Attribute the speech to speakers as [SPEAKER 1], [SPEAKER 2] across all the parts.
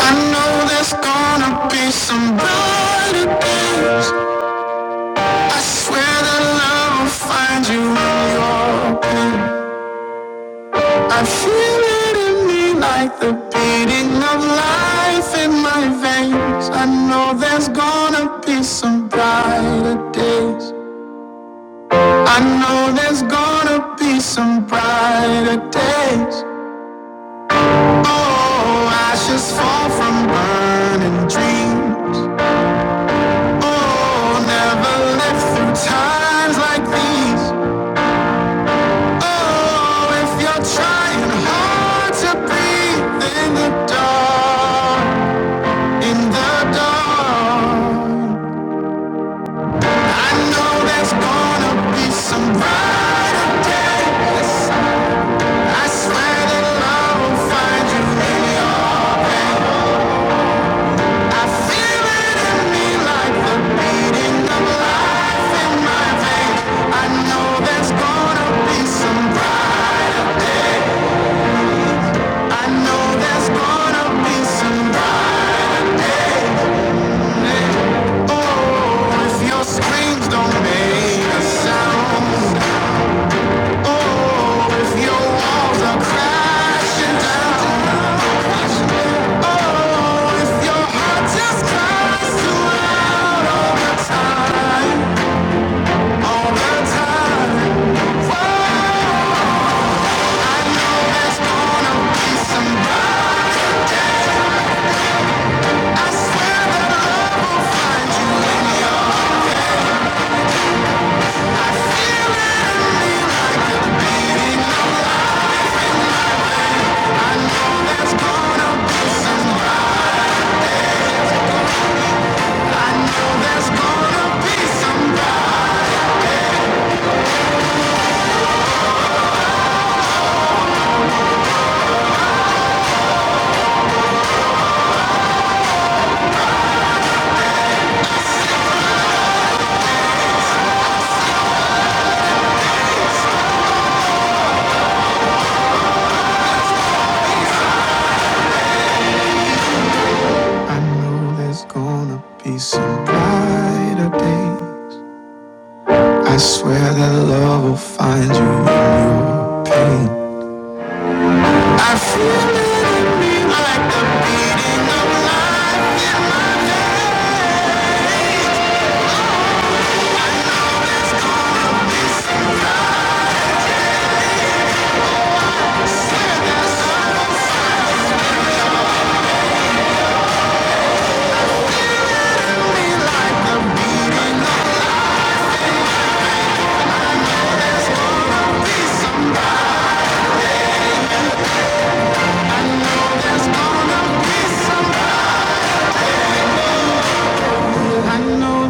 [SPEAKER 1] I know there's gonna be some brighter days. I swear that love will find you in your pain. I feel it in me like the beating of life in my veins. I know there's gonna be some brighter days. I know there's gonna be some brighter days. Oh, ashes fall from burning dreams. Oh, never live through times like these. Oh, if you're trying hard to breathe in the dark, in the dark. I know there's gonna be some brighter days. I swear that love will find you in your Screams don't make a sound. Oh, if your walls are crashing down. Oh, if your heart just cries to outside. Some brighter day. I swear that love will find you in your pain. I feel it like the beating of life.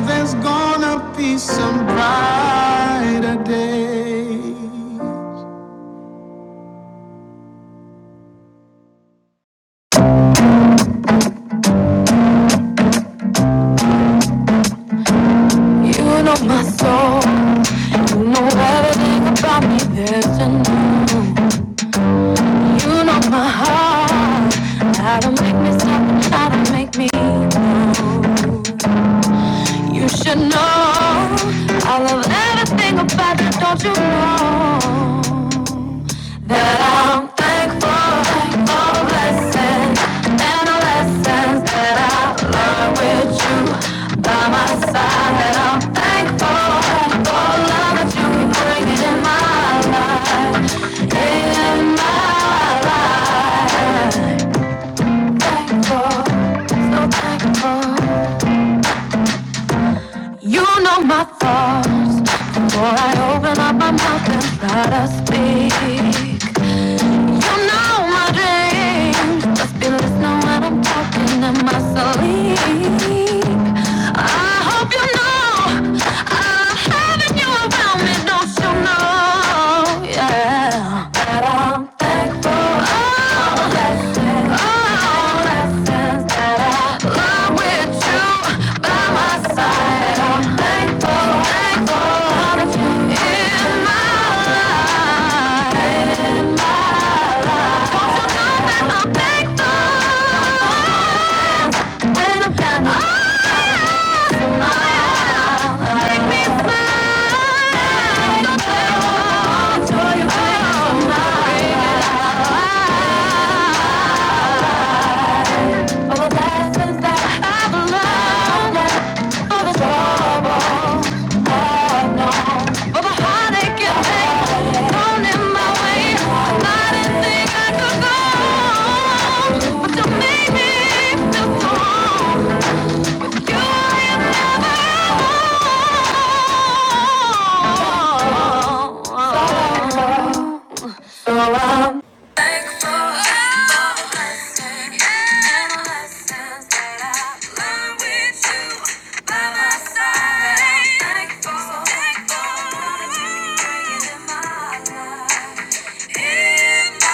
[SPEAKER 1] there's gonna be some brighter day. You know my soul. You know everything about me there's to You know my heart. How to make me stop and how to make me go. You should know I love everything about you. Don't you know that I'm thankful for the blessings and the lessons that I learned with you by my side. And I'm thankful for the love that you bring in my life, in my life. Thankful, so thankful. You know my thoughts before I open up my mouth and try to speak. You know my dreams. Just be listening when I'm talking in my sleep. I hope you know having you around me. Don't you know? Yeah. That I'm thankful. Oh, for blessings, oh, blessings that I love with you by my side. I'm thankful, thankful, I'm thankful. Oh Thankful thankful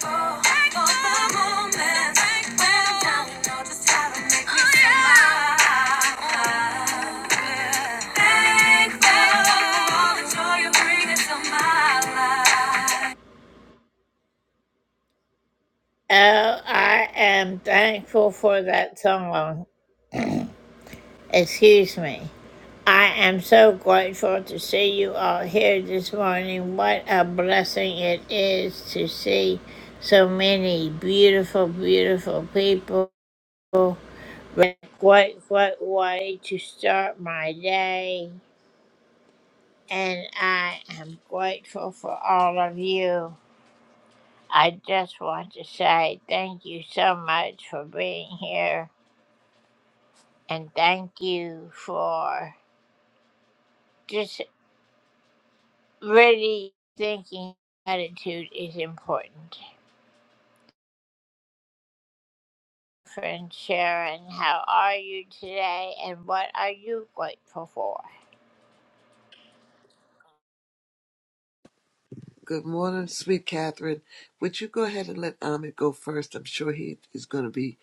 [SPEAKER 1] for the all the joy you. bring into my life.
[SPEAKER 2] Good morning, sweet Catherine. Would you go ahead and let Ahmed go first? I'm sure he is going to be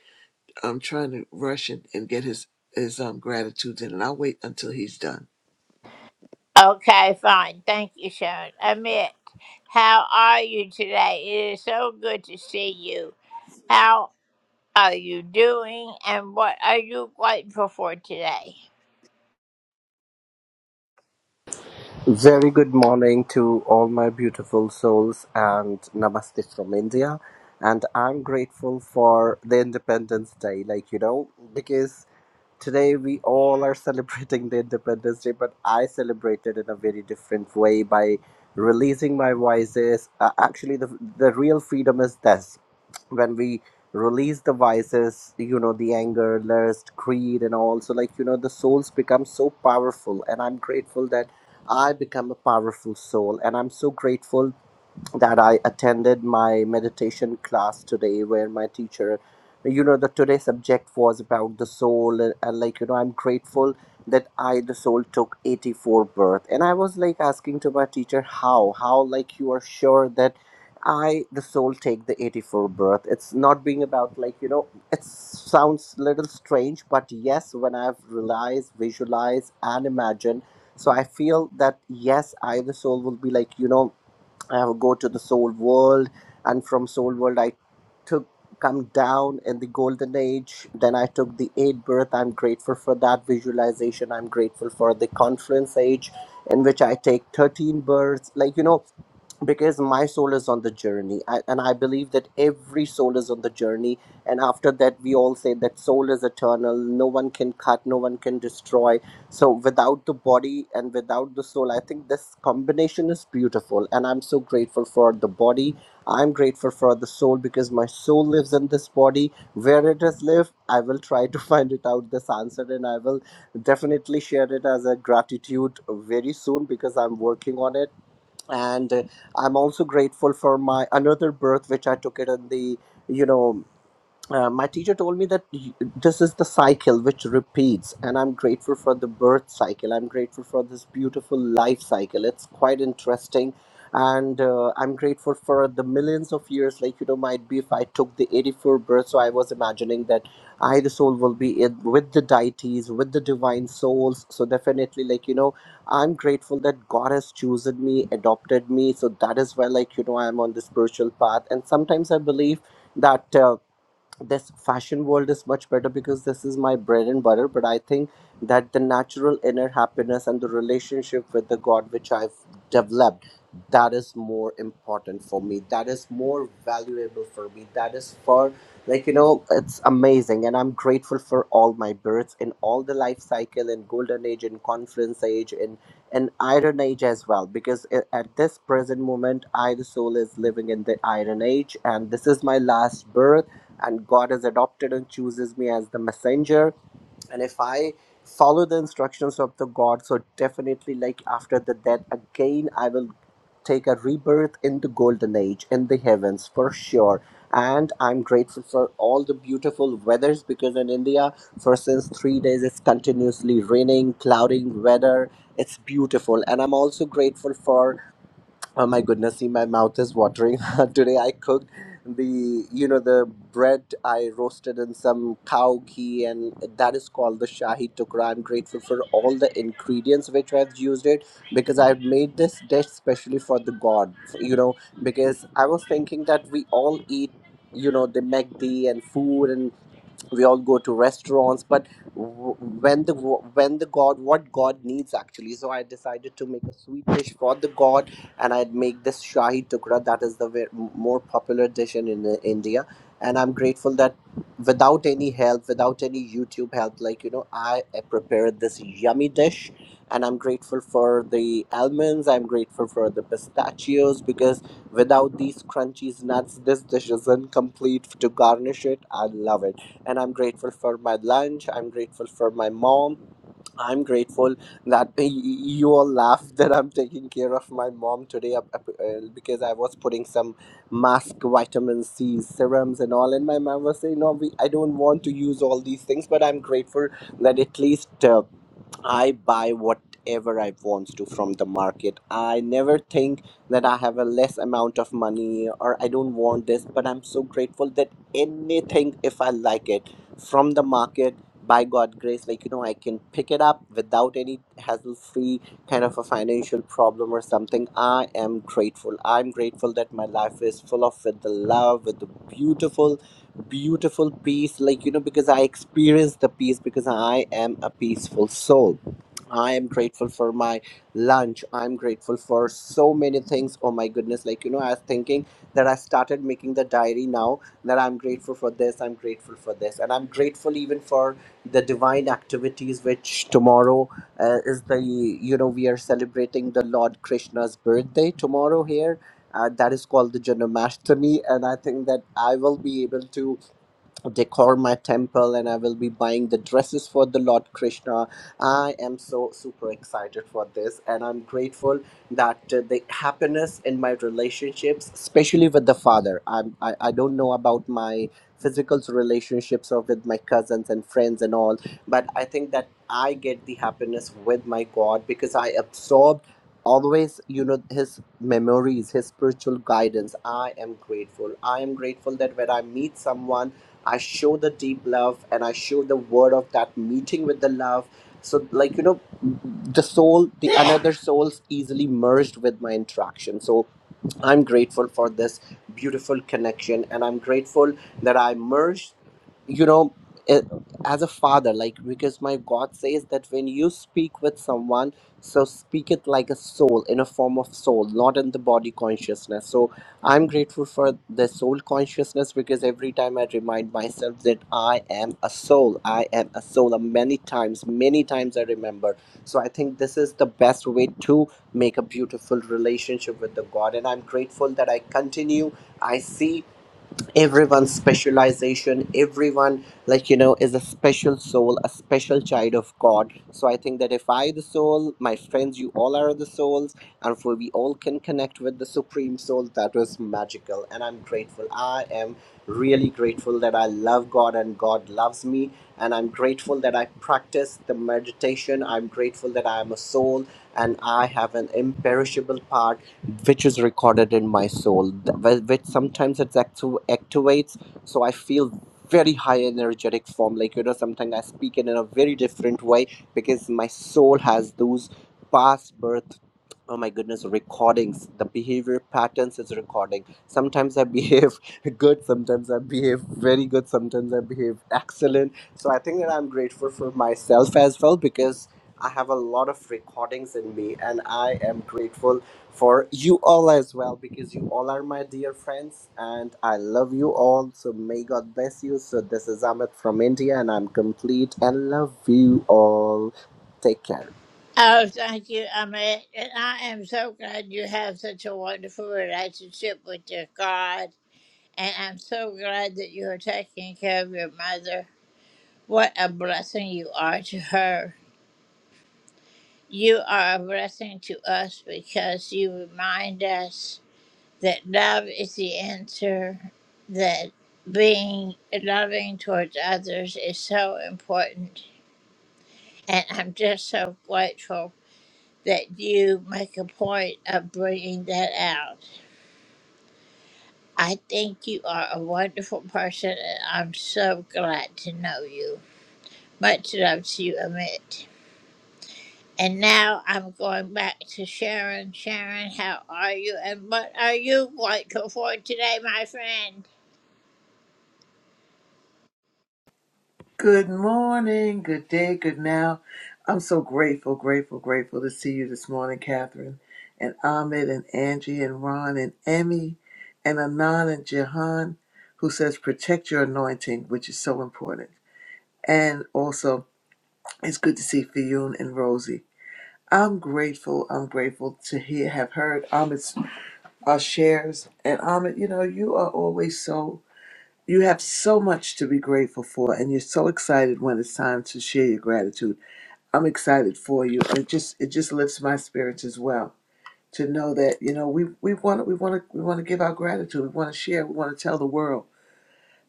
[SPEAKER 2] um, trying to rush and, and get his, his um, gratitudes in, and I'll wait until he's done.
[SPEAKER 3] Very good morning to all my beautiful souls and namaste from India. And I'm grateful for the Independence Day, like you know, because today we all are celebrating the Independence Day, but I celebrated in a very different way by releasing my voices. Uh, actually, the, the real freedom is this when we release the vices, you know, the anger, lust, greed, and all. So, like, you know, the souls become so powerful. And I'm grateful that I become a powerful soul. And I'm so grateful that I attended my meditation class today, where my teacher, you know, the today subject was about the soul, and, and like you know, I'm grateful that I, the soul, took 84 birth, and I was like asking to my teacher how, how like you are sure that I, the soul, take the 84 birth. It's not being about like you know, it sounds little strange, but yes, when I've realized, visualized, and imagined. So I feel that yes, I the soul will be like you know I have go to the soul world, and from soul world I took come down in the golden age. Then I took the eighth birth. I'm grateful for that visualization. I'm grateful for the conference age, in which I take thirteen births. Like you know, because my soul is on the journey I, and i believe that every soul is on the journey and after that we all say that soul is eternal no one can cut no one can destroy so without the body and without the soul, I think this combination is beautiful. And I'm so grateful for the body. I'm grateful for the soul because my soul lives in this body. Where it is lived, I will try to find it out this answer and I will definitely share it as a gratitude very soon because I'm working on it. And uh, I'm also grateful for my another birth which I took it in the you know uh, my teacher told me that y- this is the cycle which repeats and i'm grateful for the birth cycle i'm grateful for this beautiful life cycle it's quite interesting and uh, i'm grateful for the millions of years like you know might be if i took the 84 birth so i was imagining that i the soul will be in, with the deities with the divine souls so definitely like you know i'm grateful that god has chosen me adopted me so that is why like you know i'm on the spiritual path and sometimes i believe that uh, this fashion world is much better because this is my bread and butter but i think that the natural inner happiness and the relationship with the god which i've developed that is more important for me that is more valuable for me that is for like you know it's amazing and i'm grateful for all my births in all the life cycle in golden age in conference age in an iron age as well because i- at this present moment i the soul is living in the iron age and this is my last birth and God has adopted and chooses me as the messenger. And if I follow the instructions of the God, so definitely, like after the death, again, I will take a rebirth in the golden age in the heavens for sure. And I'm grateful for all the beautiful weathers because in India, for since three days, it's continuously raining, clouding weather. It's beautiful, and I'm also grateful for Oh my goodness, see, my mouth is watering. Today I cooked the, you know, the bread I roasted in some cow ghee, and that is called the Shahi Tukra. I'm grateful for all the ingredients which I've used it because I've made this dish specially for the God, you know, because I was thinking that we all eat. You know, the Magdi and food and we all go to restaurants but w- when the when the god what god needs actually so i decided to make a sweet dish for the god and i'd make this shahi tukra that is the ve- more popular dish in, in india and i'm grateful that without any help without any youtube help like you know i prepared this yummy dish and i'm grateful for the almonds i'm grateful for the pistachios because without these crunchies nuts this dish isn't complete to garnish it i love it and I'm grateful for my lunch. I'm grateful for my mom. I'm grateful that y- you all laughed that I'm taking care of my mom today up- up- uh, because I was putting some mask, vitamin C, serums, and all. And my mom was saying, "No, we, I don't want to use all these things, but I'm grateful that at least." Uh, I buy whatever I want to from the market. I never think that I have a less amount of money or I don't want this, but I'm so grateful that anything, if I like it from the market, by God grace, like you know, I can pick it up without any hassle free kind of a financial problem or something. I am grateful. I'm grateful that my life is full of with the love, with the beautiful beautiful peace like you know because i experience the peace because i am a peaceful soul i am grateful for my lunch i'm grateful for so many things oh my goodness like you know i was thinking that i started making the diary now that i'm grateful for this i'm grateful for this and i'm grateful even for the divine activities which tomorrow uh, is the you know we are celebrating the lord krishna's birthday tomorrow here uh, that is called the Janmashtami, and I think that I will be able to decor my temple and I will be buying the dresses for the Lord Krishna. I am so super excited for this and I'm grateful that uh, the happiness in my relationships, especially with the father. I'm, I, I don't know about my physical relationships or with my cousins and friends and all, but I think that I get the happiness with my God because I absorb always you know his memories his spiritual guidance i am grateful i am grateful that when i meet someone I show the deep love and I show the word of that meeting with the love. So, like, you know, the soul, the another soul's easily merged with my interaction. So, I'm grateful for this beautiful connection, and I'm grateful that I merged, you know, eh, as a father, like because my God says that when you speak with someone, so speak it like a soul in a form of soul, not in the body consciousness. So I'm grateful for the soul consciousness because every time I remind myself that I am a soul, I am a soul. And many times, many times I remember. So I think this is the best way to make a beautiful relationship with the god and i'm grateful that i continue i see everyone's specialization everyone like you know is a special soul a special child of god so i think that if i the soul my friends you all are the souls and for we all can connect with the supreme soul that was magical and i'm grateful i am really grateful that i love god and god loves me and i'm grateful that i practice the meditation i'm grateful that i am a soul and i have an imperishable part which is recorded in my soul th- wh- which sometimes it's actu- activates so i feel very high energetic form like you know sometimes i speak in a very different way because my soul has those past birth oh my goodness recordings the behavior patterns is recording sometimes i behave good sometimes i behave very good sometimes i behave excellent so i think that i'm grateful for myself as well because i have a lot of recordings in me and i am grateful for you all as well because you all are my dear friends and I love you all. So may God bless you. So this is Amit from India and I'm complete and love you all. Take care.
[SPEAKER 2] Good morning, good day, good now. I'm so grateful, grateful, grateful to see you this morning, Catherine, and Ahmed, and Angie, and Ron, and Emmy, and Anan, and Jahan, who says, protect your anointing, which is so important. And also, it's good to see Fiyun and Rosie. I'm grateful. I'm grateful to hear, have heard Ahmed's uh, shares. And Ahmed, you know, you are always so, you have so much to be grateful for, and you're so excited when it's time to share your gratitude. I'm excited for you, and it just it just lifts my spirits as well to know that you know we we want we want to we want to give our gratitude. We want to share. We want to tell the world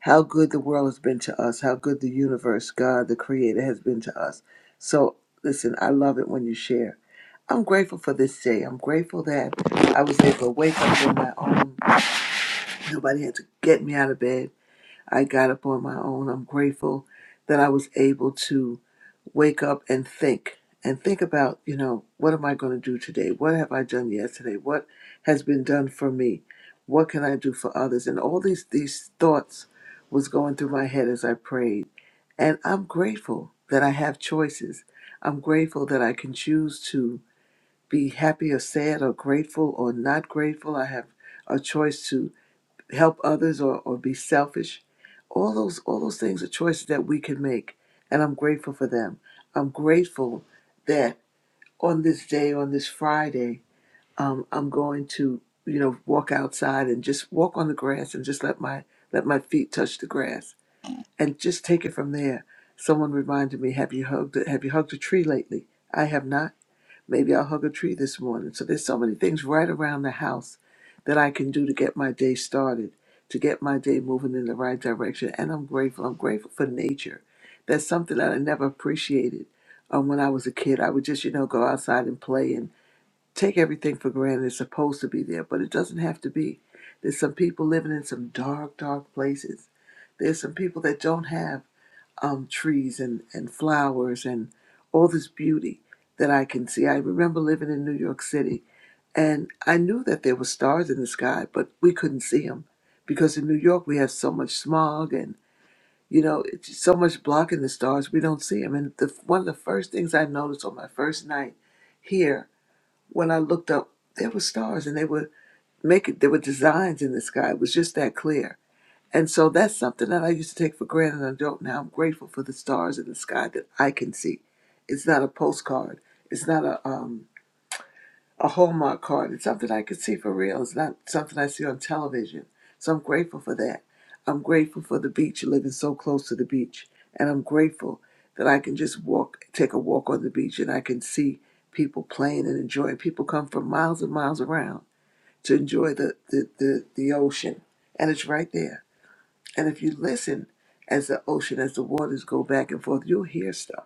[SPEAKER 2] how good the world has been to us, how good the universe, God, the Creator, has been to us. So listen, I love it when you share. I'm grateful for this day. I'm grateful that I was able to wake up on my own. Nobody had to get me out of bed. I got up on my own. I'm grateful that I was able to wake up and think and think about, you know, what am I going to do today? What have I done yesterday? What has been done for me? What can I do for others? And all these these thoughts was going through my head as I prayed. And I'm grateful that I have choices. I'm grateful that I can choose to be happy or sad or grateful or not grateful. I have a choice to help others or, or be selfish. All those all those things are choices that we can make. And I'm grateful for them. I'm grateful that on this day, on this Friday, um, I'm going to, you know, walk outside and just walk on the grass and just let my let my feet touch the grass and just take it from there. Someone reminded me, have you hugged have you hugged a tree lately? I have not Maybe I'll hug a tree this morning. So there's so many things right around the house that I can do to get my day started, to get my day moving in the right direction. And I'm grateful. I'm grateful for nature. That's something that I never appreciated. Um, when I was a kid, I would just, you know, go outside and play and take everything for granted. It's supposed to be there, but it doesn't have to be. There's some people living in some dark, dark places. There's some people that don't have um, trees and, and flowers and all this beauty that I can see. I remember living in New York City and I knew that there were stars in the sky, but we couldn't see them because in New York we have so much smog and you know it's so much blocking the stars we don't see them. And the, one of the first things I noticed on my first night here when I looked up, there were stars and they were making there were designs in the sky. It was just that clear and so that's something that I used to take for granted I don't now. I'm grateful for the stars in the sky that I can see. It's not a postcard. It's not a um a Hallmark card. It's something I can see for real. It's not something I see on television. So I'm grateful for that. I'm grateful for the beach, living so close to the beach. And I'm grateful that I can just walk take a walk on the beach and I can see people playing and enjoying. People come from miles and miles around to enjoy the the, the, the ocean. And it's right there. And if you listen as the ocean, as the waters go back and forth, you'll hear stuff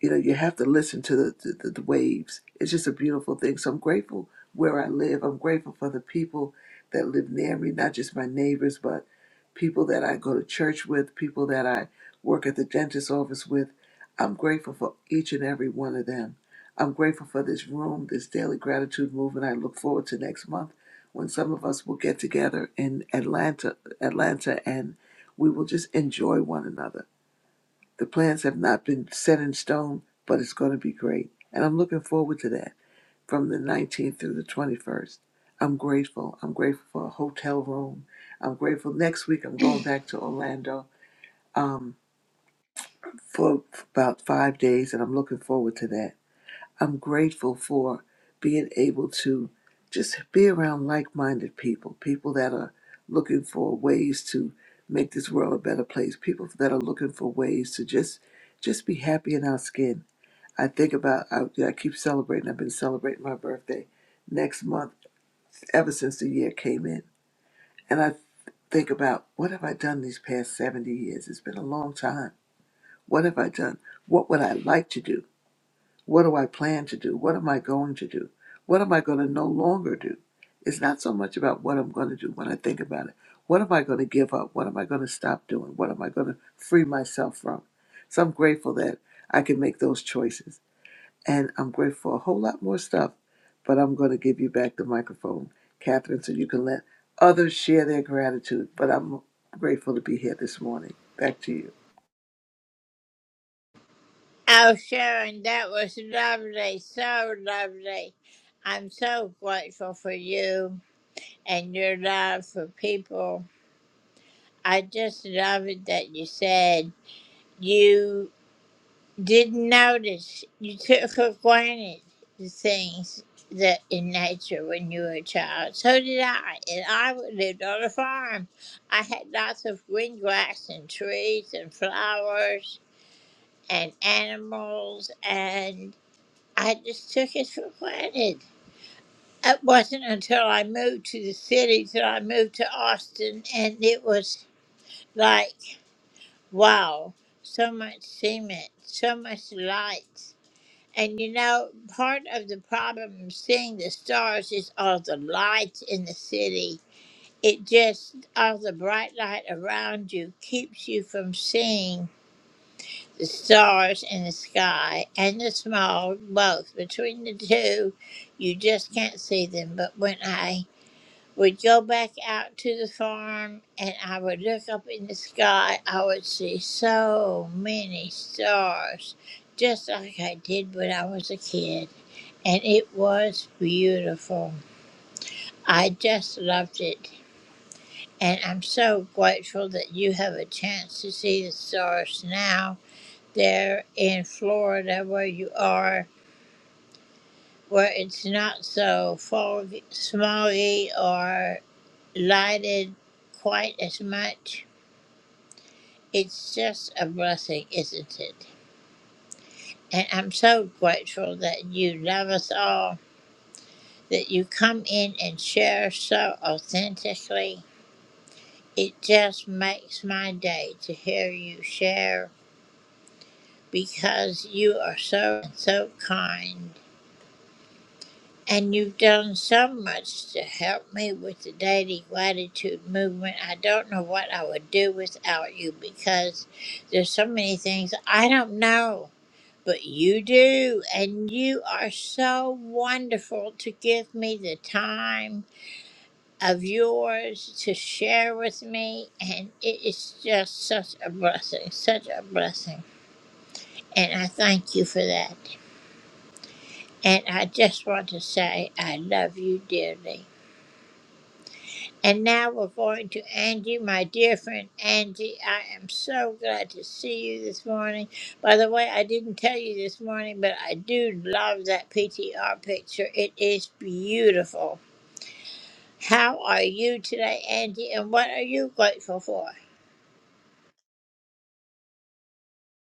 [SPEAKER 2] you know, you have to listen to the, the, the, the waves. It's just a beautiful thing. So I'm grateful where I live. I'm grateful for the people that live near me, not just my neighbors, but people that I go to church with, people that I work at the dentist's office with. I'm grateful for each and every one of them. I'm grateful for this room, this daily gratitude movement. I look forward to next month when some of us will get together in Atlanta, Atlanta, and we will just enjoy one another the plans have not been set in stone, but it's going to be great. And I'm looking forward to that from the 19th through the 21st. I'm grateful. I'm grateful for a hotel room. I'm grateful. Next week, I'm going back to Orlando um, for about five days, and I'm looking forward to that. I'm grateful for being able to just be around like minded people, people that are looking for ways to make this world a better place, people that are looking for ways to just just be happy in our skin. I think about I, yeah, I keep celebrating. I've been celebrating my birthday next month ever since the year came in. And I think about what have I done these past 70 years? It's been a long time. What have I done? What would I like to do? What do I plan to do? What am I going to do? What am I going to no longer do? It's not so much about what I'm going to do when I think about it. What am I going to give up? What am I going to stop doing? What am I going to free myself from? So I'm grateful that I can make those choices. And I'm grateful for a whole lot more stuff, but I'm going to give you back the microphone, Catherine, so you can let others share their gratitude. But I'm grateful to be here this morning. Back to you.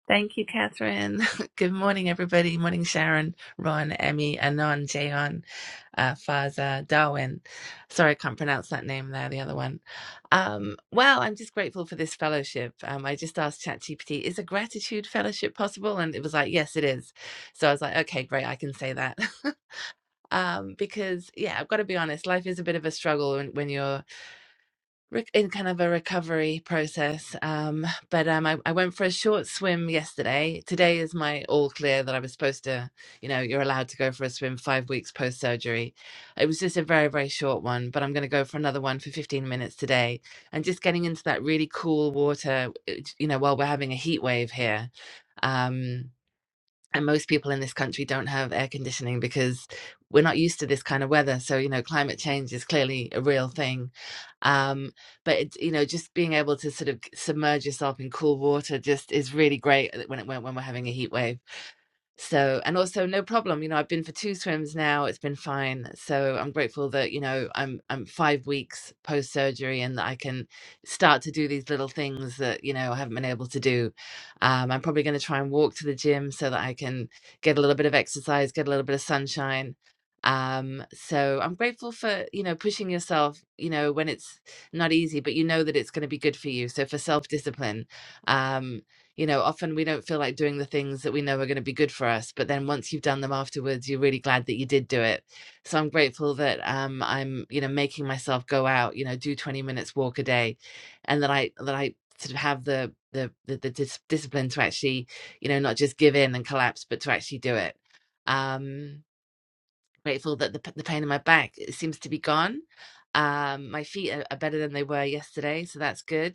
[SPEAKER 4] Thank you, Catherine. Good morning, everybody. Morning, Sharon, Ron, Emmy, Anon, Jayon, uh, Faza, Darwin. Sorry, I can't pronounce that name there, the other one. Um, well, I'm just grateful for this fellowship. Um, I just asked ChatGPT, is a gratitude fellowship possible? And it was like, yes, it is. So I was like, okay, great, I can say that. um, because, yeah, I've got to be honest, life is a bit of a struggle when, when you're re- in kind of a recovery process. Um, but um, I, I went for a short swim yesterday. Today is my all clear that I was supposed to, you know, you're allowed to go for a swim five weeks post surgery. It was just a very, very short one, but I'm going to go for another one for 15 minutes today. And just getting into that really cool water, it- you know, while we're having a heat wave here. Um, and most people in this country don't have air conditioning because we're not used to this kind of weather so you know climate change is clearly a real thing um but it, you know just being able to sort of submerge yourself in cool water just is really great uh, when it when, when we're having a heat wave so, and also no problem, you know, I've been for two swims now, it's been fine. So I'm grateful that, you know, I'm I'm five weeks post surgery and that I can start to do these little things that, you know, I haven't been able to do. Um, I'm probably going to try and walk to the gym so that I can get a little bit of exercise, get a little bit of sunshine. Um, so I'm grateful for, you know, pushing yourself, you know, when it's not easy, but you know that it's going to be good for you. So for self-discipline, um you know, often we don't feel like doing the things that we know are going to be good for us, but then once you've done them afterwards, you're really glad that you did do it. So I'm grateful that um, I'm, you know, making myself go out, you know, do 20 minutes walk a day, and that I that I sort of have the the the, the dis- discipline to actually, you know, not just give in and collapse, but to actually do it. Um, grateful that the p- the pain in my back it seems to be gone. Um, my feet are, are better than they were yesterday, so that's good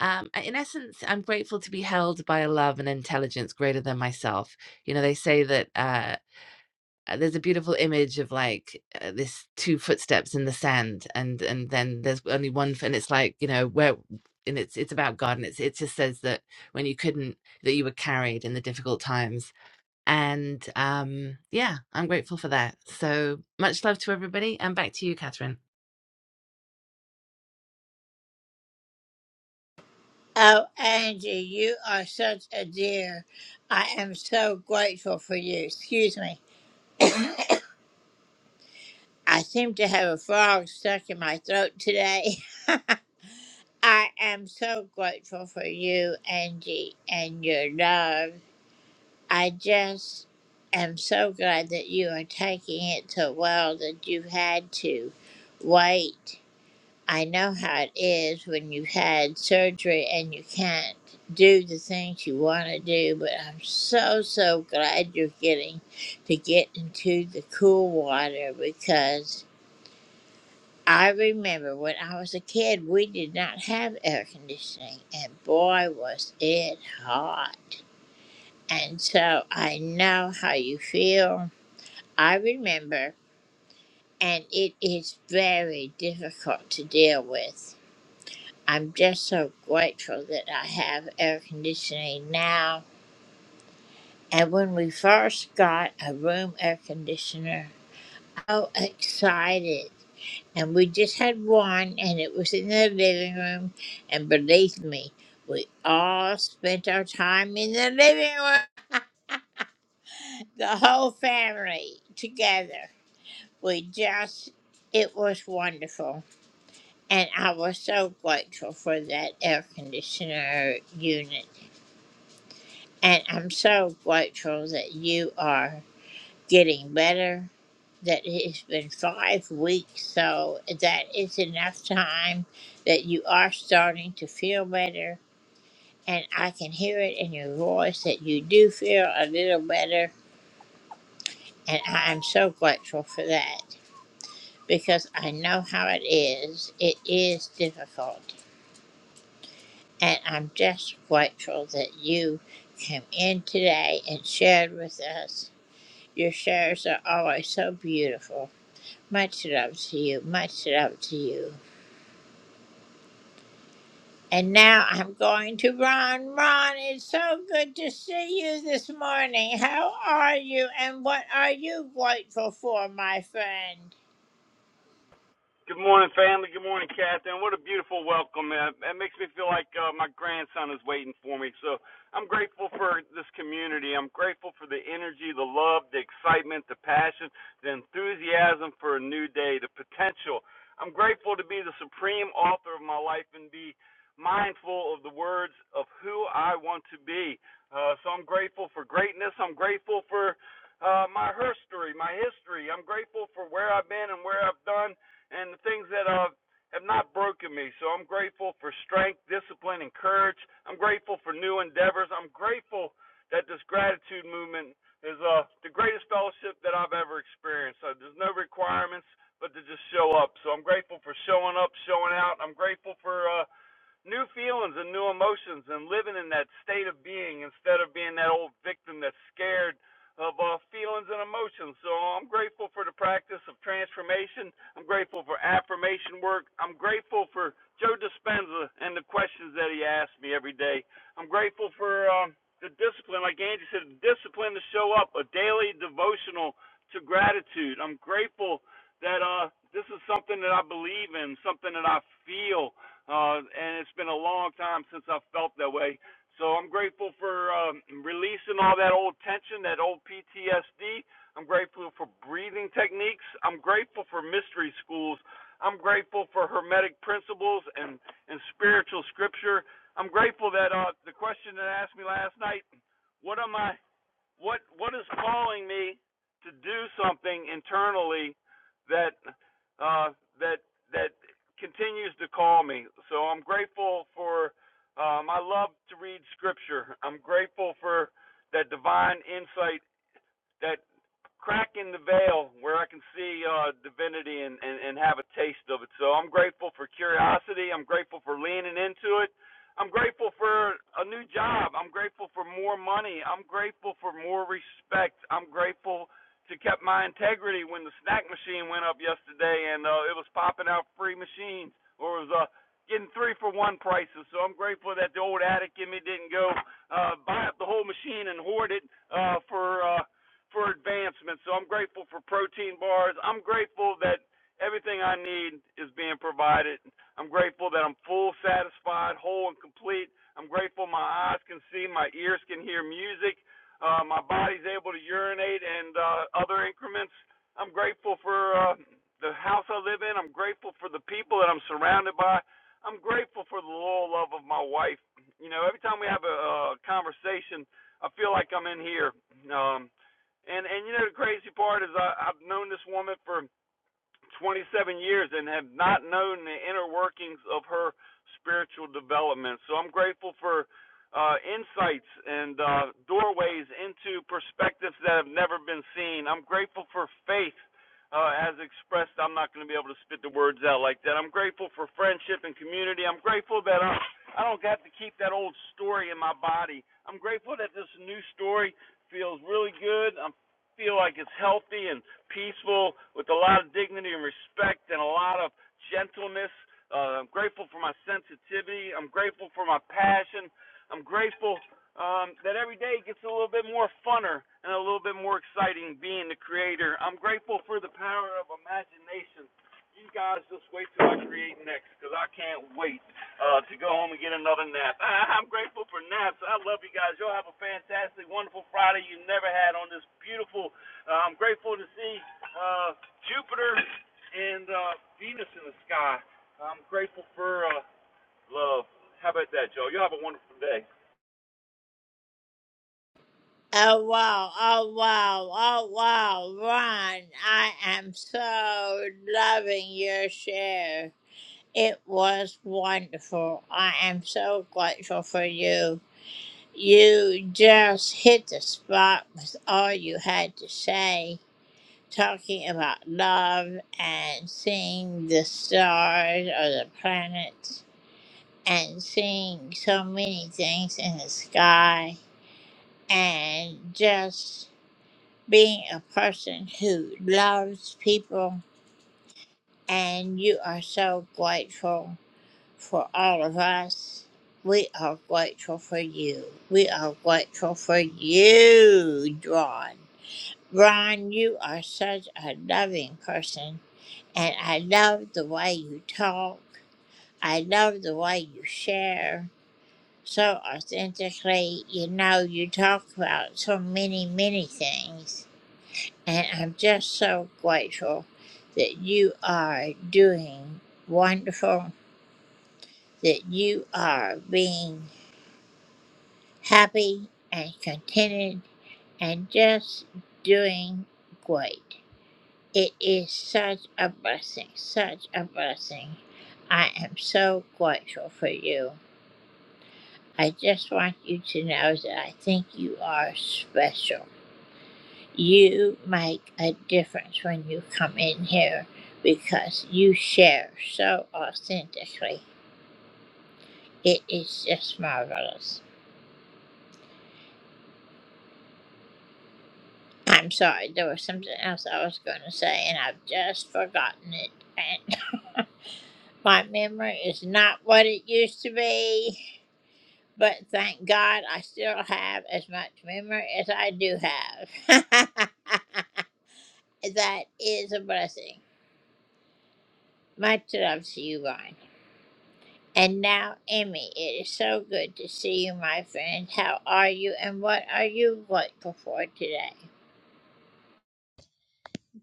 [SPEAKER 4] um, in essence, I'm grateful to be held by a love and intelligence greater than myself. You know, they say that uh, uh, there's a beautiful image of like uh, this two footsteps in the sand, and and then there's only one, f- and it's like you know where, and it's it's about God, and it's it just says that when you couldn't, that you were carried in the difficult times, and um, yeah, I'm grateful for that. So much love to everybody, and back to you, Catherine.
[SPEAKER 5] Good morning, family. Good morning, Catherine. What a beautiful welcome, man. It makes me feel like uh, my grandson is waiting for me. So I'm grateful for this community. I'm grateful for the energy, the love, the excitement, the passion, the enthusiasm for a new day, the potential. I'm grateful to be the supreme author of my life and be mindful of the words of who I want to be. Uh, so I'm grateful for greatness. I'm grateful for uh, my history, my history. I'm grateful for where I've been and where I've done and the things that uh, have not broken me. So I'm grateful for strength, discipline, and courage. I'm grateful for new endeavors. I'm grateful that this gratitude movement is uh, the greatest fellowship that I've ever experienced. So there's no requirements but to just show up. So I'm grateful for showing up, showing out. I'm grateful for. uh, new feelings and new emotions and living in that state of being instead of being that old victim that's scared of uh, feelings and emotions. So uh, I'm grateful for the practice of transformation. I'm grateful for affirmation work. I'm grateful for Joe Dispenza and the questions that he asks me every day. I'm grateful for um, the discipline, like Angie said, the discipline to show up, a daily devotional to gratitude. I'm grateful that uh, this is something that I believe in, something that I feel uh, and it's been a long time since I felt that way. So I'm grateful for um, releasing all that old tension, that old PTSD. I'm grateful for breathing techniques. I'm grateful for mystery schools. I'm grateful for hermetic principles and, and spiritual scripture. I'm grateful that uh, the question that asked me last night, what am I what what is calling me to do something internally that uh, that that continues to call me. So I'm grateful for um, I love to read scripture. I'm grateful for that divine insight that crack in the veil where I can see uh, divinity and, and, and have a taste of it. So I'm grateful for curiosity. I'm grateful for leaning into it. I'm grateful for a new job. I'm grateful for more money. I'm grateful for more respect. I'm grateful to kept my integrity when the snack machine went up yesterday and uh, it was popping out free machines or it was uh, getting three for one prices. So I'm grateful that the old addict in me didn't go uh, buy up the whole machine and hoard it uh, for uh, for advancement. So I'm grateful for protein bars. I'm grateful that everything I need is being provided. I'm grateful that I'm full, satisfied, whole, and complete. I'm grateful my eyes can see, my ears can hear music, uh, my body's able to urinate and uh, other increments. I'm grateful for uh, the house I live in. I'm grateful for the people that I'm surrounded by. I'm grateful for the loyal love of my wife. You know, every time we have a, a conversation, I feel like I'm in here. Um, and and you know the crazy part is I, I've known this woman for 27 years and have not known the inner workings of her spiritual development. So I'm grateful for uh, insights and uh, doorways into perspectives that have never been seen. I'm grateful for faith. Uh, as expressed, I'm not going to be able to spit the words out like that. I'm grateful for friendship and community. I'm grateful that I, I don't have to keep that old story in my body. I'm grateful that this new story feels really good. I'm feel like it's healthy and peaceful with a lot of dignity and respect and a lot of gentleness. Uh, I'm grateful for my sensitivity. I'm grateful for my passion. I'm grateful um, that every day gets a little bit more funner and a little bit more exciting being the creator. I'm grateful for the power of imagination. You guys just wait till I create next because I can't wait uh, to go home and get another nap. I, I'm grateful for naps. I love you guys. Y'all have a fantastic, wonderful Friday you never had on this beautiful. Uh, I'm grateful to see uh, Jupiter and uh, Venus in the sky. I'm grateful for uh, love. How about that, Joe? Y'all have a wonderful day.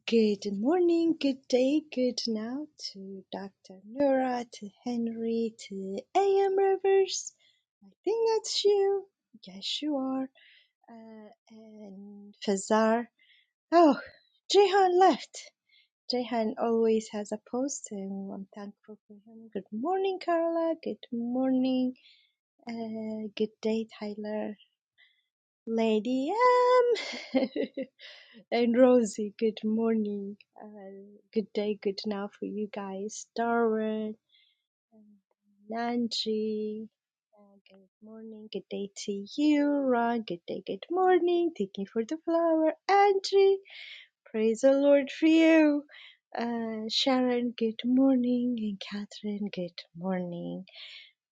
[SPEAKER 6] Good morning, good day, good now to Dr. Nora, to Henry, to AM Rivers. I think that's you. Yes, you are. Uh, and Fazar. Oh, Jehan left. Jehan always has a post, and I'm thankful for him. Good morning, Carla. Good morning. Uh, good day, Tyler. Lady M. And Rosie, good morning, uh, good day, good now for you guys. Darwin, and Nanji, uh, good morning, good day to you. Ron, good day, good morning. Thank you for the flower. Angie, praise the Lord for you. Uh, Sharon, good morning. And Catherine, good morning.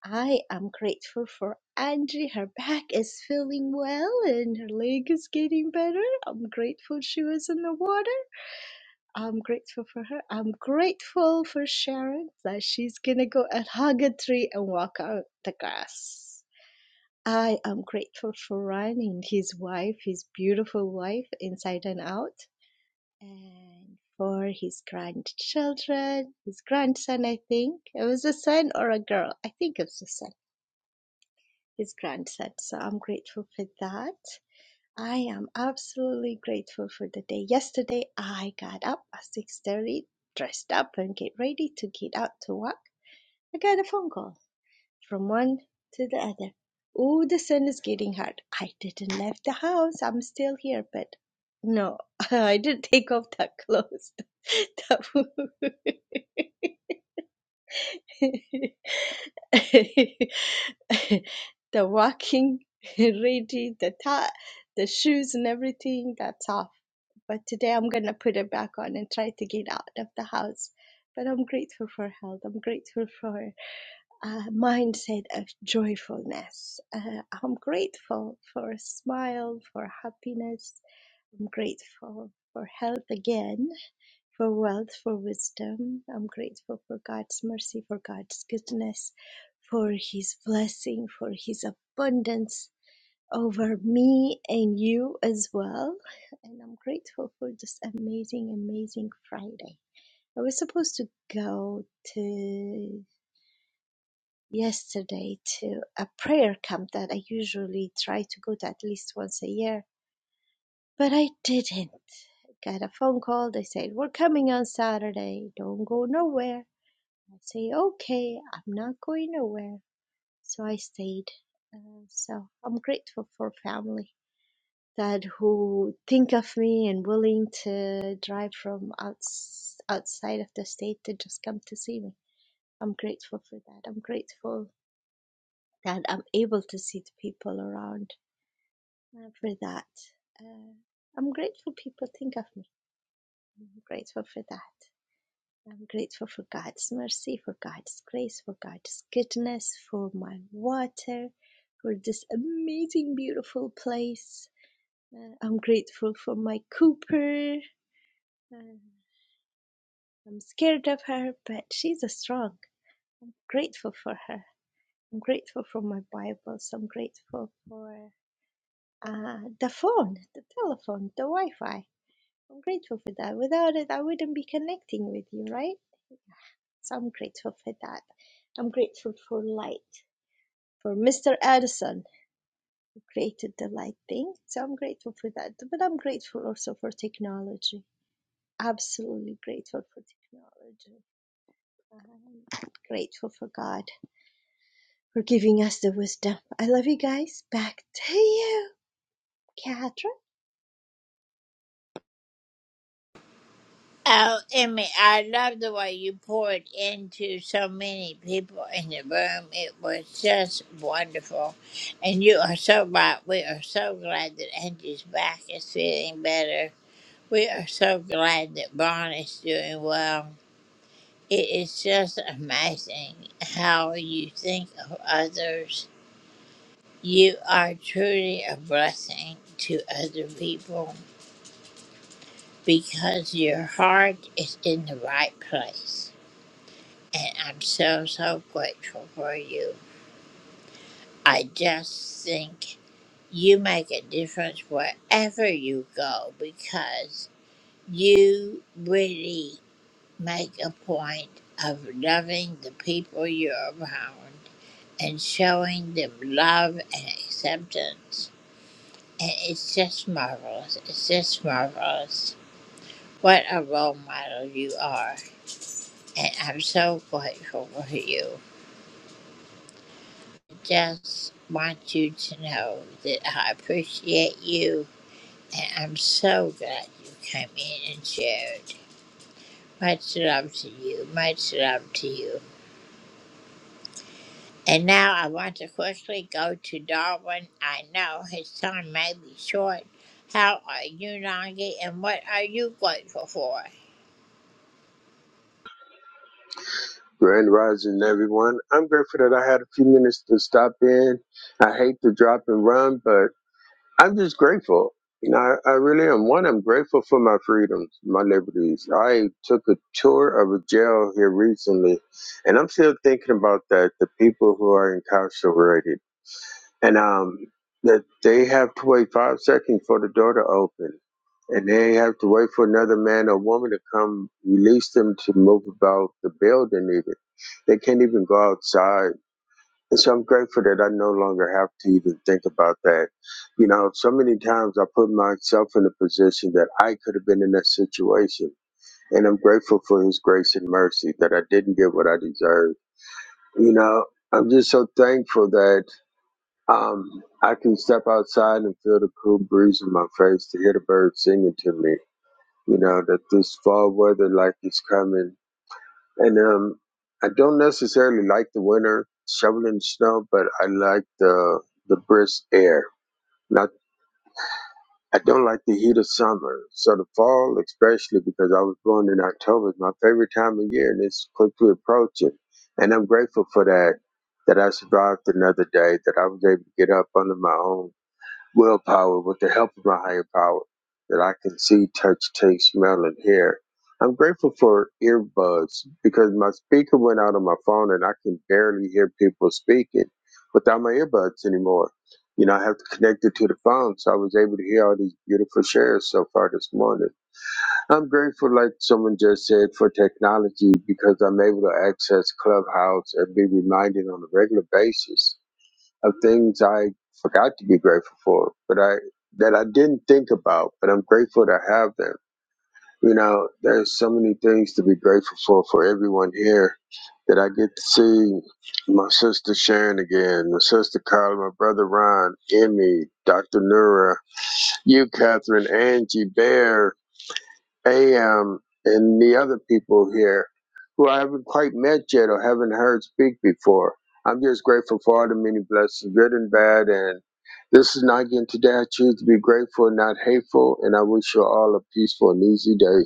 [SPEAKER 6] I am grateful for Angie. Her back is feeling well and her leg is getting better. I'm grateful she was in the water. I'm grateful for her. I'm grateful for Sharon that she's gonna go and hug a tree and walk out the grass. I am grateful for Ryan and his wife, his beautiful wife, inside and out, and for his grandchildren, his grandson, I think. It was a son or a girl. I think it was a son, his grandson. So I'm grateful for that. I am absolutely grateful for the day. Yesterday I got up at 6:30, dressed up and get ready to get out to work. I got a phone call from one to the other. Oh, the sun is getting hot. I didn't leave the house. I'm still here, but no, I didn't take off that clothes. That w- the walking ready, the tie, the shoes and everything, that's off but today I'm going to put it back on and try to get out of the house. But I'm grateful for health. I'm grateful for a mindset of joyfulness. Uh, I'm grateful for a smile, for happiness. I'm grateful for health again, for wealth, for wisdom. I'm grateful for God's mercy, for God's goodness, for His blessing, for His abundance over me and you as well. And I'm grateful for this amazing, amazing Friday. I was supposed to go to yesterday to a prayer camp that I usually try to go to at least once a year, but I didn't. I Got a phone call. They said, We're coming on Saturday. Don't go nowhere. I say, Okay, I'm not going nowhere. So I stayed. Uh, so I'm grateful for family that who think of me and willing to drive from outs- outside of the state to just come to see me. I'm grateful for that. I'm grateful that I'm able to see the people around uh, for that. Uh, I'm grateful people think of me. I'm grateful for that. I'm grateful for God's mercy, for God's grace, for God's goodness, for my water, for this amazing, beautiful place. Uh, I'm grateful for my Cooper. Uh, I'm scared of her, but she's strong. I'm Grateful for her. I'm grateful for my Bibles. I'm grateful for uh, the phone, the telephone, the Wi Fi. I'm grateful for that. Without it, I wouldn't be connecting with you, right? So I'm grateful for that. I'm grateful for light, for Mr. Edison who created the light thing. So I'm grateful for that. But I'm grateful also for technology. Absolutely grateful for technology. I'm grateful for God for giving us the wisdom. I love you guys. Back to you, Kat.
[SPEAKER 7] Grand Rising, everyone. I'm grateful that I had a few minutes to stop in. I hate to drop and run, but I'm just grateful. You know, I, I really am. One, I'm grateful for my freedoms, my liberties. I took a tour of a jail here recently, and I'm still thinking about that. The people who are incarcerated and um, that they have to wait five seconds for the door to open, and they have to wait for another man or woman to come release them to move about the building. Even they can't even go outside. And so I'm grateful that I no longer have to even think about that. You know, so many times I put myself in a position that I could have been in that situation. And I'm grateful for his grace and mercy that I didn't get what I deserved. You know, I'm just so thankful that um, I can step outside and feel the cool breeze in my face to hear the birds singing to me. You know that this fall weather like is coming, and um, I don't necessarily like the winter shoveling snow, but I like the the brisk air. Not I don't like the heat of summer. So the fall, especially because I was born in October, is my favorite time of year, and it's quickly approaching. And I'm grateful for that. That I survived another day. That I was able to get up under my own willpower, with the help of my higher power, that I can see, touch, taste, smell, and hear. I'm grateful for earbuds because my speaker went out on my phone and I can barely hear people speaking without my earbuds anymore. You know, I have to connect it to the phone, so I was able to hear all these beautiful shares so far this morning. I'm grateful, like someone just said, for technology because I'm able to access Clubhouse and be reminded on a regular basis of things I forgot to be grateful for, but I that I didn't think about, but I'm grateful to have them. You know, there's so many things to be grateful for for everyone here that I get to see my sister Sharon again, my sister Carla, my brother Ron, Emmy, Dr. Nura, you, Catherine, Angie, Bear, AM and the other people here who I haven't quite met yet or haven't heard speak before. I'm just grateful for all the many blessings, good and bad. And this is Nagin. Today I choose to be grateful, not hateful. And I wish you all a peaceful and easy day.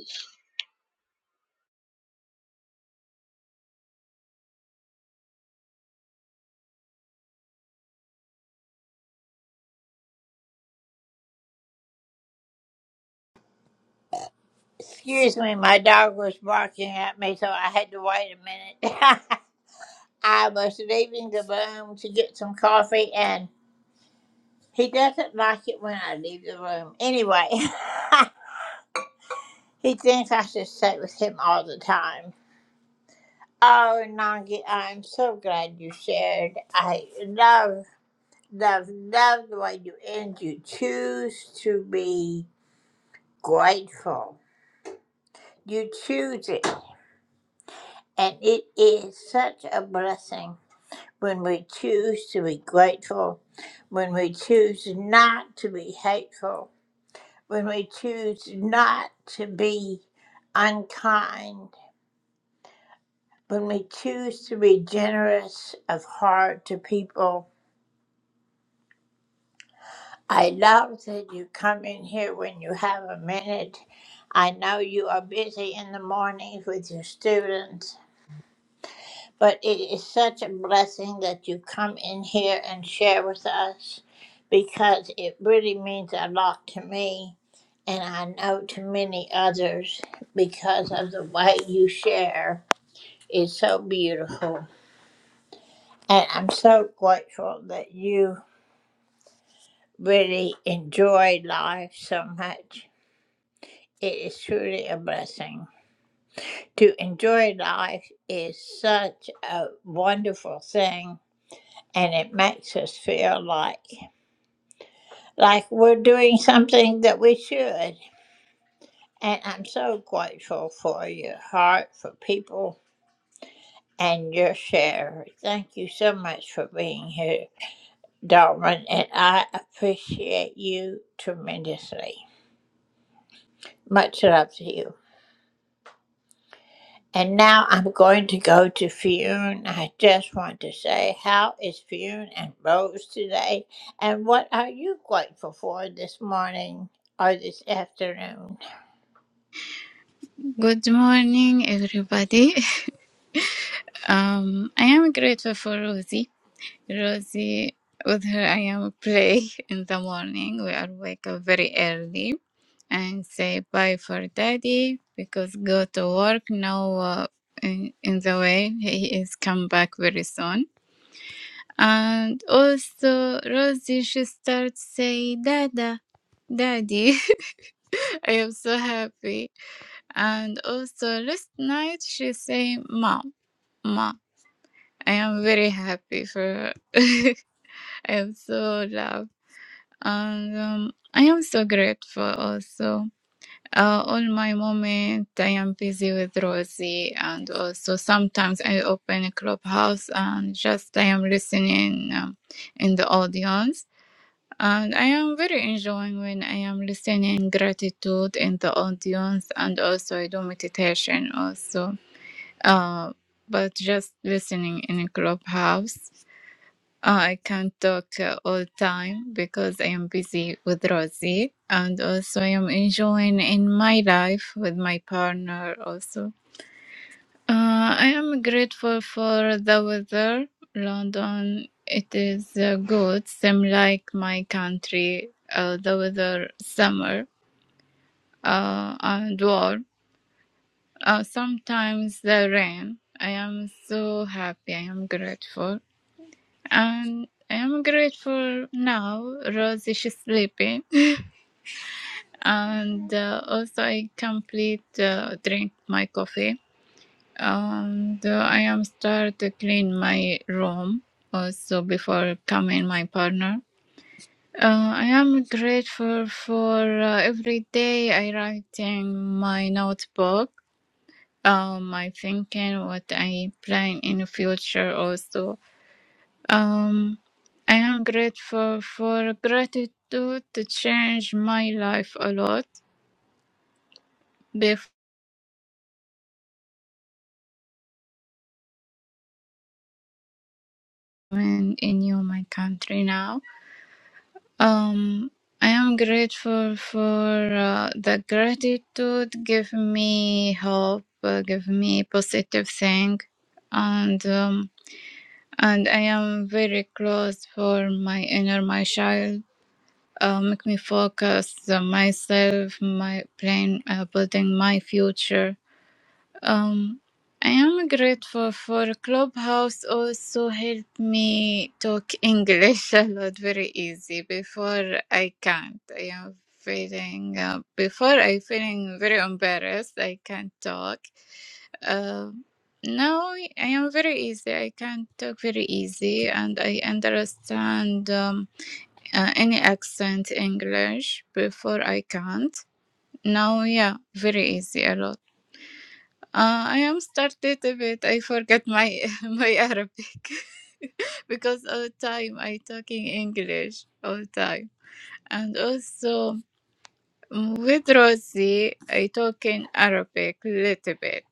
[SPEAKER 8] Good morning, everybody. Um, I am grateful for Rosie. Rosie, with her, I am play in the morning. We are wake up very early and say bye for daddy because go to work now. Uh, in, in the way he is come back very soon. And also Rosie, she starts say dada, daddy. I am so happy. And also last night she say mom. Ma, I am very happy for I am so loved and um, I am so grateful also. Uh, all my moment I am busy with Rosie and also sometimes I open a clubhouse and just I am listening um, in the audience and I am very enjoying when I am listening gratitude in the audience and also I do meditation also. Uh, but just listening in a clubhouse. I can't talk uh, all time because I am busy with Rosie and also I am enjoying in my life with my partner also. Uh, I am grateful for the weather. London, it is uh, good, same like my country, uh, the weather summer uh, and warm. Uh, sometimes the rain. I am so happy. I am grateful. And I'm grateful now. Rose is sleeping, and uh, also I complete uh, drink my coffee. And uh, I am start to clean my room also before coming my partner. Uh, I am grateful for uh, every day I writing my notebook, uh, my thinking, what I plan in the future also Um, I am grateful for gratitude to change my life a lot before I'm in new my country now. Um, I am grateful for uh, the gratitude give me hope, uh, give me positive thing, and um, and I am very close for my inner my child. Uh, make me focus on myself, my plan, uh, building my future Um, I am grateful for Clubhouse also helped me talk English a lot very easy. Before I can't. I am feeling uh, before I feeling very embarrassed. I can't talk. Um, now I am very easy. I can talk very easy and I understand um, uh, any accent English. Before I can't. Now yeah, very easy a lot. Uh, I am started a bit. I forget my my Arabic because all time I talking English all time, and also mm, with Rosie I talk in Arabic little bit,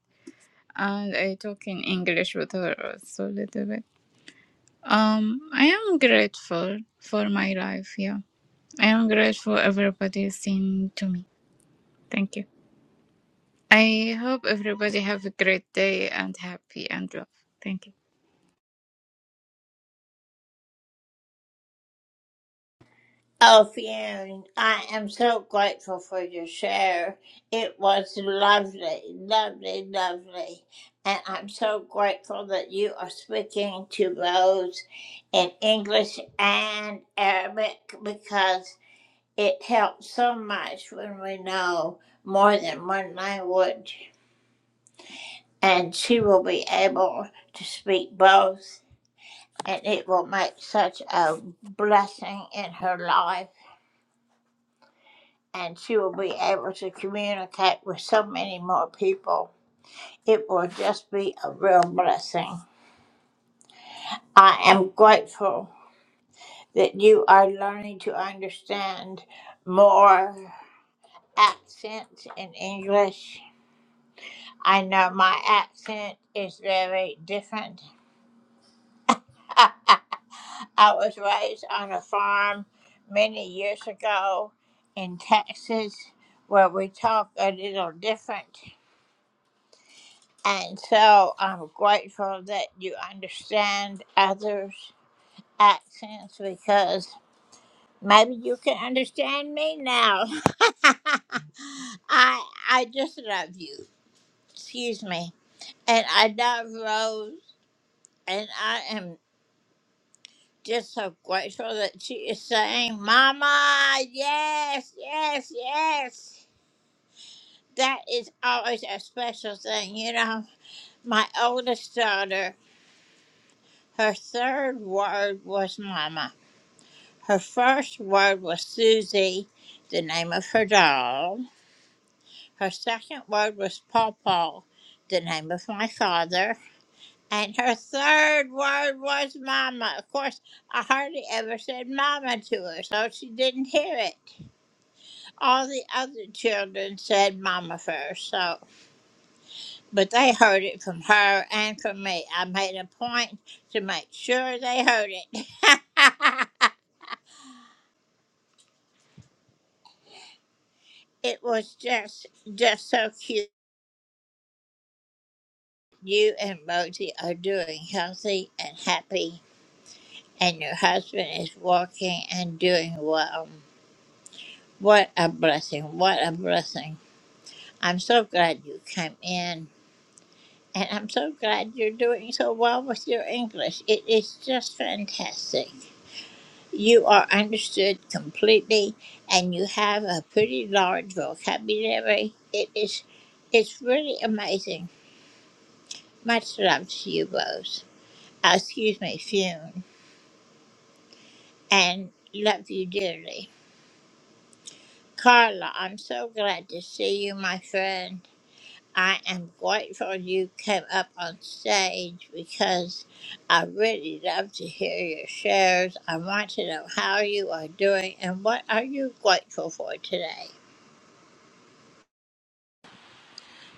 [SPEAKER 8] and I talk in English with her also little bit. Um, I am grateful for my life. Yeah, I am grateful everybody seen to me. Thank you. I hope everybody have a great day and happy and love. Thank you.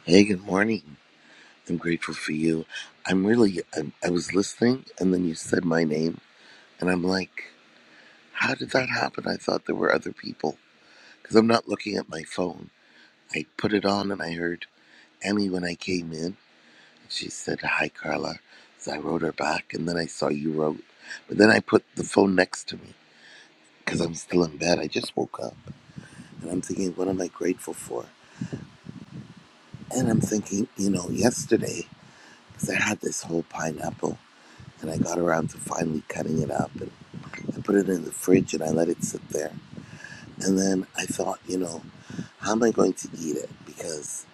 [SPEAKER 9] Hey, good morning. I'm grateful for you. I'm really, I, I was listening and then you said my name, and I'm like, how did that happen? I thought there were other people because I'm not looking at my phone. I put it on and I heard Emmy when I came in. She said, Hi, Carla. So I wrote her back, and then I saw you wrote. But then I put the phone next to me because I'm still in bed. I just woke up and I'm thinking, what am I grateful for? And I'm thinking, you know, yesterday, because I had this whole pineapple. and I got around to finally cutting it up and I put it in the fridge and I let it sit there. And then I thought, you know, how am I going to eat it? Because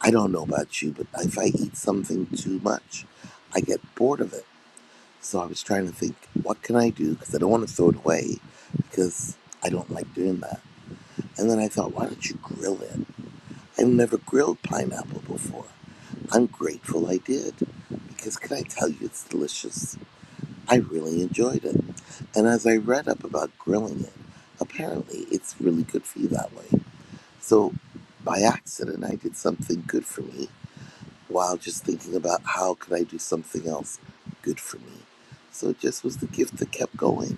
[SPEAKER 9] I don't know about you, but if I eat something too much, I get bored of it. So I was trying to think, what can I do? Because I don't want to throw it away because I don't like doing that. And then I thought, why don't you grill it? I've never grilled pineapple before. I'm grateful I did because can I tell you, it's delicious. I really enjoyed it. And as I read up about grilling it, apparently it's really good for you that way. So by accident, I did something good for me while just thinking about how could I do something else good for me. So it just was the gift that kept going.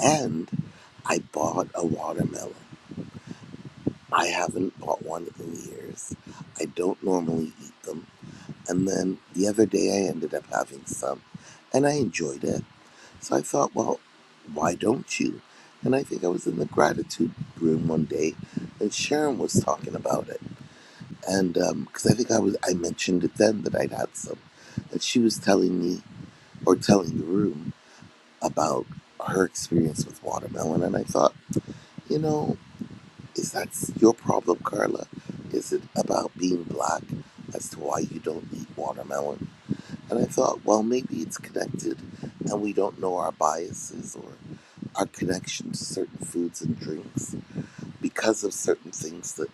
[SPEAKER 9] And I bought a watermelon. I haven't bought one in years. I don't normally eat them. And then the other day I ended up having some and I enjoyed it. So I thought, well, why don't you? And I think I was in the gratitude room one day, and Sharon was talking about it, and because um, I think I was, I mentioned it then that I'd had some, and she was telling me or telling the room about her experience with watermelon, and I thought, you know, is that your problem, Carla? Is it about being black as to why you don't eat watermelon? And I thought, well, maybe it's connected, and we don't know our biases or. our connection to certain foods and drinks because of certain things that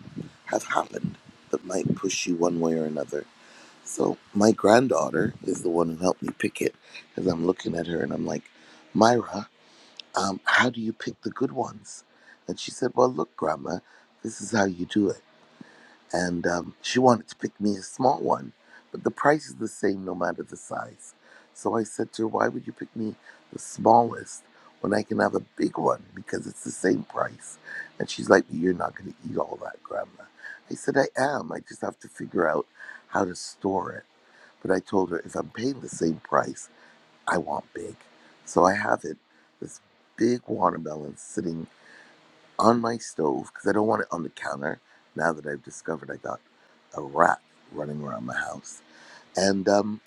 [SPEAKER 9] have happened that might push you one way or another. So my granddaughter is the one who helped me pick it because I'm looking at her and I'm like, Myra, um, how do you pick the good ones? And she said, Well, look, Grandma, this is how you do it and um, she wanted to pick me a small one, but the price is the same no matter the size. So I said to her, Why would you pick me the smallest when I can have a big one because it's the same price? And she's like, You're not going to eat all that, Grandma. I said, I am. I just have to figure out how to store it. But I told her, If I'm paying the same price, I want big. So I have it, this big watermelon sitting on my stove because I don't want it on the counter now that I've discovered I got a rat running around my house. And um,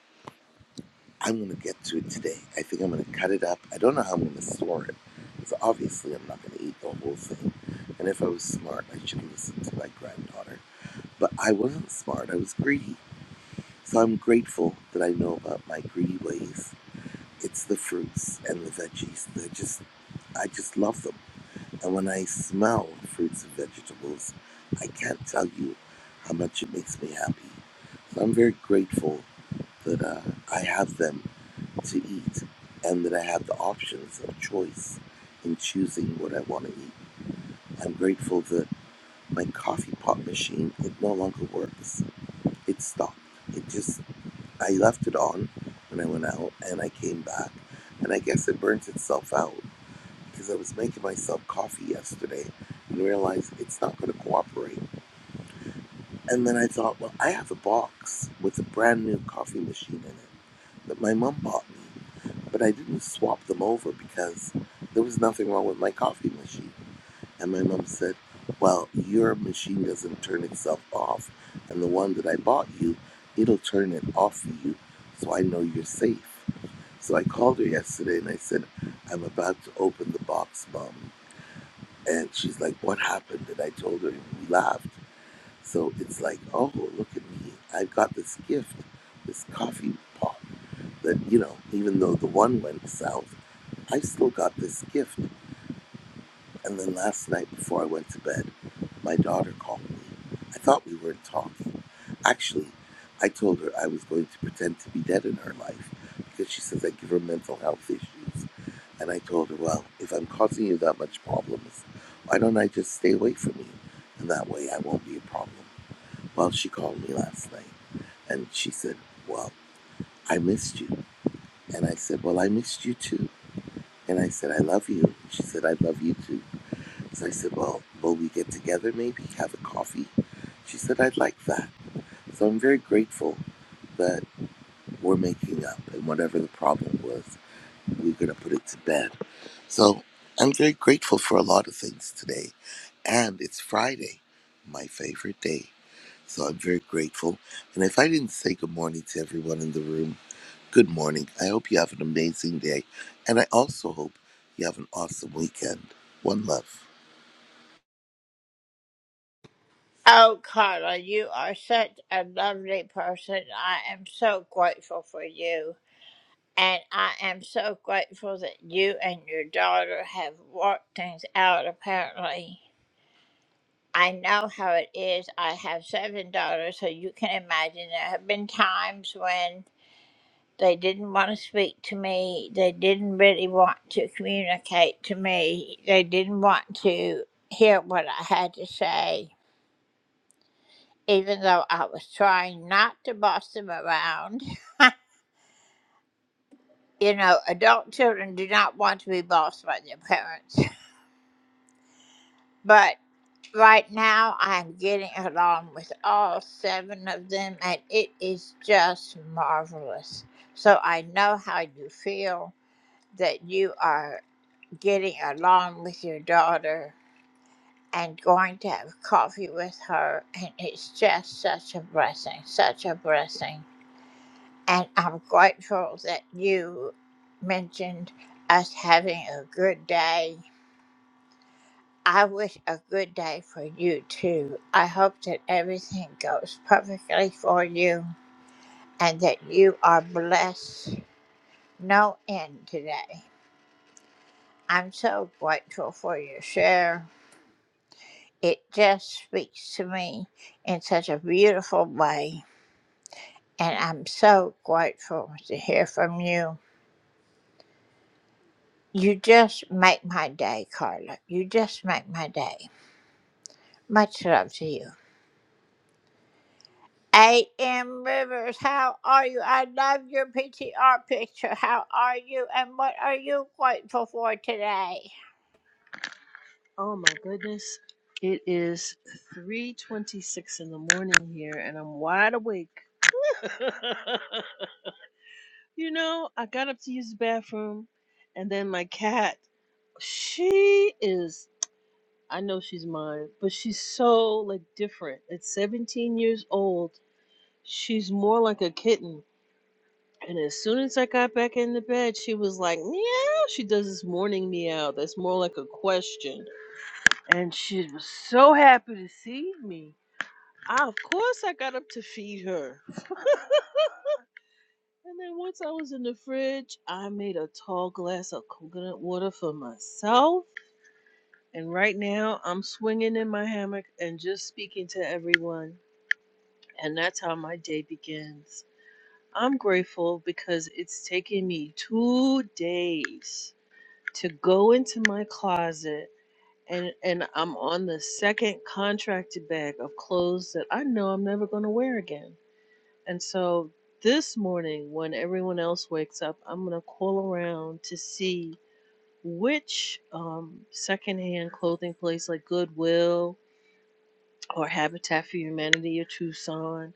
[SPEAKER 9] I'm going to get to it today. I think I'm going to cut it up. I don't know how I'm going to store it because obviously I'm not going to eat the whole thing. And if I was smart, I should listen to my granddaughter. But I wasn't smart, I was greedy. So I'm grateful that I know about my greedy ways. It's the fruits and the veggies. They're just, I just love them. And when I smell fruits and vegetables, I can't tell you how much it makes me happy. So I'm very grateful that uh, I have them to eat and that I have the options of choice in choosing what I want to eat. I'm grateful that my coffee pot machine, it no longer works. It stopped. It just, I left it on when I went out and I came back and I guess it burnt itself out because I was making myself coffee yesterday and realized it's not going to cooperate. And then I thought, well, I have a box with a brand new coffee machine in it that my mom bought me, but I didn't swap them over because there was nothing wrong with my coffee machine. And my mom said, well, your machine doesn't turn itself off, and the one that I bought you, it'll turn it off for you, so I know you're safe. So I called her yesterday and I said, I'm about to open the box, mom and she's like, What happened? And I told her, and we laughed. So it's like, Oh, look at me. I've got this gift, this coffee pot that, you know, even though the one went south, I still got this gift. And then last night before I went to bed, my daughter called me. I thought we weren't talking. Actually, I told her I was going to pretend to be dead in her life because she says I give her mental health issues. And I told her, Well, if I'm causing you that much problems, why don't I just stay away from you? And that way I won't be a problem. Well, she called me last night and she said, Well, I missed you. And I said, Well, I missed you too. And I said, I love you. And she said, I love you too. So I said, Well, will we get together maybe? Have a coffee? She said, I'd like that. So I'm very grateful that we're making up and whatever the problem was, we're going to put it to bed So I'm very grateful for a lot of things today. And it's Friday, my favorite day. So I'm very grateful. And if I didn't say good morning to everyone in the room, good morning. I hope you have an amazing day. And I also hope you have an awesome weekend. One love.
[SPEAKER 10] Oh my goodness. It is 3:26 in the morning here and I'm wide awake. you know, I got up to use the bathroom and then my cat, she is I know she's mine, but she's so like different. At 17 years old, she's more like a kitten. And as soon as I got back in the bed, she was like, meow. She does this morning meow that's more like a question. And she was so happy to see me I, of course, I got up to feed her. And then once I was in the fridge, I made a tall glass of coconut water for myself. And right now, I'm swinging in my hammock and just speaking to everyone. And that's how my day begins. I'm grateful because it's taken me two days to go into my closet. And, and I'm on the second contracted bag of clothes that I know I'm never going to wear again And so this morning, when everyone else wakes up, I'm going to call around to see which um, secondhand clothing place like Goodwill or Habitat for Humanity or Tucson,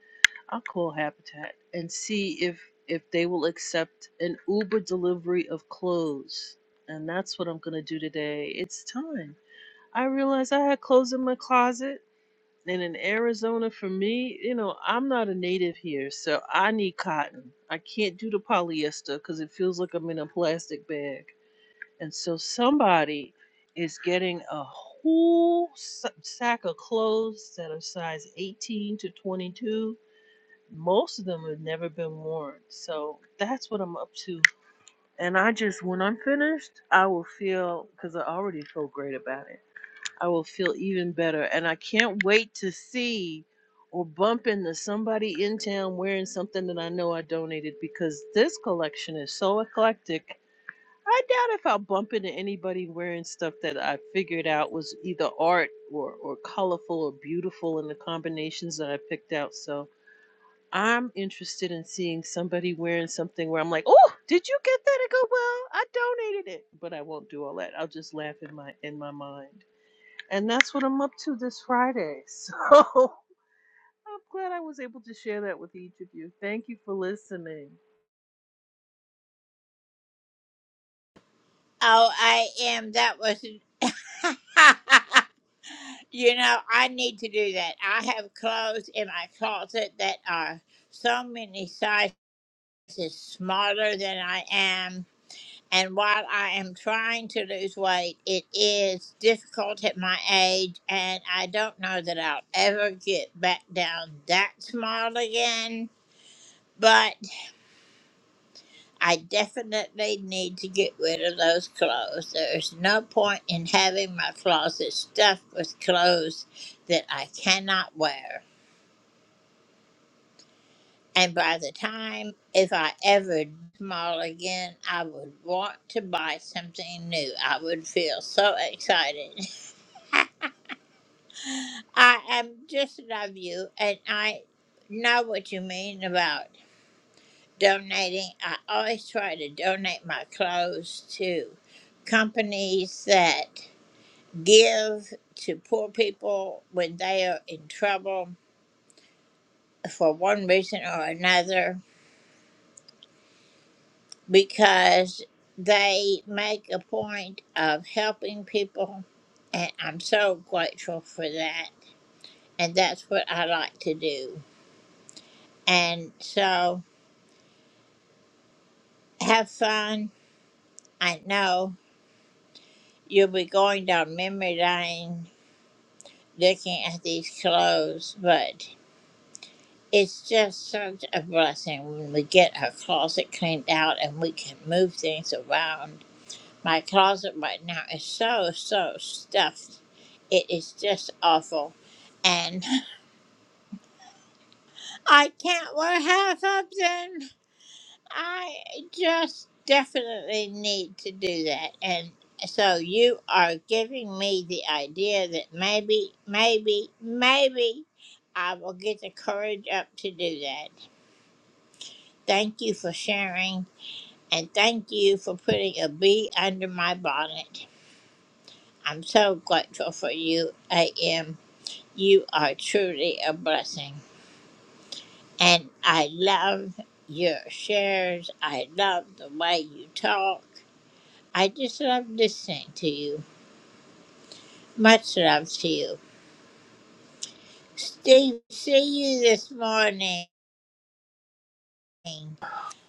[SPEAKER 10] I'll call Habitat and see if, if they will accept an Uber delivery of clothes. And that's what I'm going to do today. It's time. I realized I had clothes in my closet and in Arizona, for me, you know, I'm not a native here, so I need cotton. I can't do the polyester because it feels like I'm in a plastic bag. And so somebody is getting a whole s- sack of clothes that are size 18 to 22. Most of them have never been worn. So that's what I'm up to. And I just, when I'm finished, I will feel, because I already feel great about it. I will feel even better. And I can't wait to see or bump into somebody in town wearing something that I know I donated because this collection is so eclectic. I doubt if I'll bump into anybody wearing stuff that I figured out was either art or, or colorful or beautiful in the combinations that I picked out. So I'm interested in seeing somebody wearing something where I'm like, oh, did you get that at Goodwill? I donated it. But I won't do all that. I'll just laugh in my in my mind. And that's what I'm up to this Friday. So I'm glad I was able to share that with each of you. Thank you for listening.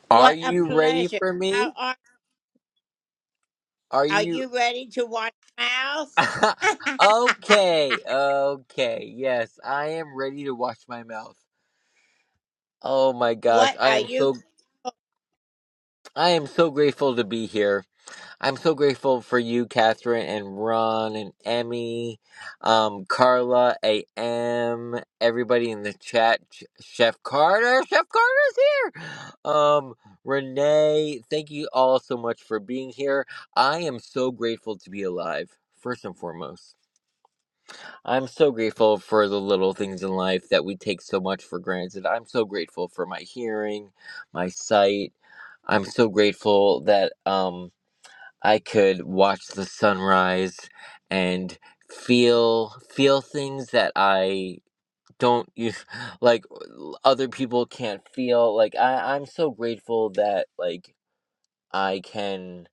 [SPEAKER 11] Are you ready for me? Are you okay? Okay, yes, I am ready to wash my mouth. Oh my gosh, I am so I am so grateful to be here. I'm so grateful for you, Catherine, and Ron, and Emmy, um, Carla, AM, everybody in the chat. Ch- Chef Carter, Chef Carter's here. Um, Renee, thank you all so much for being here. I am so grateful to be alive. First and foremost, I'm so grateful for the little things in life that we take so much for granted. I'm so grateful for my hearing, my sight. I'm so grateful that um I could watch the sunrise and feel feel things that I don't use like other people can't feel like I I'm so grateful that like I can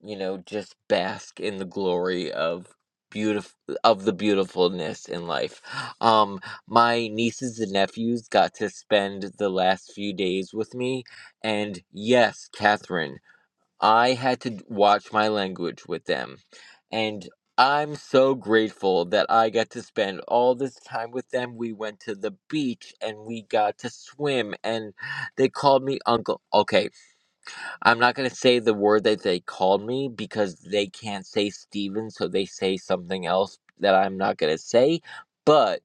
[SPEAKER 11] you know just bask in the glory of beautiful of the beautifulness in life. Um my nieces and nephews got to spend the last few days with me and yes, Catherine I had to watch my language with them. And I'm so grateful that I got to spend all this time with them. We went to the beach and we got to swim, and they called me uncle. Okay, I'm not going to say the word that they called me because they can't say Steven, so they say something else that I'm not going to say. But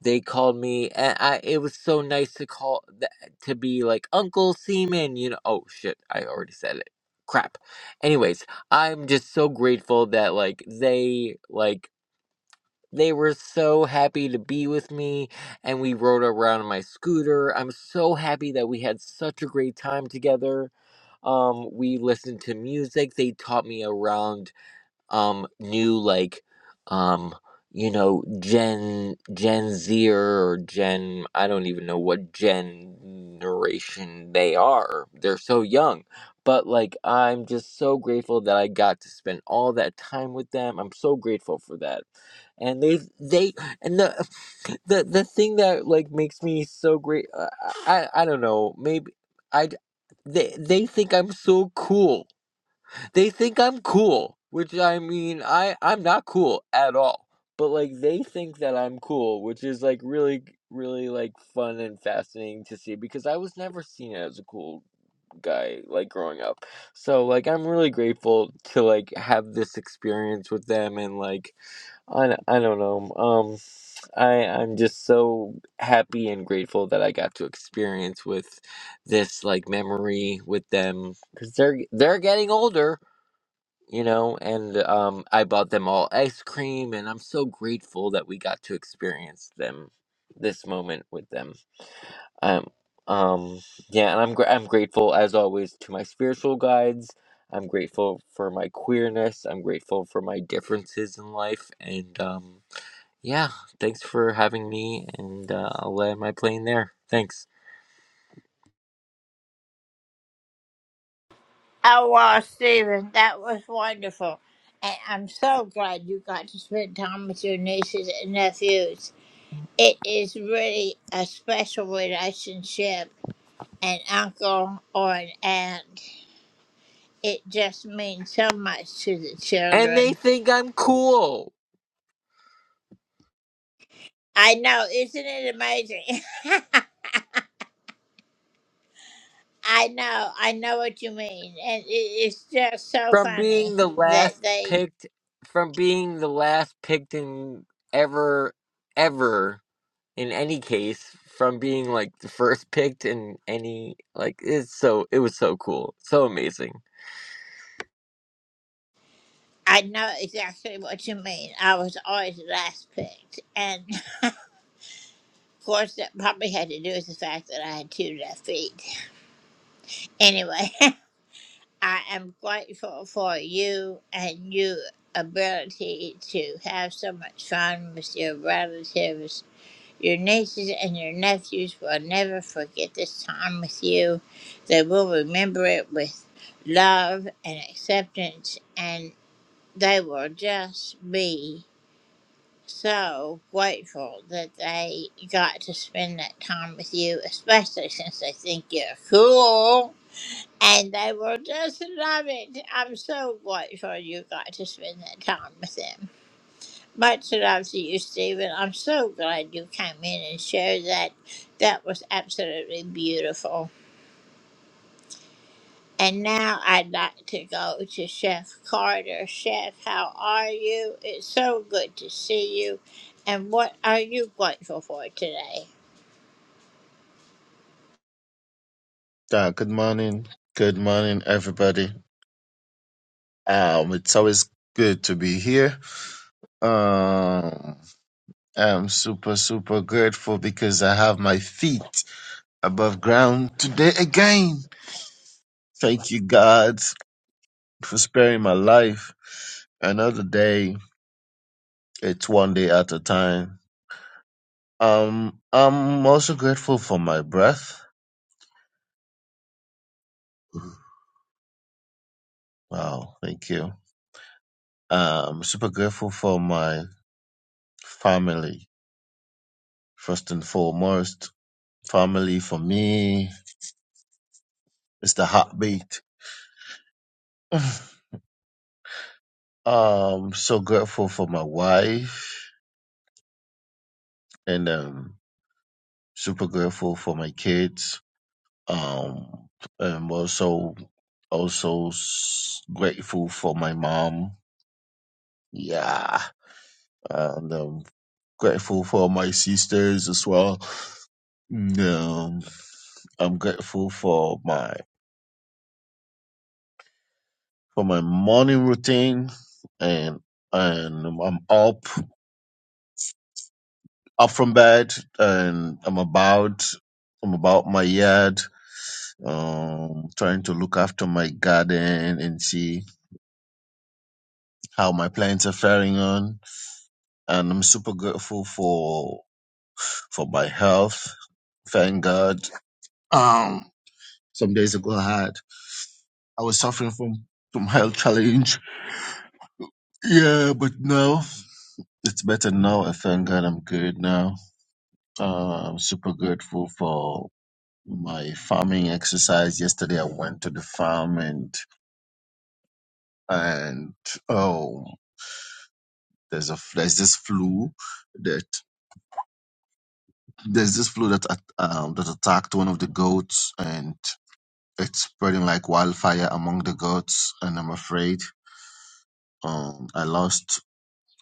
[SPEAKER 11] they called me, and I it was so nice to call th- to be like Uncle Seaman. You know, oh shit, I already said it. Crap. Anyways, I'm just so grateful that like they like they were so happy to be with me and we rode around on my scooter. I'm so happy that we had such a great time together um, we listened to music. They taught me around um new like um you know gen gen zer or gen i don't even know what generation they are they're so young but like i'm just so grateful that i got to spend all that time with them i'm so grateful for that and they they and the the the thing that like makes me so great uh, i i I don't know maybe i they they think i'm so cool they think I'm cool, which I mean, I I'm not cool at all. But like they think that I'm cool, which is like really really like fun and fascinating to see because I was never seen as a cool guy like growing up. So like I'm really grateful to like have this experience with them and like I I d- I don't know. Um I I'm just so happy and grateful that I got to experience with this like memory with them cuz they're they're getting older you know and um i bought them all ice cream and i'm so grateful that we got to experience them this moment with them um um yeah and i'm gr- i'm grateful as always to my spiritual guides i'm grateful for my queerness i'm grateful for my differences in life and um yeah thanks for having me and uh, i'll land my plane there thanks and they think i'm cool from being the last picked from being the last picked in ever ever in any case from being like the first picked in any like it's so it was so cool so amazing
[SPEAKER 12] Uh, good morning. Good morning, everybody. Um, it's always good to be here. Um, I'm super, super grateful because I have my feet above ground today again. Thank you, God, for sparing my life. Another day. It's one day at a time. Um, I'm also grateful for my breath. Wow, thank you. I'm super grateful for my family, first and foremost Family for me is the heartbeat. Um, so grateful for my wife and um, super grateful for my kids. Um, I'm also also s- grateful for my mom. Yeah, and um, grateful for my sisters as well. And, Um, I'm grateful for my for my morning routine, and and I'm up. up from bed and I'm about I'm about my yard, um, trying to look after my garden and see how my plants are faring on. And I'm super grateful for for my health. Thank God. Um, some days ago I had I was suffering from from health challenge. Yeah, but now it's better now. I thank God I'm good now. Uh, I'm super grateful for my farming exercise yesterday. I went to the farm and and oh, there's a there's this flu that there's this flu that at- um, that attacked one of the goats and it's spreading like wildfire among the goats. And I'm afraid um, I lost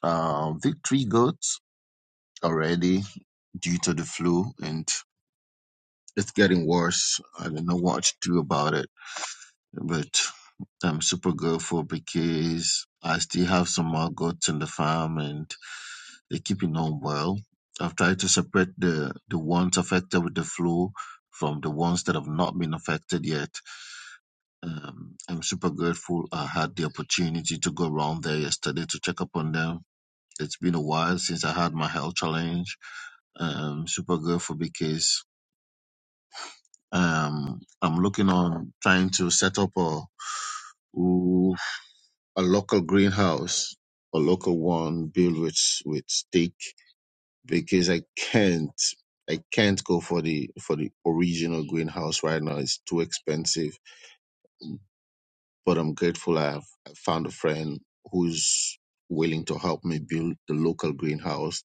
[SPEAKER 12] uh, the three goats already due to the flu and. It's getting worse. I don't know what to do about it. But I'm super grateful because I still have some more goats in the farm and they're keeping on well. I've tried to separate the, the ones affected with the flu from the ones that have not been affected yet. Um, I'm super grateful I had the opportunity to go around there yesterday to check up on them. It's been a while since I had my health challenge. Um, super grateful because um, I'm looking on trying to set up a a local greenhouse, a local one built with with stick because I can't I can't go for the for the original greenhouse right now. It's too expensive. But I'm grateful I have I found a friend who's willing to help me build the local greenhouse.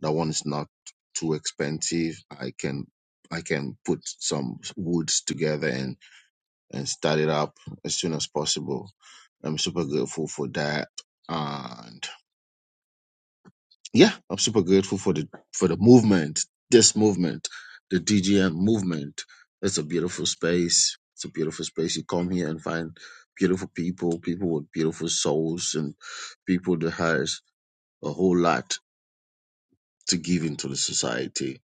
[SPEAKER 12] That one is not too expensive. I can I can put some woods together and and start it up as soon as possible. I'm super grateful for that. And yeah, I'm super grateful for the for the movement, this movement, the DGM movement. It's a beautiful space. It's a beautiful space. You come here and find beautiful people, people with beautiful souls, and people that has a whole lot to give into the society.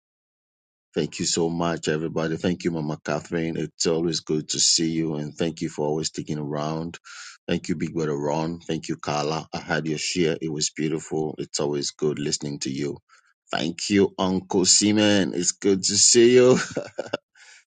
[SPEAKER 12] Thank you so much, everybody. Thank you, Mama Catherine. It's always good to see you, and thank you for always sticking around. Thank you, Big Brother Ron. Thank you, Carla. I had your share. It was beautiful. It's always good listening to you. Thank you, Uncle Simon. It's good to see you.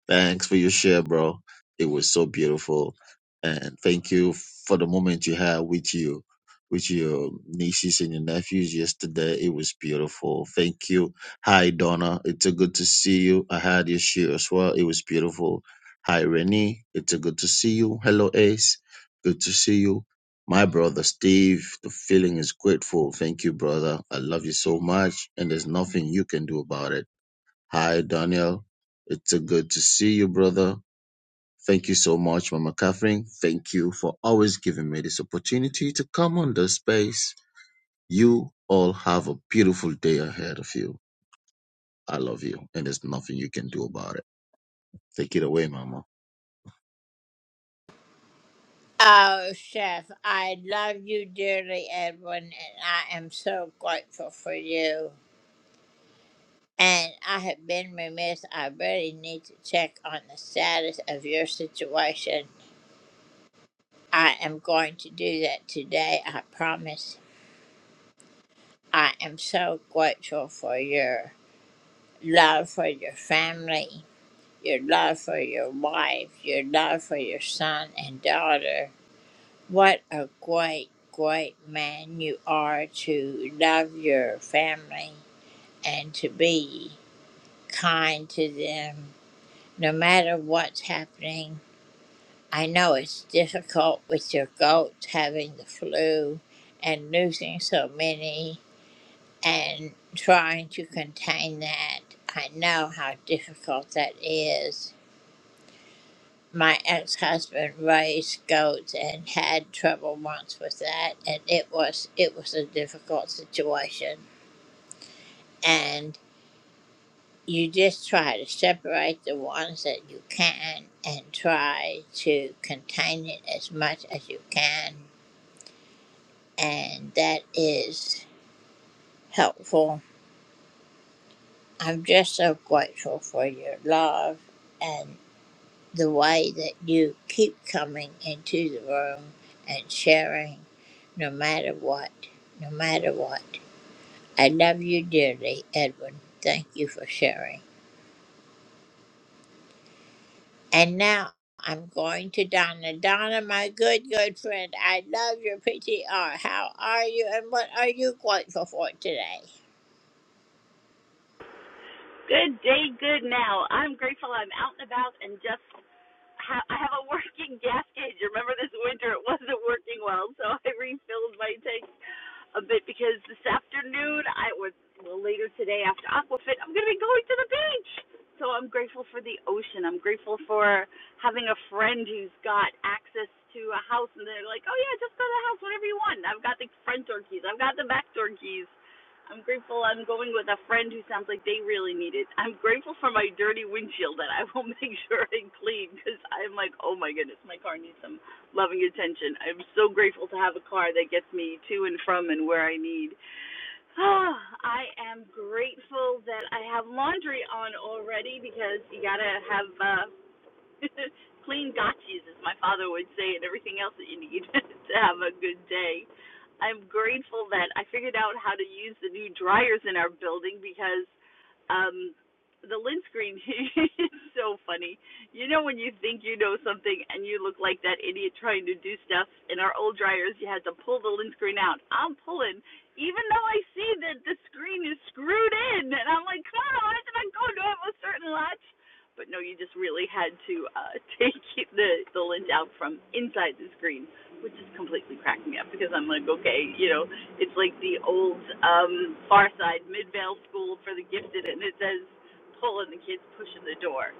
[SPEAKER 12] Thanks for your share, bro. It was so beautiful. And thank you for the moment you had with you, with your nieces and your nephews yesterday. It was beautiful. Thank you. Hi, Donna. It's a good to see you. I had your share as well. It was beautiful. Hi, Renee. It's a good to see you. Hello, Ace. Good to see you. My brother Steve, the feeling is grateful. Thank you, brother. I love you so much, and there's nothing you can do about it. Hi, Daniel. It's a good to see you, brother. Thank you so much, Mama Catherine. Thank you for always giving me this opportunity to come on the space. You all have a beautiful day ahead of you. I love you, and there's nothing you can do about it. Take it away, Mama.
[SPEAKER 13] Good day, good now. I'm grateful I'm out and about and just ha- I have a working gas gauge. Remember this winter it wasn't working well, so I refilled my tank a bit because this afternoon I was well later today after Aquafit I'm gonna be going to the beach. So I'm grateful for the ocean. I'm grateful for having a friend who's got access to a house and they're like, Oh yeah, just go to the house, whatever you want. I've got the front door keys, I've got the back door keys. I'm grateful I'm going with a friend who sounds like they really need it. I'm grateful for my dirty windshield that I will make sure I clean because I'm like, oh my goodness, my car needs some loving attention. I'm so grateful to have a car that gets me to and from and where I need. Oh, I am grateful that I have laundry on already because you gotta have uh, Clean gotchas, as my father would say, and everything else that you need to have a good day. I'm grateful that I figured out how to use the new dryers in our building because um the lint screen is so funny. You know when you think you know something and you look like that idiot trying to do stuff. In our old dryers, you had to pull the lint screen out. I'm pulling, even though I see that the screen is screwed in, and I'm like, come on, I did I go to have a certain latch? but no, you just really had to uh, take the the lint out from inside the screen, which is completely cracking me up because I'm like, okay, you know, it's like the old um, Far Side Midvale School for the Gifted, and it says pull and the kids pushing the door.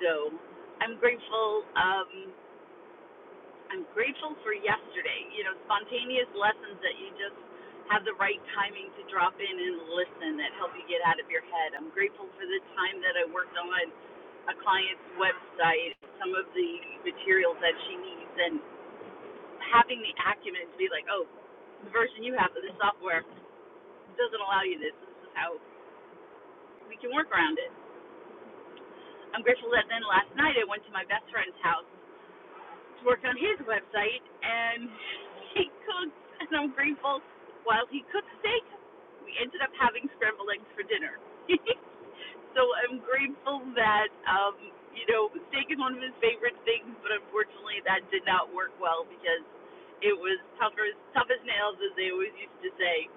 [SPEAKER 13] So I'm grateful. Um, I'm grateful for yesterday. You know, spontaneous lessons that you just have the right timing to drop in and listen that help you get out of your head. I'm grateful for the time that I worked on a client's website, some of the materials that she needs, and having the acumen to be like, oh, the version you have of this software doesn't allow you this. This is how we can work around it. I'm grateful that then last night I went to my best friend's house worked on his website and he cooks and I'm grateful while he cooked steak we ended up having scrambled eggs for dinner. so I'm grateful that um, you know, steak is one of his favorite things, but unfortunately that did not work well because it was tough as tough as nails as they always used to say.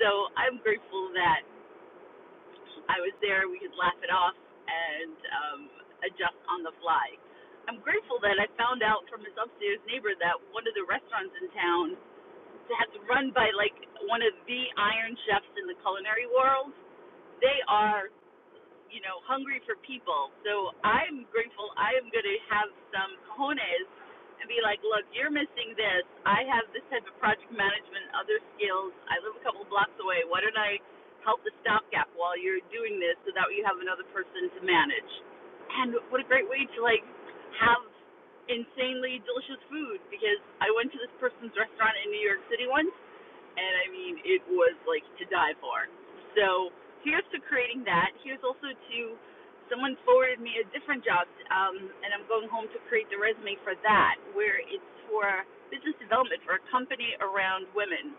[SPEAKER 13] So I'm grateful that I was there, we could laugh it off and um, adjust on the fly. I'm grateful that I found out from his upstairs neighbor that one of the restaurants in town that's run by like one of the iron chefs in the culinary world. They are you know, hungry for people. So I'm grateful I am going to have some cojones and be like, look, you're missing this. I have this type of project management, other skills. I live a couple blocks away. Why don't I help the stopgap while you're doing this so that you have another person to manage? And what a great way to like have insanely delicious food because I went to this person's restaurant in New York City once and I mean it was like to die for. So here's to creating that. Here's also to someone forwarded me a different job, um, and I'm going home to create the resume for that, where it's for business development for a company around women,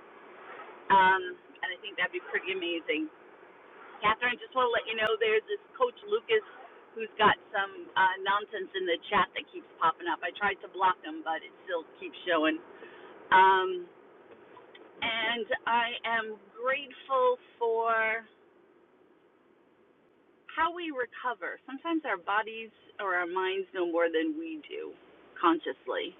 [SPEAKER 13] um, and I think that'd be pretty amazing. Catherine, just want to let you know there's this coach Lucas who's got some uh, nonsense in the chat that keeps popping up. I tried to block him, but it still keeps showing. Um, and I am grateful for how we recover. Sometimes our bodies or our minds know more than we do consciously.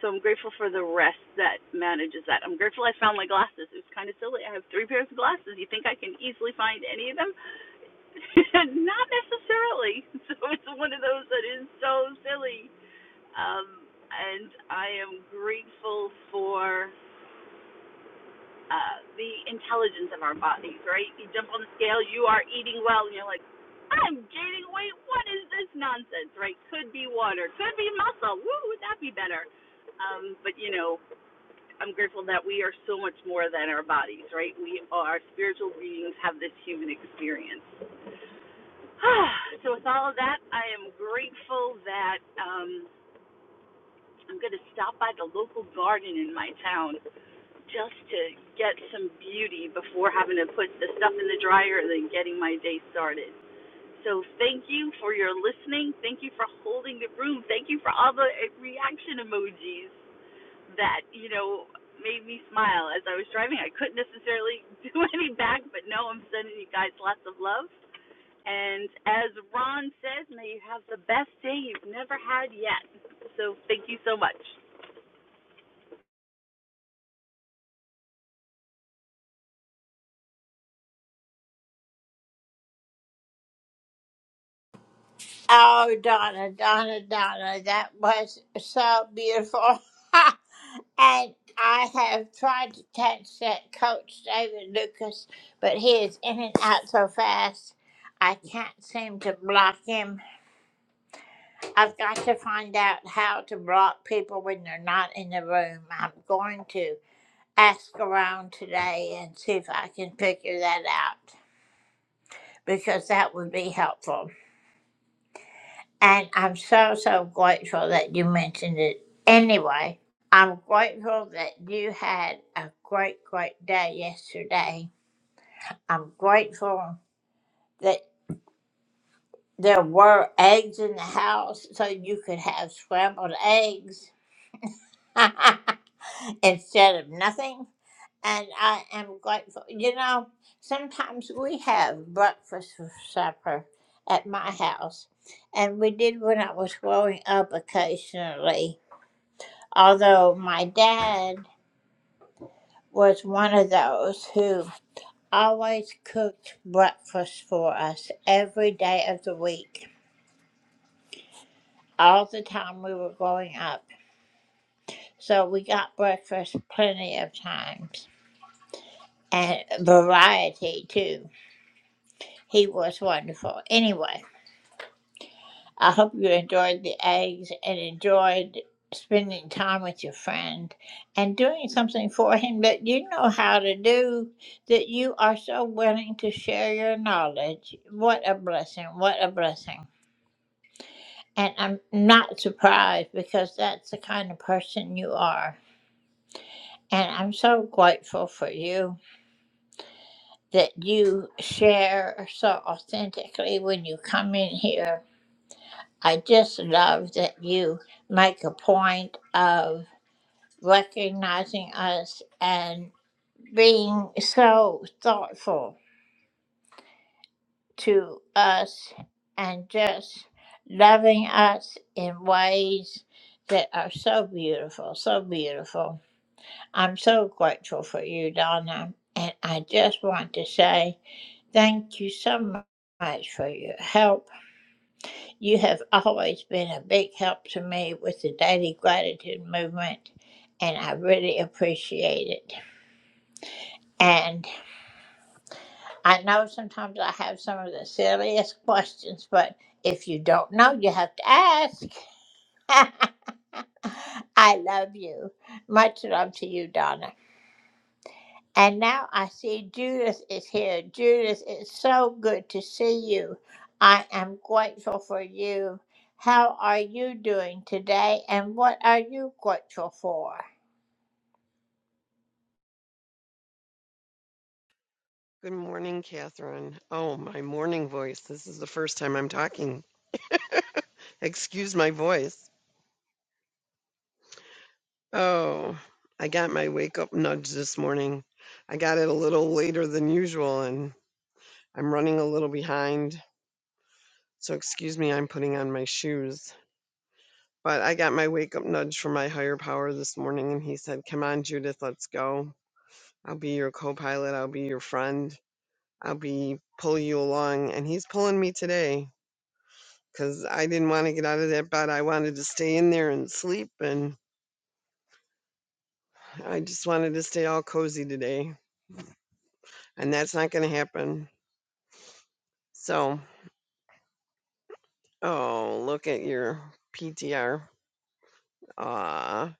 [SPEAKER 13] So I'm grateful for the rest that manages that. I'm grateful I found my glasses. It was kind of silly. I have three pairs of glasses. You think I can easily find any of them? Not necessarily. So it's one of those that is so silly. Um, and I am grateful for uh, the intelligence of our bodies, right? You jump on the scale, you are eating well, and you're like, I'm gaining weight. What is this nonsense, right? Could be water, could be muscle. Woo, would that be better? Um, but you know, I'm grateful that we are so much more than our bodies, right? We are spiritual beings, have this human experience. so with all of that, I am grateful that um, I'm going to stop by the local garden in my town just to get some beauty before having to put the stuff in the dryer and then getting my day started. So thank you for your listening. Thank you for holding the room. Thank you for all the eh, reaction emojis that, you know, made me smile as I was driving. I couldn't necessarily do any back, but no, I'm sending you guys lots of love. And as Ron says, may you have the best day you've never had yet. So thank you so much.
[SPEAKER 14] Good morning, Catherine. Oh, my morning voice. This is the first time I'm talking. Excuse my voice. Oh, I got my wake up nudge this morning. I got it a little later than usual and I'm running a little behind. So, excuse me, I'm putting on my shoes. But I got my wake up nudge from my higher power this morning and he said, Come on, Judith, let's go. I'll be your co pilot. I'll be your friend. I'll be pull you along. And he's pulling me today. because I didn't want to get out of that bed. I wanted to stay in there and sleep, and I just wanted to stay all cozy today, and that's not going to happen. So, oh, look at your PTR. Ah,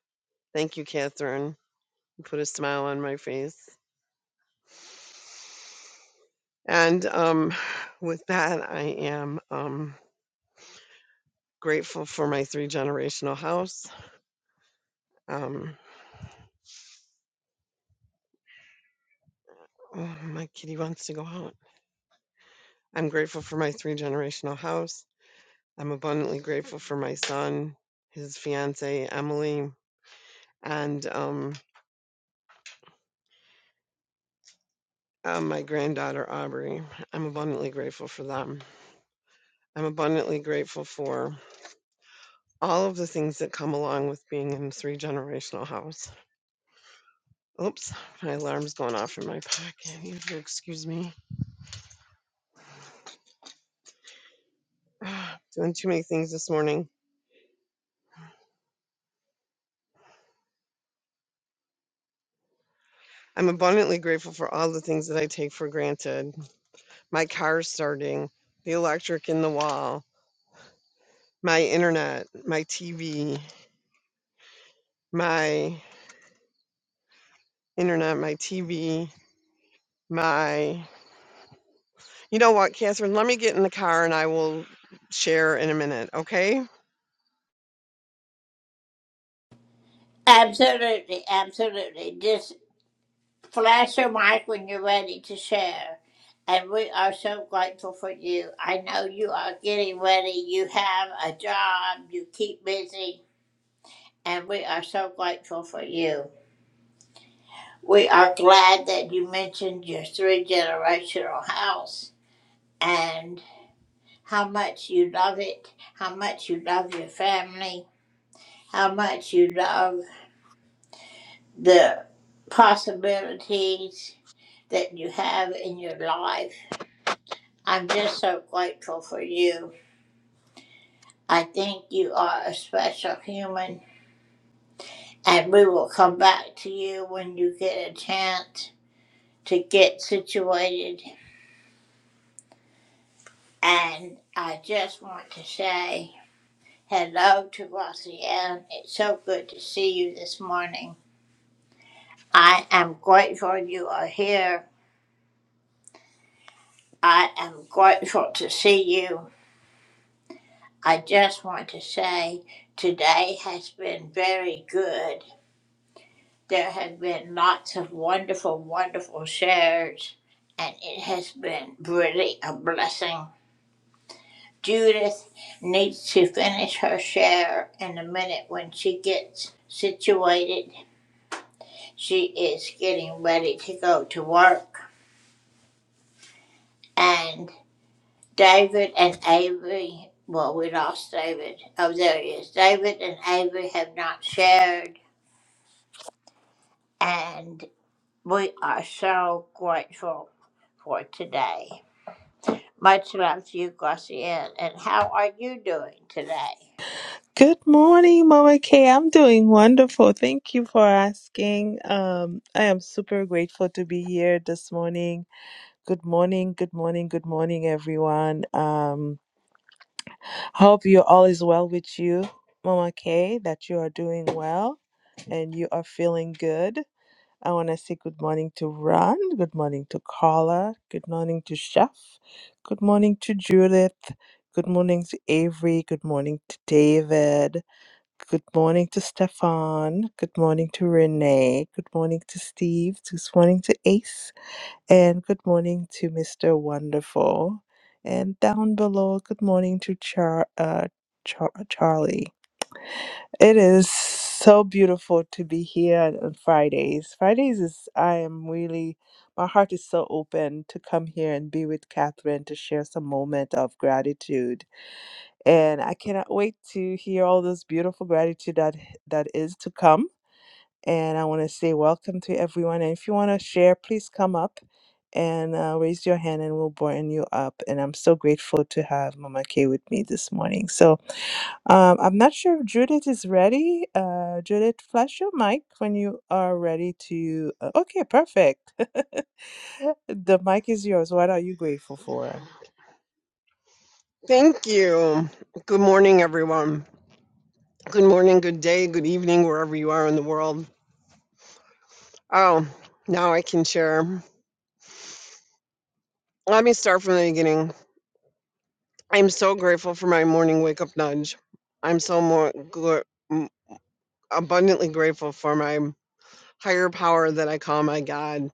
[SPEAKER 14] thank you, Catherine. You Put a smile on my face. And um, with that, I am um, grateful for my three generational house. Um, oh, my kitty wants to go out. I'm grateful for my three generational house. I'm abundantly grateful for my son, his fiance Emily, and um, uh, my granddaughter Aubrey. I'm abundantly grateful for them. I'm abundantly grateful for all of the things that come along with being in a three generational house. Oops, my alarm's going off in my pocket. You have to excuse me. Doing too many things this morning. I'm abundantly grateful for all the things that I take for granted. My car starting, the electric in the wall, my internet, my TV. my internet, my TV, my. You know what, Catherine? Let me get in the car and I will share in a minute, okay?
[SPEAKER 15] Good morning, Mama Kay. I'm doing wonderful. Thank you for asking. Um, I am super grateful to be here this morning. Good morning, good morning, good morning, everyone. Um, hope you all is well with you, Mama Kay, that you are doing well and you are feeling good. I want to say good morning to Ron, good morning to Carla, good morning to Chef, good morning to Judith, good morning to Avery, good morning to David. Good morning to Stefan. Good morning to Renee. Good morning to Steve. Good morning to Ace. And good morning to Mr. Wonderful. And down below, good morning to Char- uh, Char- Charlie. It is so beautiful to be here on Fridays. Fridays is, I am really, my heart is so open to come here and be with Catherine to share some moment of gratitude and I cannot wait to hear all this beautiful gratitude that that is to come. And I want to say welcome to everyone. And if you want to share, please come up and uh, raise your hand, and we'll bring you up. And I'm so grateful to have Mama Kay with me this morning. So um, I'm not sure if Judith is ready. Uh, Judith, flash your mic when you are ready to. uh, okay, perfect. the mic is yours. What are you grateful for?
[SPEAKER 14] Thank you. Good morning, everyone. Good morning, good day, good evening, wherever you are in the world. Oh, now I can share. Let me start from the beginning. I'm so grateful for my morning wake up nudge. I'm so more gl- m abundantly grateful for my higher power that I call my God,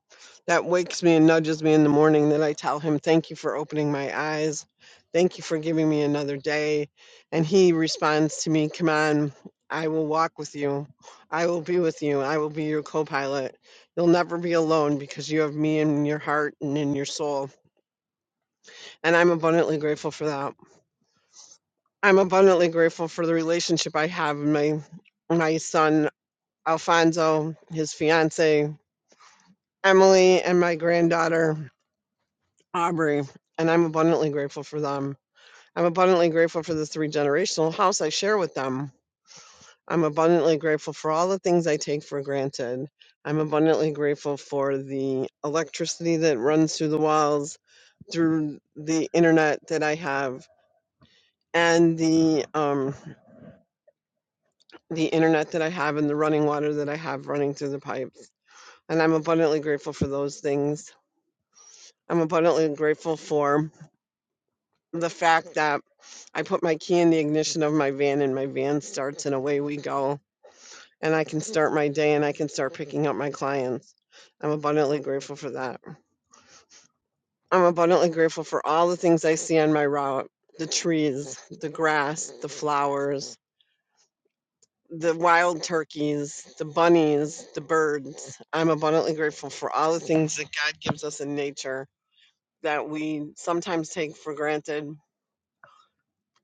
[SPEAKER 14] that wakes me and nudges me in the morning, that I tell him, Thank you for opening my eyes. Thank you for giving me another day. And he responds to me, Come on, I will walk with you. I will be with you. I will be your co pilot. You'll never be alone because you have me in your heart and in your soul. And I'm abundantly grateful for that. I'm abundantly grateful for the relationship I have with my, my son, Alfonso, his fiance, Emily and my granddaughter, Aubrey, and I'm abundantly grateful for them. I'm abundantly grateful for the three generational house I share with them. I'm abundantly grateful for all the things I take for granted. I'm abundantly grateful for the electricity that runs through the walls, through the internet that I have, and the um, the internet that I have, and the running water that I have running through the pipes. And I'm abundantly grateful for those things. I'm abundantly grateful for the fact that I put my key in the ignition of my van and my van starts and away we go. And I can start my day and I can start picking up my clients. I'm abundantly grateful for that. I'm abundantly grateful for all the things I see on my route the trees, the grass, the flowers, the wild turkeys, the bunnies, the birds. I'm abundantly grateful for all the things that God gives us in nature that we sometimes take for granted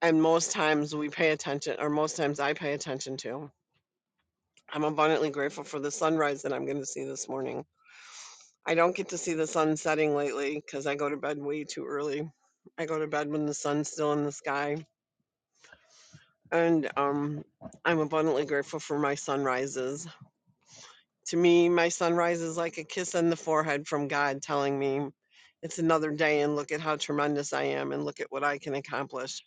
[SPEAKER 14] and most times we pay attention or most times i pay attention to i'm abundantly grateful for the sunrise that i'm going to see this morning i don't get to see the sun setting lately because i go to bed way too early i go to bed when the sun's still in the sky and um, i'm abundantly grateful for my sunrises to me my sunrise is like a kiss on the forehead from god telling me it's another day and look at how tremendous i am and look at what i can accomplish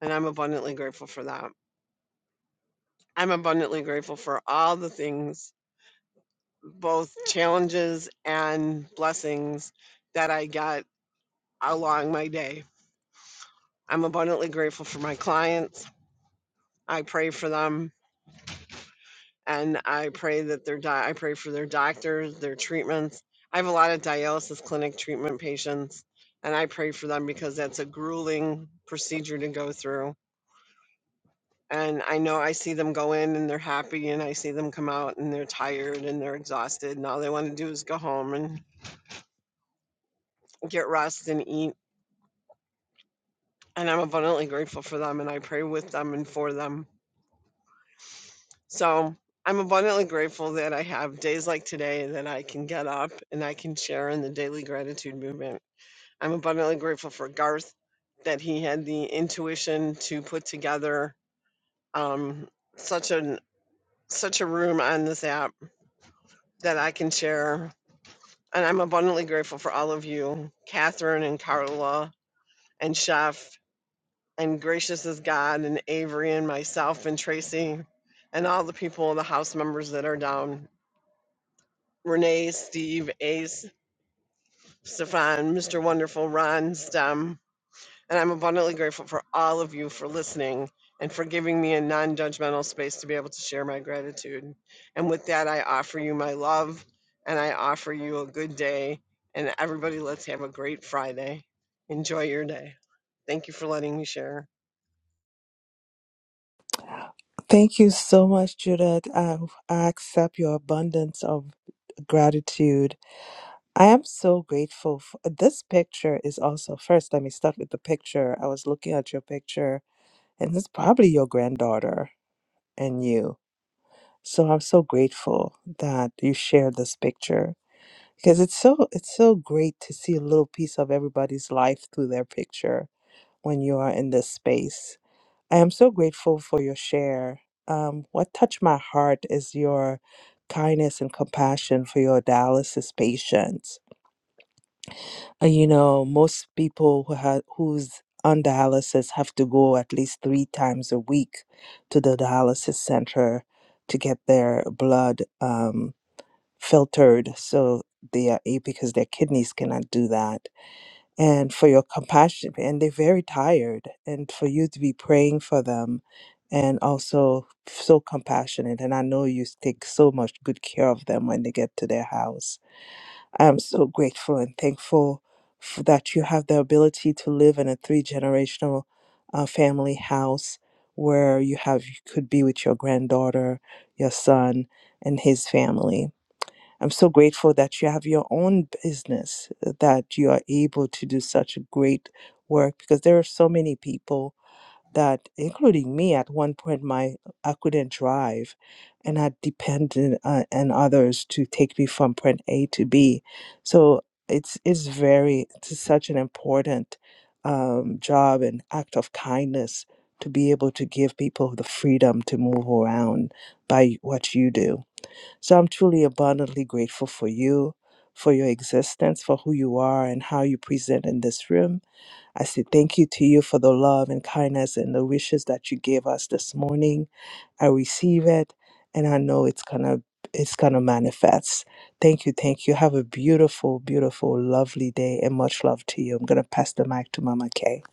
[SPEAKER 14] and i'm abundantly grateful for that i'm abundantly grateful for all the things both challenges and blessings that I got along my day. I'm abundantly grateful for my clients. I pray for them and I pray that their di- I pray for their doctors, their treatments. I have a lot of dialysis clinic treatment patients and I pray for them because that's a grueling procedure to go through. And I know I see them go in and they're happy and I see them come out and they're tired and they're exhausted and all they want to do is go home and get rest and eat and I'm abundantly grateful for them and I pray with them and for them. So I'm abundantly grateful that I have days like today that I can get up and I can share in the daily gratitude movement. I'm abundantly grateful for Garth that he had the intuition to put together um, such an such a room on this app that I can share. And I'm abundantly grateful for all of you, Catherine and Carla and Chef and gracious is God and Avery and myself and Tracy and all the people, the house members that are down. Renee, Steve, Ace, Stefan, Mr. Wonderful, Ron, Stem. And I'm abundantly grateful for all of you for listening and for giving me a non judgmental space to be able to share my gratitude. And with that, I offer you my love and I offer you a good day. And everybody, let's have a great Friday. Enjoy your day. Thank you for letting me share.
[SPEAKER 15] Thank you so much, Judith. I, I accept your abundance of gratitude. I am so grateful. For, this picture is also, first, let me start with the picture. I was looking at your picture, and it's probably your granddaughter and you. So I'm so grateful that you shared this picture because it's so it's so great to see a little piece of everybody's life through their picture when you are in this space. I am so grateful for your share. Um, what touched my heart is your kindness and compassion for your dialysis patients. Uh, you know, most people who ha- who's on dialysis have to go at least three times a week to the dialysis center to get their blood um, filtered, so they are a- because their kidneys cannot do that and for your compassion. And they're very tired, and for you to be praying for them and also so compassionate. And I know you take so much good care of them when they get to their house. I'm so grateful and thankful f that you have the ability to live in a three generational uh, family house where you have you could be with your granddaughter, your son, and his family I'm so grateful that you have your own business, uh, that you are able to do such great work because there are so many people that, including me, at one point, my I couldn't drive, and I depended uh, on others to take me from point A to B. So it's it's very it's such an important um, job and act of kindness to be able to give people the freedom to move around by what you do so I'm truly abundantly grateful for you, for your existence, for who you are, and how you present in this room. I say thank you to you for the love and kindness and the wishes that you gave us this morning. I receive it, and I know it's gonna it's gonna manifest. Thank you, thank you. Have a beautiful, beautiful, lovely day, and much love to you. I'm gonna pass the mic to Mama Kay.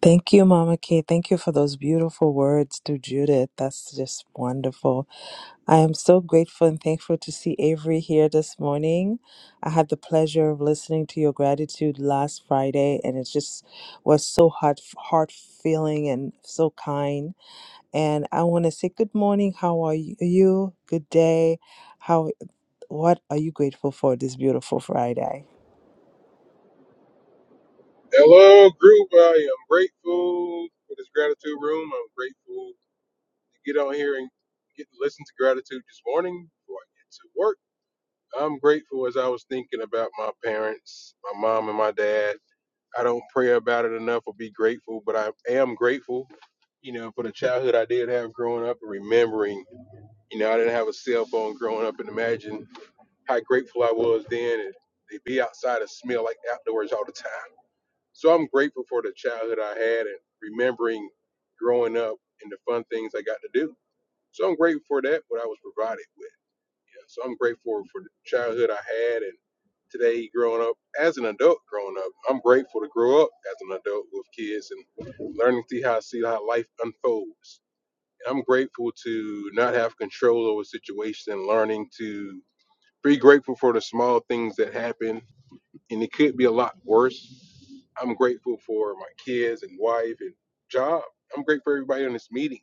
[SPEAKER 15] Thank you, Mama Kay. Thank you for those beautiful words to Judith. That's just wonderful. I am so grateful and thankful to see Avery here this morning. I had the pleasure of listening to your gratitude last Friday, and it just was so heart heart feeling and so kind. And I want to say good morning. How are you? you? Good day. How? What are you grateful for this beautiful Friday?
[SPEAKER 16] Hello, group. I am grateful for this gratitude room. I'm grateful to get on here and get to listen to gratitude this morning before I get to work. I'm grateful as I was thinking about my parents, my mom and my dad. I don't pray about it enough or be grateful, but I am grateful, you know, for the childhood I did have growing up and remembering, you know, I didn't have a cell phone growing up and imagine how grateful I was then. And they'd be outside and smell like outdoors all the time so I'm grateful for the childhood I had and remembering growing up and the fun things I got to do. So I'm grateful for that, what I was provided with. Yeah. So I'm grateful for the childhood I had and today growing up as an adult growing up. I'm grateful to grow up as an adult with kids and learning to see how see how life unfolds. And I'm grateful to not have control over situations and learning to be grateful for the small things that happen and it could be a lot worse I'm grateful for my kids and wife and job. I'm grateful for everybody on this meeting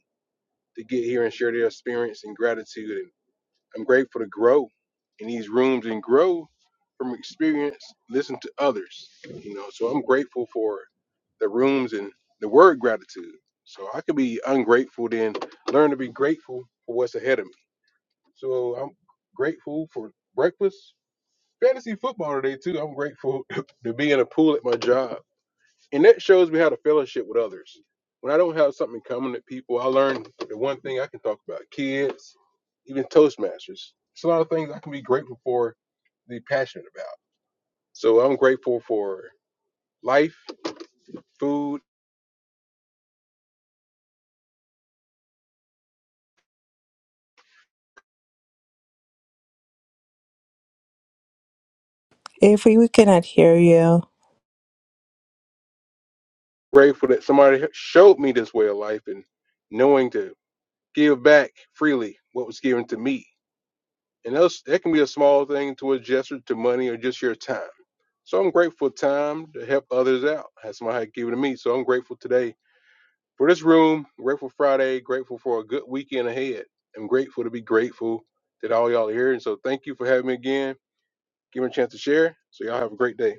[SPEAKER 16] to get here and share their experience and gratitude. And I'm grateful to grow in these rooms and grow from experience, listen to others. You know, so I'm grateful for the rooms and the word gratitude. So I could be ungrateful, then learn to be grateful for what's ahead of me. So I'm grateful for breakfast, fantasy football today too. I'm grateful to be in a pool at my job and that shows me how to fellowship with others. When I don't have something in common with people, I learn the one thing I can talk about kids, even Toastmasters. It's a lot of things I can be grateful for, be passionate about. So I'm grateful for life, food,
[SPEAKER 15] Avery, we cannot hear you.
[SPEAKER 16] grateful that somebody showed me this way of life and knowing to give back freely what was given to me. And those, that can be a small thing to a gesture to money or just your time. So I'm grateful for time to help others out. That's somebody had given to me. So I'm grateful today For this room, grateful Friday, grateful for a good weekend ahead. I'm grateful to be grateful that all y'all are here. And so thank you for having me again. Give me a chance to share. So y'all have a great day.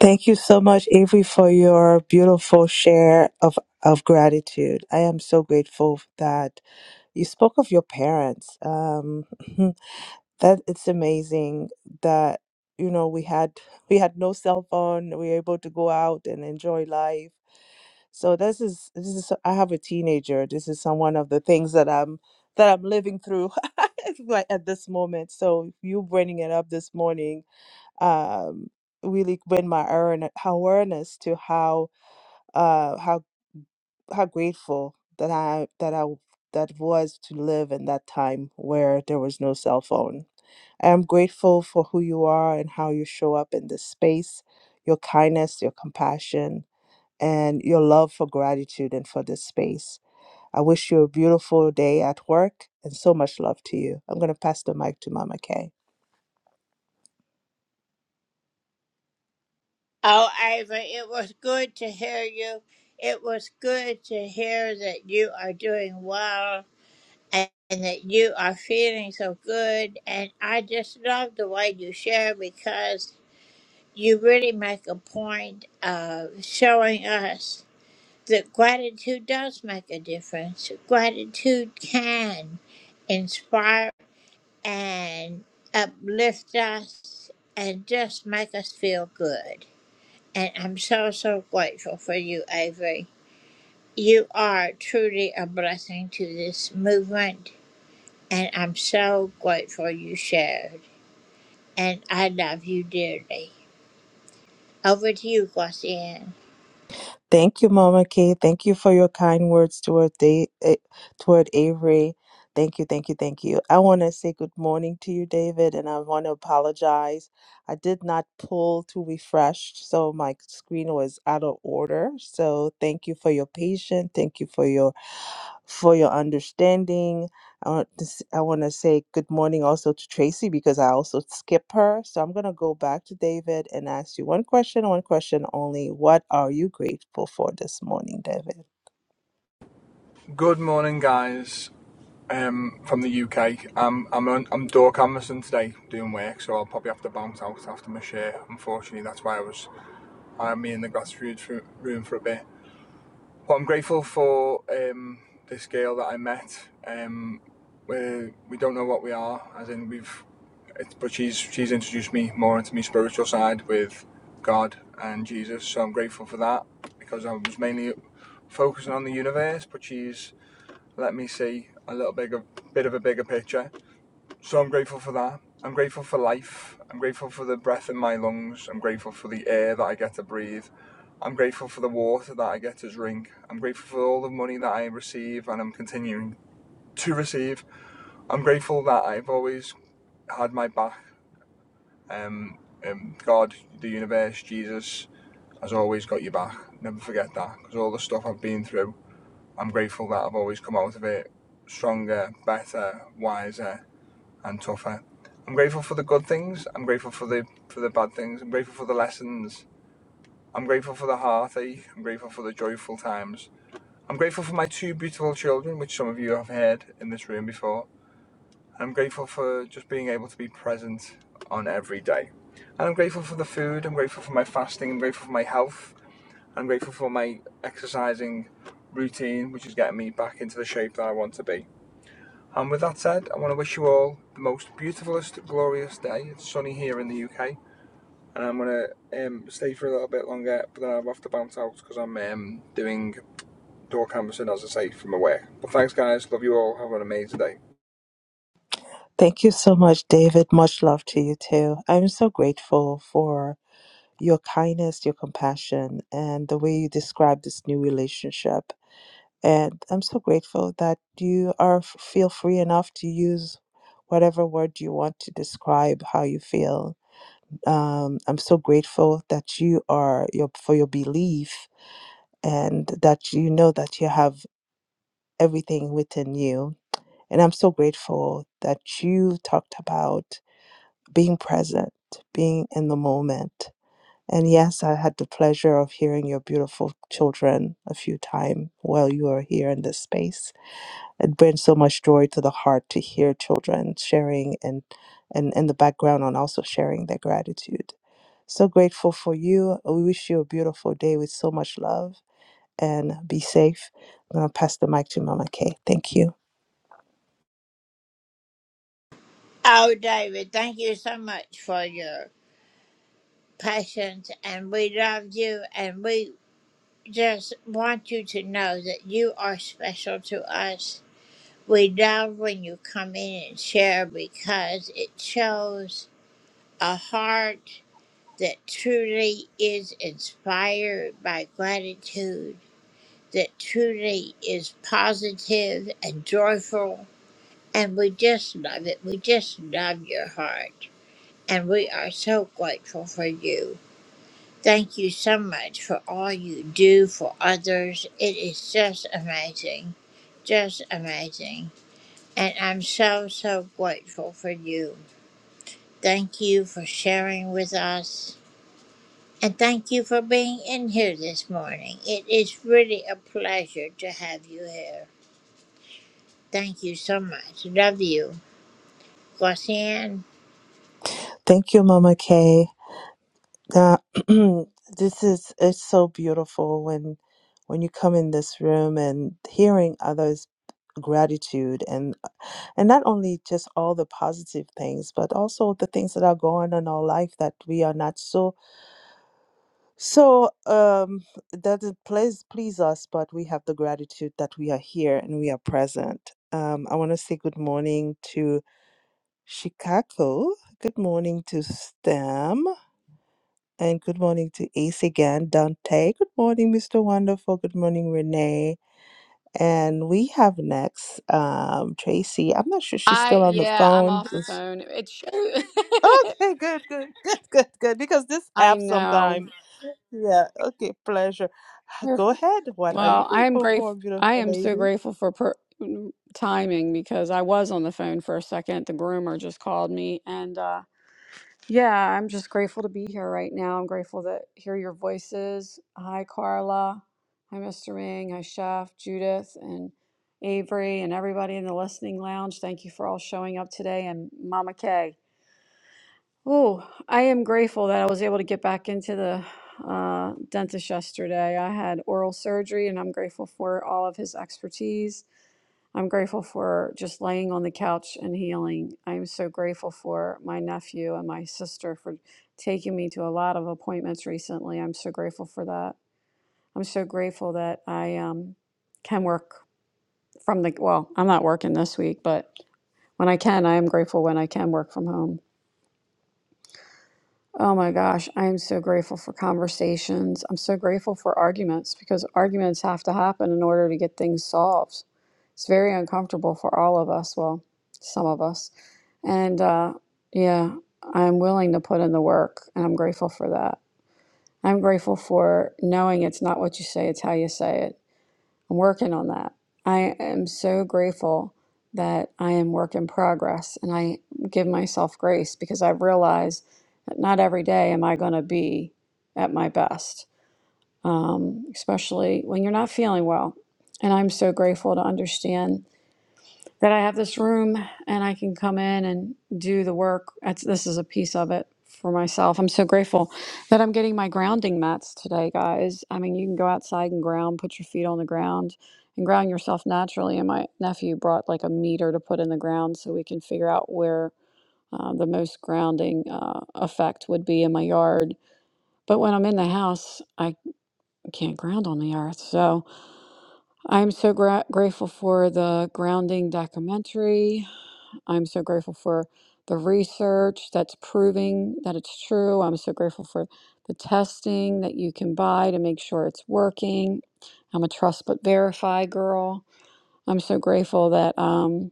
[SPEAKER 15] Thank you so much, Avery, for your beautiful share of of gratitude. I am so grateful that You spoke of your parents. Um, that it's amazing that you know we had we had no cell phone. We were able to go out and enjoy life. So this is this is I have a teenager. This is some one of the things that I'm that I'm living through right at this moment. So you bringing it up this morning um, really bring my awareness awareness to how uh, how how grateful that I that I that was to live in that time where there was no cell phone. I am grateful for who you are and how you show up in this space, your kindness, your compassion, and your love for gratitude and for this space. I wish you a beautiful day at work and so much love to you. I'm going to pass the mic to Mama Kay. Thank you, Mama Kay. Thank you for your kind words toward day, eh, toward Avery. Thank you, thank you, thank you. I want to say good morning to you, David, and I want to apologize. I did not pull to refresh, so my screen was out of order. So thank you for your patience. Thank you for your for your understanding I want to s- I want to say good morning also to Tracy because I also skip her. So I'm gonna go back to David and ask you one question, one question only. What are you grateful for this morning, David?
[SPEAKER 17] Good morning, guys. Um, from the UK. I'm I'm on, I'm door canvassing today, doing work, so I'll probably have to bounce out after my share. Unfortunately, that's why I was I me in the gratitude room for a bit. But I'm grateful for um this girl that I met. Um, we we don't know what we are, as in we've. It's, but she's she's introduced me more into my spiritual side with God and Jesus, so I'm grateful for that because I was mainly focusing on the universe, but she's let me see a little bigger, bit of a bigger picture. So I'm grateful for that. I'm grateful for life. I'm grateful for the breath in my lungs. I'm grateful for the air that I get to breathe. I'm grateful for the water that I get to drink. I'm grateful for all the money that I receive and I'm continuing to receive. I'm grateful that I've always had my back. Um, um, God, the universe, Jesus has always got your back. Never forget that because all the stuff I've been through I'm grateful that I've always come out of it stronger, better, wiser, and tougher. I'm grateful for the good things. I'm grateful for the for the bad things. I'm grateful for the lessons. I'm grateful for the heartache. I'm grateful for the joyful times. I'm grateful for my two beautiful children, which some of you have heard in this room before. I'm grateful for just being able to be present on every day. And I'm grateful for the food. I'm grateful for my fasting. I'm grateful for my health. I'm grateful for my exercising routine, which is getting me back into the shape that I want to be. And with that said, I want to wish you all the most beautifulest, glorious day. It's sunny here in the UK, and I'm gonna um, stay for a little bit longer, but then I'll have to bounce out because I'm um, doing door canvassing, as I say, from my work. But thanks, guys. Love you all. Have an amazing day.
[SPEAKER 15] Thank you so much, David. Much love to you too. I'm so grateful for your kindness, your compassion, and the way you describe this new relationship. And I'm so grateful that you are feel free enough to use whatever word you want to describe how you feel. Um, I'm so grateful that you are your for your belief and that you know that you have everything within you. And I'm so grateful that you talked about being present, being in the moment. And yes, I had the pleasure of hearing your beautiful children a few times while you were here in this space it brings so much joy to the heart to hear children sharing and and in the background and also sharing their gratitude so grateful for you we wish you a beautiful day with so much love and be safe i'm going to pass the mic to mama kay thank you thank you mama kay That this is it's so beautiful when when you come in this room and hearing others gratitude and and not only just all the positive things but also the things that are going on in our life that we are not so so um that it please please us but we have the gratitude that we are here and we are present um i want to say good morning to chicago good morning to stem and good morning to Ace again, Dante. Good morning, Mr. Wonderful. Good morning, Renee. And we have next um, Tracy. I'm not sure she's
[SPEAKER 18] I
[SPEAKER 15] still on the
[SPEAKER 18] yeah, I'm
[SPEAKER 15] phone.
[SPEAKER 18] off the
[SPEAKER 15] Is
[SPEAKER 18] phone. It shows.
[SPEAKER 15] okay, good, good, good, good, good. Because this
[SPEAKER 18] I
[SPEAKER 15] app
[SPEAKER 18] know.
[SPEAKER 15] sometime. Yeah. Okay. Pleasure.
[SPEAKER 18] Perf-
[SPEAKER 15] Go ahead. What are you
[SPEAKER 18] Well, I am
[SPEAKER 15] grateful for,
[SPEAKER 18] grateful. I
[SPEAKER 15] beautiful
[SPEAKER 18] am so
[SPEAKER 15] lady?
[SPEAKER 18] grateful for per- mm, timing because I was on the phone for a second. The groomer just called me, and uh, yeah, I'm just grateful to be here right now. I'm grateful to hear your voices. Hi, Carla. Hi, Mr. Ming. Hi, Chef Judith and Avery and everybody in the listening lounge. Thank you for all showing up today, and Mama Kay. Oh, I am grateful that I was able to get back into the uh, dentist yesterday. I had oral surgery and I'm grateful for all of his expertise. I'm grateful for just laying on the couch and healing. I'm so grateful for my nephew and my sister for taking me to a lot of appointments recently. I'm so grateful for that. I'm so grateful that I um, can work from the, well, I'm not working this week, but when I can, I am grateful when I can work from home. Oh my gosh, I am so grateful for conversations. I'm so grateful for arguments because arguments have to happen in order to get things solved. It's very uncomfortable for all of us, well, some of us. And uh, yeah, I'm willing to put in the work and I'm grateful for that. I'm grateful for knowing it's not what you say, it's how you say it. I'm working on that. I am so grateful that I am work in progress and I give myself grace because I realize that not every day am I going to be at my best, um, especially when you're not feeling well. And I'm so grateful to understand that I have this room and I can come in and do the work. That's, this is a piece of it for myself. I'm so grateful that I'm getting my grounding mats today, guys. I mean, you can go outside and ground, put your feet on the ground and ground yourself naturally. And my nephew brought like a meter to put in the ground so we can figure out where uh, the most grounding uh, effect would be in my yard. But when I'm in the house, I can't ground on the earth. So I'm so gra- grateful for the grounding documentary I'm so grateful for the research that's proving that it's true. I'm so grateful for the testing that you can buy to make sure it's working. I'm a trust but verify girl. I'm so grateful that um,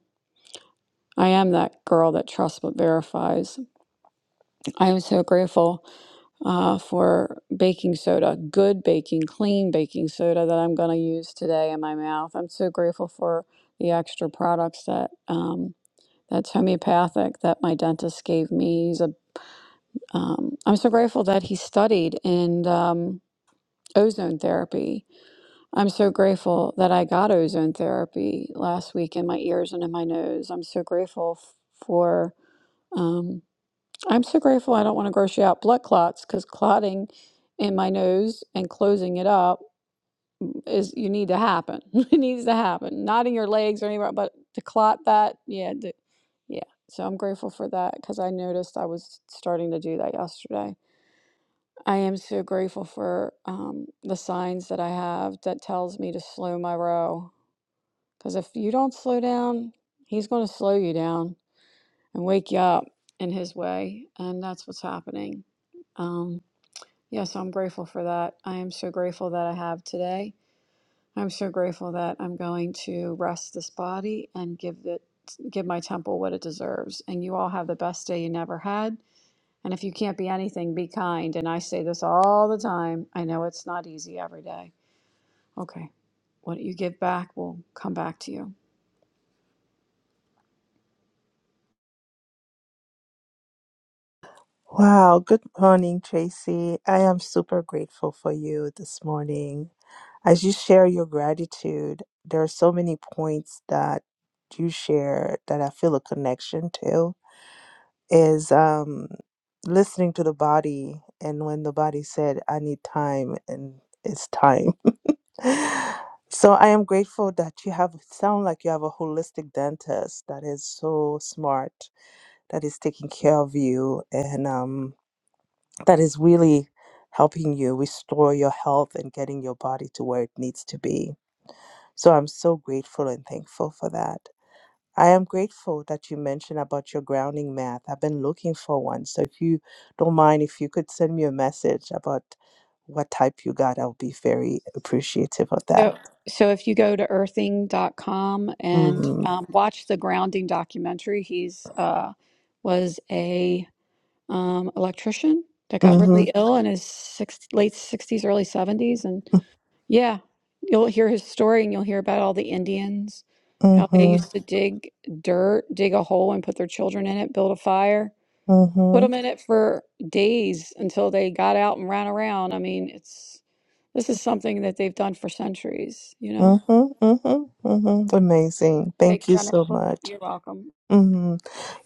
[SPEAKER 18] I am that girl that trusts but verifies. I am so grateful uh, for baking soda, good baking, clean baking soda that I'm going to use today in my mouth. I'm so grateful for the extra products that. um, that's homeopathic that my dentist gave me. He's a, um, I'm so grateful that he studied in um, ozone therapy. I'm so grateful that I got ozone therapy last week in my ears and in my nose. I'm so grateful f- for, um, I'm so grateful I don't want to gross you out blood clots because clotting in my nose and closing it up is you need to happen. it needs to happen. Not in your legs or anywhere, but to clot that, yeah, d yeah. So I'm grateful for that because I noticed I was starting to do that yesterday. I am so grateful for um, the signs that I have that tells me to slow my row. Because if you don't slow down, he's going to slow you down and wake you up in his way, and that's what's happening. Um, yeah, so I'm grateful for that. I am so grateful that I have today. I'm so grateful that I'm going to rest this body and give it give my temple what it deserves. And you all have the best day you never had. And if you can't be anything, be kind. And I say this all the time. I know it's not easy every day. Okay. What you give back will come back to you.
[SPEAKER 15] Wow. Good morning, Tracy. I am super grateful for you this morning. As you share your gratitude, there are so many points that you share that I feel a connection to is um, listening to the body. And when the body said, I need time, and it's time. so I am grateful that you have, sound like you have a holistic dentist that is so smart, that is taking care of you, and um, that is really helping you restore your health and getting your body to where it needs to be so I'm so grateful and thankful for that. I am grateful that you mentioned about your grounding math. I've been looking for one. So if you don't mind, if you could send me a message about what type you got, I'll be very appreciative of that.
[SPEAKER 18] So so if you go to earthing dot com and
[SPEAKER 15] Mm-hmm.
[SPEAKER 18] um, watch the grounding documentary, he's uh was a um, electrician that got really
[SPEAKER 15] Mm-hmm.
[SPEAKER 18] ill in his six, late 60s, early 70s. And yeah, you'll hear his story and you'll hear about all the Indians, how they
[SPEAKER 15] Mm-hmm.
[SPEAKER 18] used to dig dirt, dig a hole and put their children in it, build a fire, put
[SPEAKER 15] Mm-hmm.
[SPEAKER 18] them in it for days until they got out and ran around. I mean, it's this is something that they've done for centuries, you know?
[SPEAKER 15] Mm-hmm. Mm-hmm. Mm-hmm. Amazing.
[SPEAKER 18] They've
[SPEAKER 15] Thank you so much.
[SPEAKER 18] you're welcome.
[SPEAKER 15] Mm-hmm.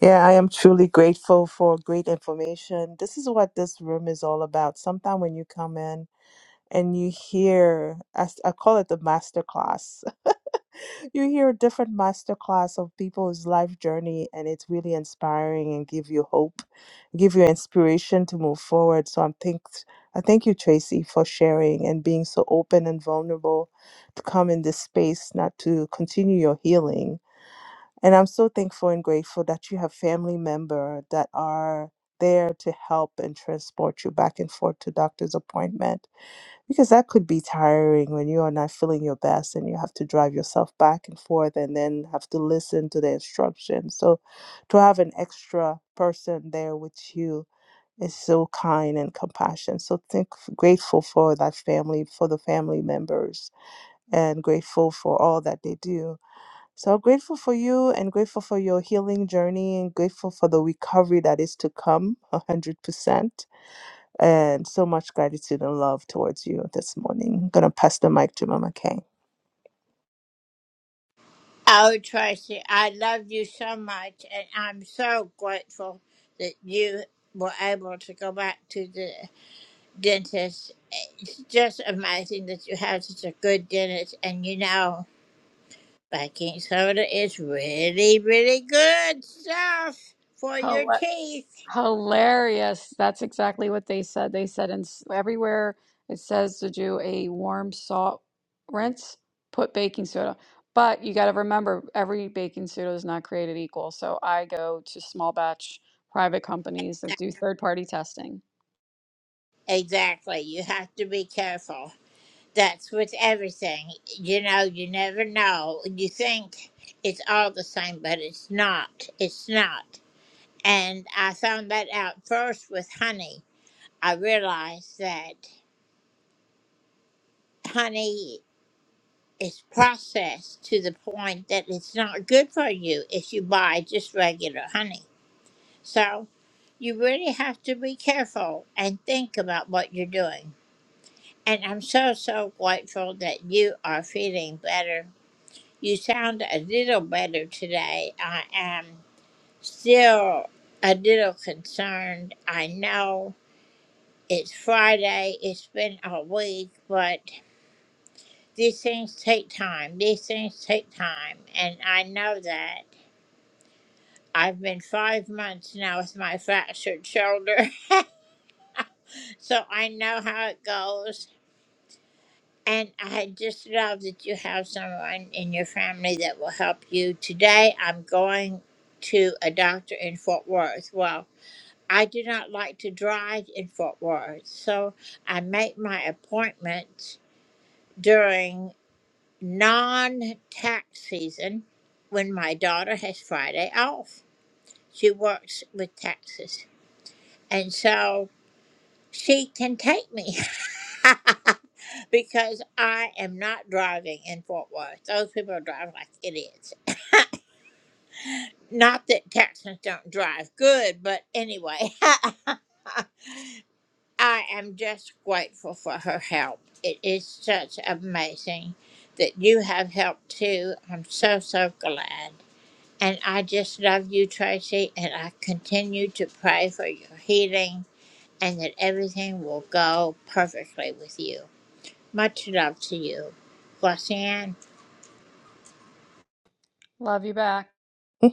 [SPEAKER 15] Yeah, I am truly grateful for great information. This is what this room is all about. Sometimes when you come in, and you hear as I call it the master class. you hear a different master class of people's life journey and it's really inspiring and give you hope, give you inspiration to move forward. So I'm think I thank you, Tracy, for sharing and being so open and vulnerable to come in this space, not to continue your healing. And I'm so thankful and grateful that you have family member that are there to help and transport you back and forth to doctor's appointment because that could be tiring when you are not feeling your best and you have to drive yourself back and forth and then have to listen to the instructions. So to have an extra person there with you is so kind and compassion. So think grateful for that family, for the family members and grateful for all that they do. So grateful for you and grateful for your healing journey and grateful for the recovery that is to come 100% and so much gratitude and love towards you this morning. I'm gonna pass the mic to Mama Kay.
[SPEAKER 18] Hilarious. That's exactly what they said. They said in s- everywhere it says to do a warm salt rinse, put baking soda. But you got to remember, every baking soda is not created equal. So I go to small batch private companies that do third party testing. Love you back.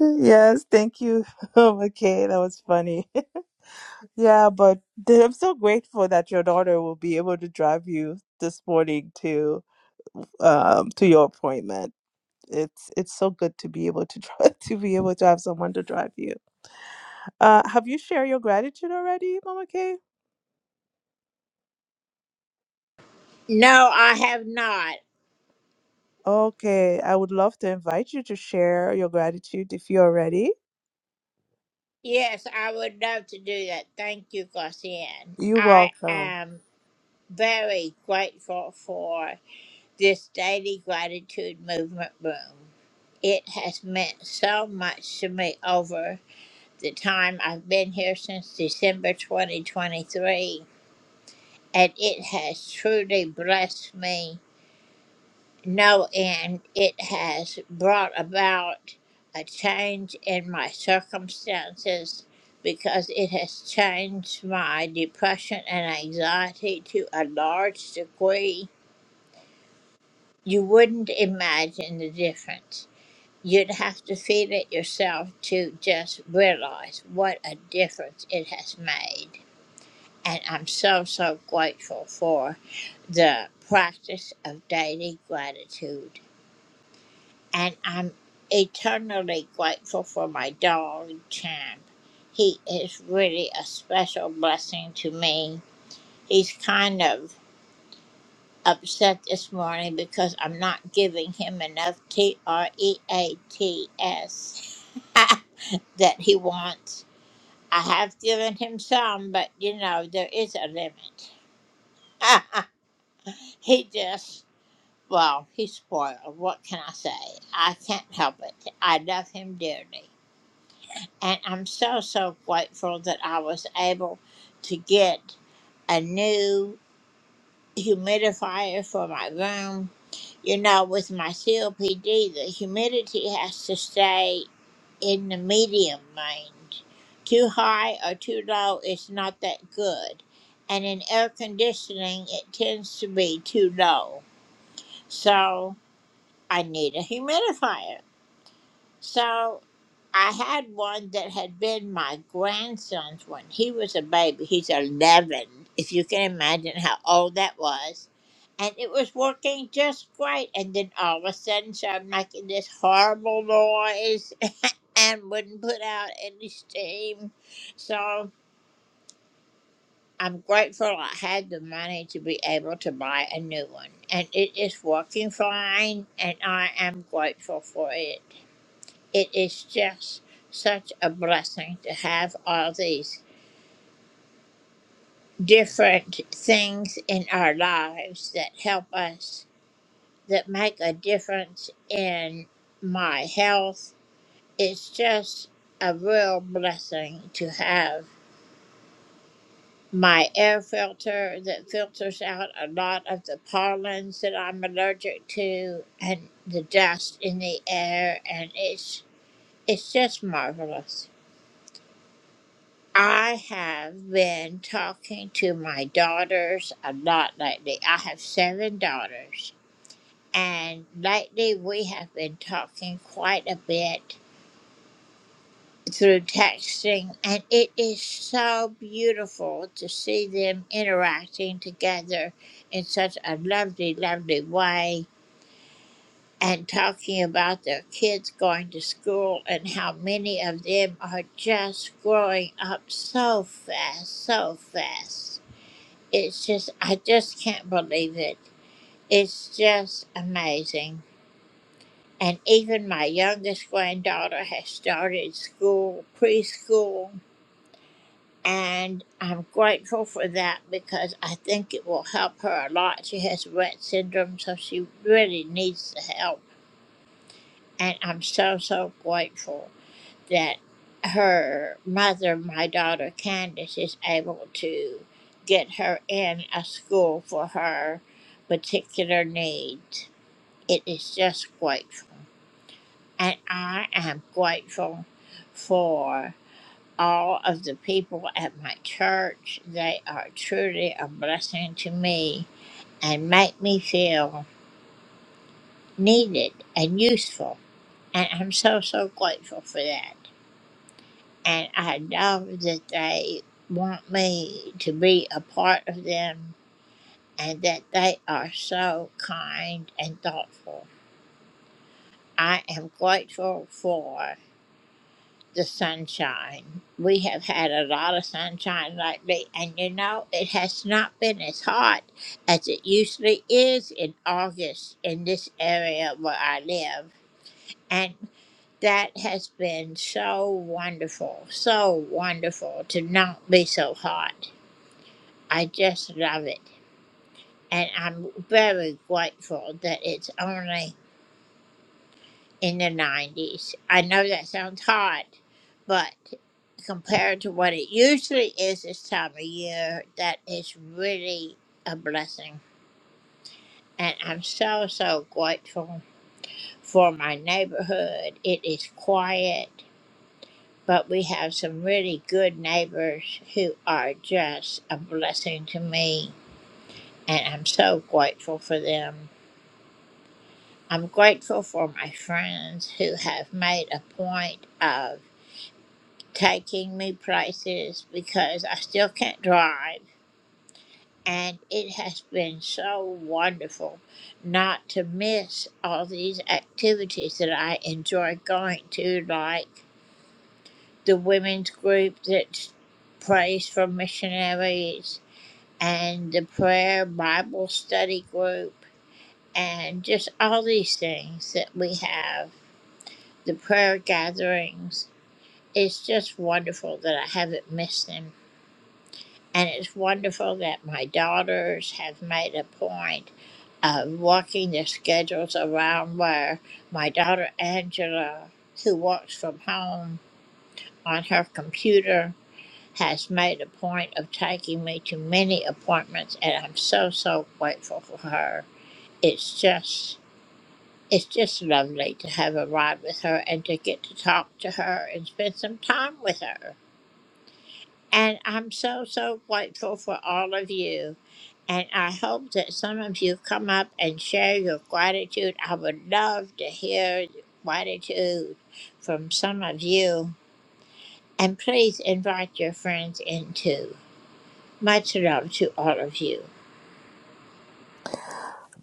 [SPEAKER 15] yes, thank you, Mama Kay. That was funny. yeah, but th- I'm so grateful that your daughter will be able to drive you this morning to um to your appointment. it's it's so good to be able to try, to be able to have someone to drive you. Uh, have you shared your gratitude already, Mama Kay? Okay, I would love to invite you to share your gratitude if you're ready. You're welcome.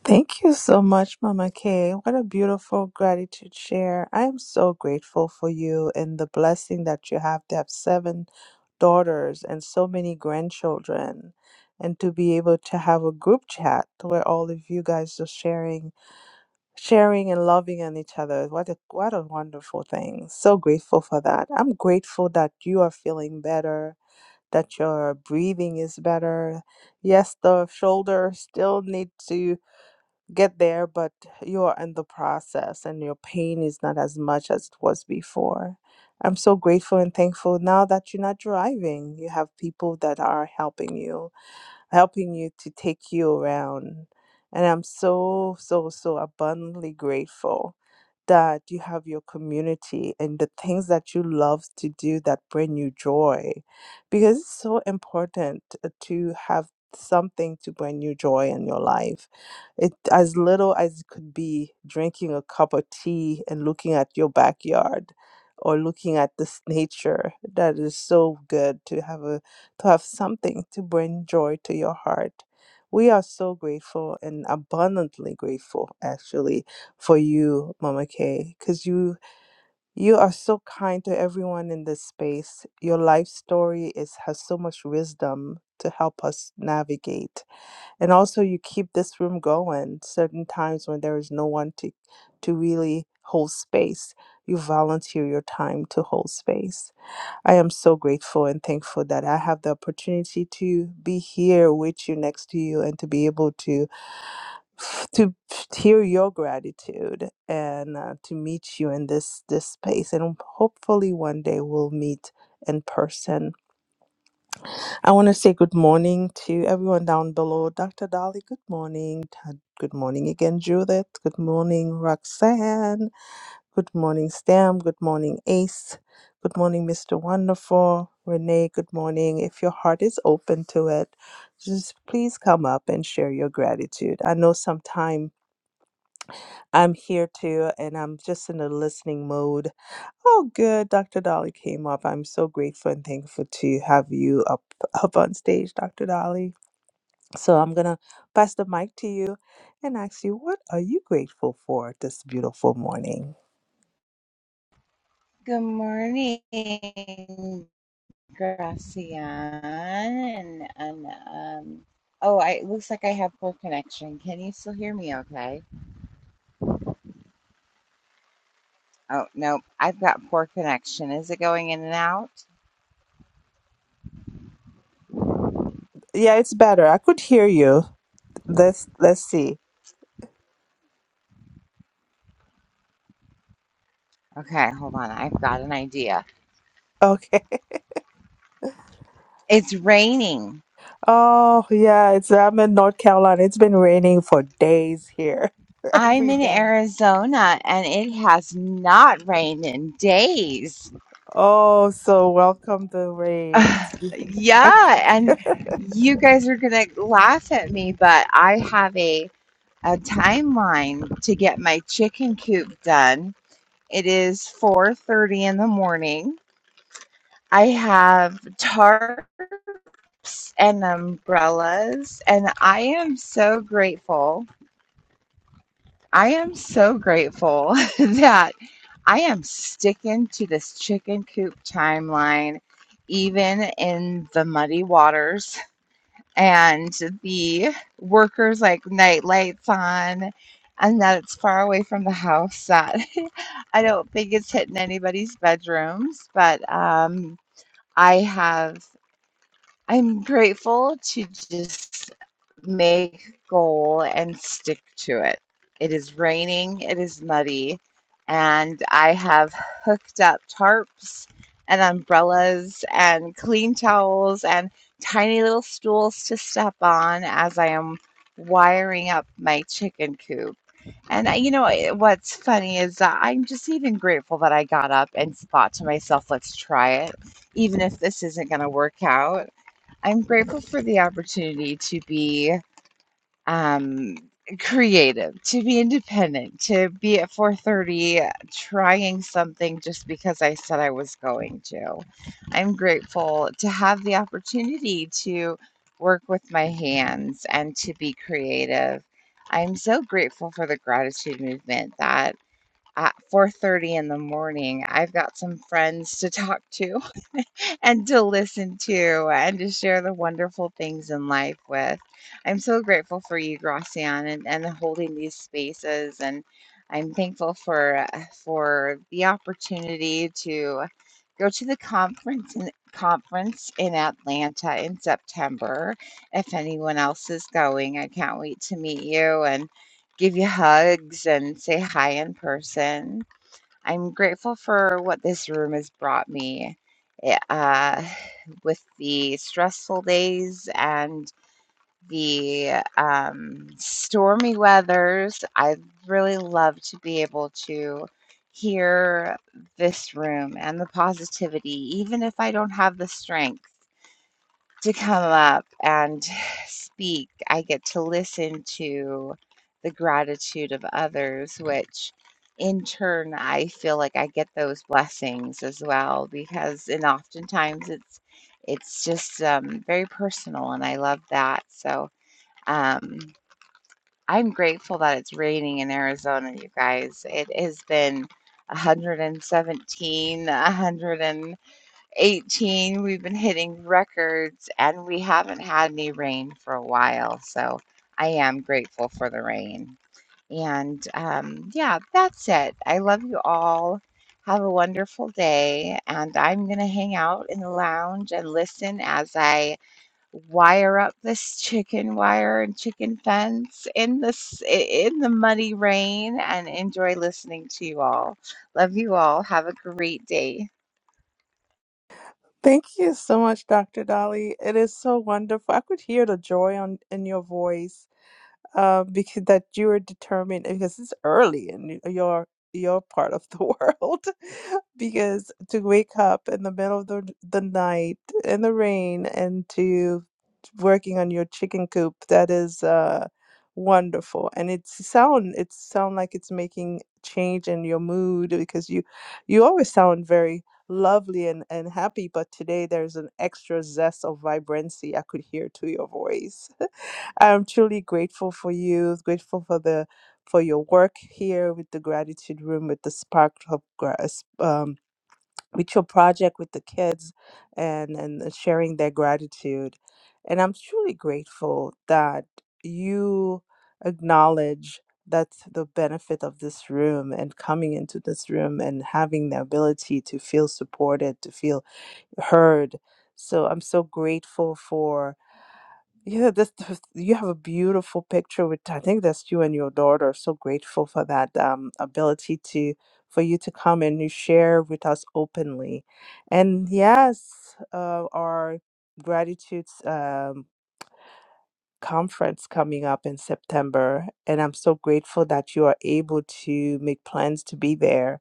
[SPEAKER 15] Thank you so much, Mama Kay. What a beautiful gratitude share. I am so grateful for you and the blessing that you have to have seven daughters and so many grandchildren and to be able to have a group chat where all of you guys are sharing sharing and loving on each other. What a what a wonderful thing. So grateful for that. I'm grateful that you are feeling better, that your breathing is better, yes the shoulder still needs to get there, but you're in the process and your pain is not as much as it was before. I'm so grateful and thankful now that you're not driving. You have people that are helping you helping you to take you around. And I'm so, so, so abundantly grateful that you have your community and the things that you love to do that bring you joy. Because it's so important uh, to have something to bring you joy in your life. It as little as it could be drinking a cup of tea and looking at your backyard or looking at this nature that is so good to have a to have something to bring joy to your heart. We are so grateful and abundantly grateful actually for you, Mama Kay, because you you are so kind to everyone in this space. Your life story is has so much wisdom to help us navigate. And also you keep this room going certain times when there is no one to to really hold space. You volunteer your time to hold space. I am so grateful and thankful that I have the opportunity to be here with you next to you and to be able to to hear your gratitude and uh, to meet you in this this space and hopefully one day we'll meet in person. I want to say good morning to everyone down below. Dr. Dolly, good morning. Ta- Good morning again, Judith. Good morning, Roxanne. Good morning, Stam. Good morning, Ace. Good morning, Mr. Wonderful. Renee, good morning. If your heart is open to it, just please come up and share your gratitude. I know sometime I'm here too and I'm just in a listening mode. Oh, good. Dr. Dolly came up. I'm so grateful and thankful to have you up, up on stage, Dr. Dolly. So I'm going to pass the mic to you and ask you, what are you grateful for this beautiful morning?
[SPEAKER 19] Good morning, Gracian. And and um, oh, I, it looks like I have poor connection. Can you still hear me okay? Oh, no, I've got poor connection. Is it going in and out?
[SPEAKER 15] Yeah, it's better. I could hear you. Let's let's see.
[SPEAKER 19] Okay, hold on. I've got an idea.
[SPEAKER 15] Okay.
[SPEAKER 19] It's raining.
[SPEAKER 15] Oh yeah, it's I'm in North Carolina. It's been raining for days here.
[SPEAKER 19] I'm
[SPEAKER 15] Every
[SPEAKER 19] in
[SPEAKER 15] day.
[SPEAKER 19] Arizona and it has not rained in days.
[SPEAKER 15] Oh, so welcome the rain.
[SPEAKER 19] Ugh,
[SPEAKER 15] I-
[SPEAKER 19] yeah, and you guys are going to laugh at me, but I have a a timeline to get my chicken coop done. It is 4:30 in the morning. I have tarps and umbrellas and I am so grateful. I am so grateful that I am sticking to this chicken coop timeline even in the muddy waters. and the workers like night lights on and that it's far away from the house that i don't think it's hitting anybody's bedrooms but um i have i'm grateful to just make goal and stick to it. It is raining, it is muddy, and I have hooked up tarps and umbrellas and clean towels and tiny little stools to step on as I am wiring up my chicken coop. And I, you know I- what's funny is that I'm just even grateful that I got up and thought to myself, let's try it, even if this isn't going to work out. I'm grateful for the opportunity to be um, creative, to be independent, to be at 4:30 trying something just because I said I was going to. I'm grateful to have the opportunity to work with my hands and to be creative. I'm so grateful for the gratitude movement that at 4:30 in the morning I've got some friends to talk to and to listen to and to share the wonderful things in life with. I'm so grateful for you, Gracian, and, and holding these spaces. And I'm thankful for uh, for the opportunity to go to the conference in, conference in Atlanta in September. If anyone else is going, I can't wait to meet you and give you hugs and say hi in person. I'm grateful for what this room has brought me eh, uh, with the stressful days and the um, stormy weathers. I really love to be able to hear this room and the positivity, even if I don't have the strength to come up and speak. I get to listen to the gratitude of others, which in turn, I feel like I get those blessings as well because, and oftentimes it's it's just um, very personal, and I love that. So um, I'm grateful that it's raining in Arizona, you guys. It has been 117, 18, we've been hitting records and we haven't had any rain for a while. So I am grateful for the rain. And um, yeah, that's it. I love you all. Have a wonderful day. And I'm going to hang out in the lounge and listen as I wire up this chicken wire and chicken fence in this in the muddy rain and enjoy listening to you all. Love you all. Have a great day.
[SPEAKER 15] Thank you so much, Dr. Dolly. It is so wonderful. I could hear the joy on in your voice, uh, because that you are determined because it's early in your your part of the world. because to wake up in the middle of the, the night in the rain and to working on your chicken coop. That is uh, wonderful, and it's sound it sound like it's making change in your mood because you you always sound very lovely and and happy, but today there's an extra zest of vibrancy I could hear to your voice. I'm truly grateful for you. Grateful for the for your work here with the gratitude room with the spark of grass with your project with the kids and and sharing their gratitude and i'm truly grateful that you acknowledge that's the benefit of this room and coming into this room and having the ability to feel supported to feel heard so i'm so grateful for. Yeah, that's, that's- you have a beautiful picture with I think that's you and your daughter. So grateful for that um, ability to for you to come and you share with us openly. And yes, uh, our gratitudes. um, conference coming up in September, and I'm so grateful that you are able to make plans to be there.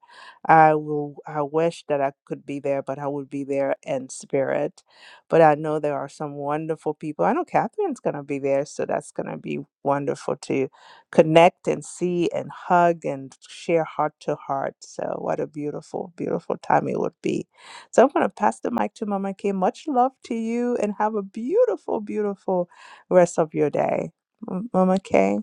[SPEAKER 15] I will. I wish that I could be there, but I would be there in spirit. But I know there are some wonderful people. I know Catherine's gonna be there, so that's gonna be wonderful to connect and see and hug and share heart to heart. So what a beautiful, beautiful time it would be. So I'm gonna pass the mic to Mama K. Much love to you, and have a beautiful, beautiful rest of your day. M- Mama Kay.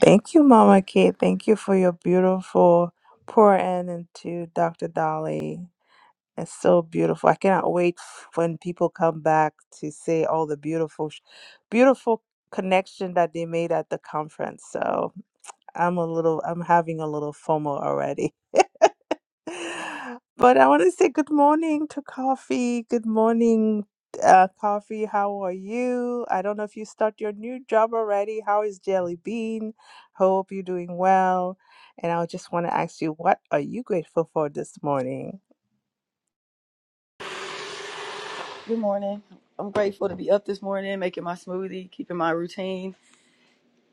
[SPEAKER 15] Thank you, Mama Kay. Thank you for your beautiful pour in into Dr. Dolly. It's so beautiful. I cannot wait f- when people come back to say all the beautiful, sh- beautiful connection that they made at the conference. So I'm a little, I'm having a little FOMO already. But I want to say good morning to Coffee. Good morning, uh, Coffee. How are you? I don't know if you start your new job already. How is Jelly Bean? Hope you're doing well. And I just want to ask you, what are you grateful for this morning?
[SPEAKER 20] Good morning. I'm grateful to be up this morning, making my smoothie, keeping my routine.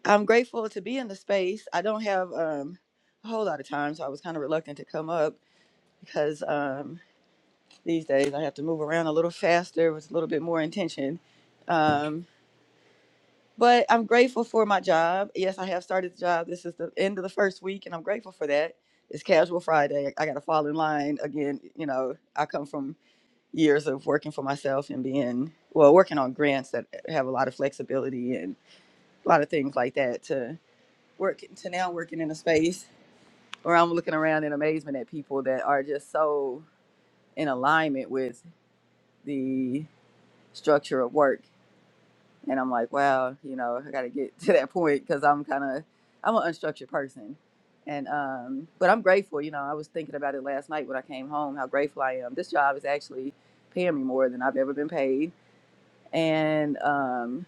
[SPEAKER 20] I'm grateful to be in the space. I don't have um, a whole lot of time, so I was kind of reluctant to come up because um, these days I have to move around a little faster with a little bit more intention. Um, but I'm grateful for my job. Yes, I have started the job. This is the end of the first week, and I'm grateful for that. It's Casual Friday. I got to fall in line again. You know, I come from years of working for myself and being well working on grants that have a lot of flexibility and a lot of things like that to work to now working in a space where I'm looking around in amazement at people that are just so in alignment with the structure of work and I'm like wow you know I got to get to that point cuz I'm kind of I'm an unstructured person and um but I'm grateful you know I was thinking about it last night when I came home how grateful I am this job is actually paying me more than I've ever been paid and um,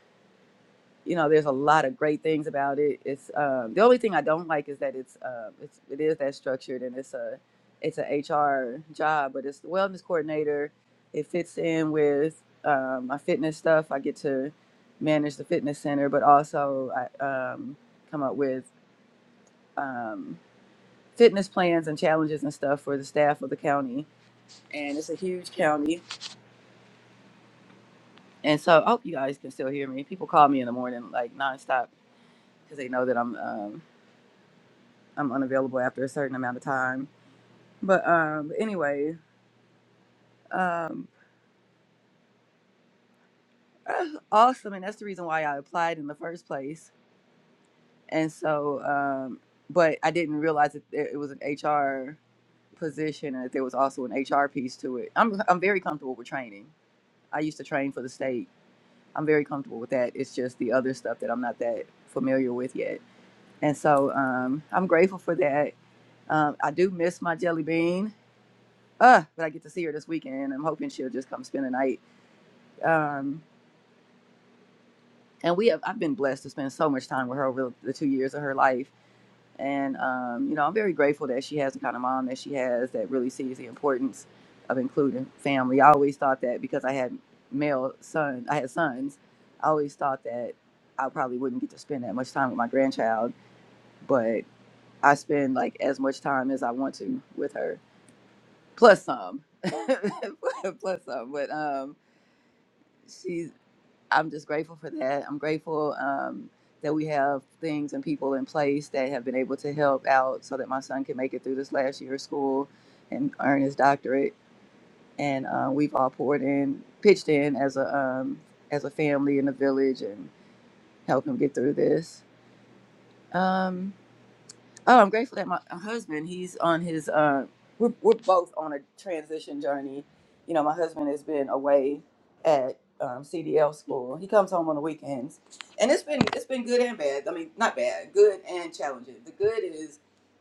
[SPEAKER 20] you know there's a lot of great things about it it's um, the only thing i don't like is that it's, um, it's it is that structured and it's a it's an hr job but it's the wellness coordinator it fits in with um, my fitness stuff i get to manage the fitness center but also i um, come up with um, fitness plans and challenges and stuff for the staff of the county and it's a huge county and so I hope you guys can still hear me people call me in the morning like nonstop because they know that I'm um, I'm unavailable after a certain amount of time. But um, anyway, um, awesome, and that's the reason why I applied in the first place. And so, um, but I didn't realize that it it was an HR position and that there was also an HR piece to it. I'm I'm very comfortable with training. I used to train for the state. I'm very comfortable with that. It's just the other stuff that I'm not that familiar with yet. And so um, I'm grateful for that. Um, I do miss my jelly bean. uh but i get to see her this weekend and i'm hoping she'll just come spend the night um and we have i've been blessed to spend so much time with her over the two years of her life and um you know i'm very grateful that she has the kind of mom that she has that really sees the importance of including family i always thought that because i had male son i had sons i always thought that i probably wouldn't get to spend that much time with my grandchild but i spend like as much time as i want to with her plus some plus some but um she's I'm just grateful for that. I'm grateful um, that we have things and people in place that have been able to help out so that my son can make it through this last year of school and earn his doctorate. And uh, we've all poured in, pitched in as a um, as a family in the village and help him get through this. Um, Oh, I'm grateful that my husband, he's on his, uh, we're, we're both on a transition journey. You know, my husband has been away at um, CDL school. He comes home on the weekends. And it's been, it's been good and bad. I mean, not bad, good and challenging. The good is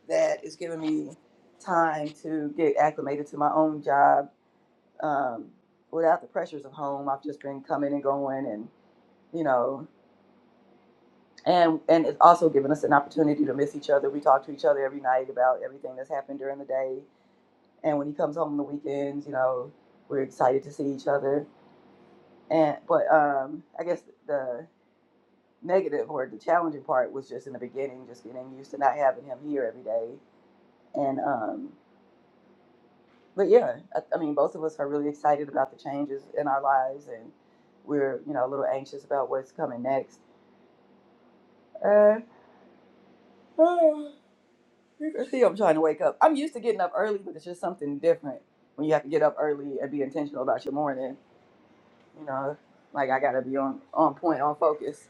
[SPEAKER 20] that it's given me time to get acclimated to my own job um, without the pressures of home. I've just been coming and going and, you know, and and it's also given us an opportunity to miss each other. We talk to each other every night about everything that's happened during the day, and when he comes home on the weekends, you know, we're excited to see each other. And but um, I guess the negative or the challenging part was just in the beginning, just getting used to not having him here every day. And um, but yeah, I, I mean, both of us are really excited about the changes in our lives, and we're you know a little anxious about what's coming next. Uh, See, I'm trying to wake up. I'm used to getting up early, but it's just something different when you have to get up early and be intentional about your morning. You know, like I gotta be on on point, on focus.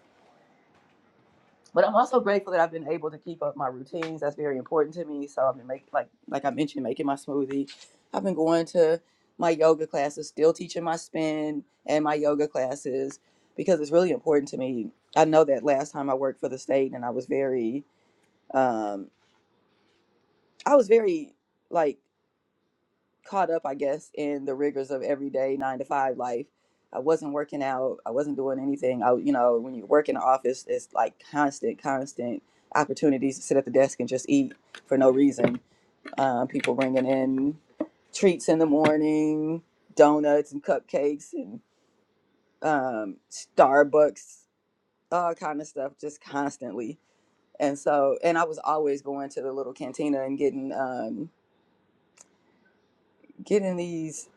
[SPEAKER 20] But I'm also grateful that I've been able to keep up my routines. That's very important to me. So I've been making, like like I mentioned, making my smoothie. I've been going to my yoga classes, still teaching my spin and my yoga classes because it's really important to me. I know that last time I worked for the state and I was very um I was very like caught up, I guess, in the rigors of everyday nine to five life. I wasn't working out. I wasn't doing anything. I, you know, when you work in the office, it's like constant, constant opportunities to sit at the desk and just eat for no reason. Um, people bringing in treats in the morning, donuts and cupcakes and um, Starbucks, all kind of stuff, just constantly. And so, and I was always going to the little cantina and getting um, getting these.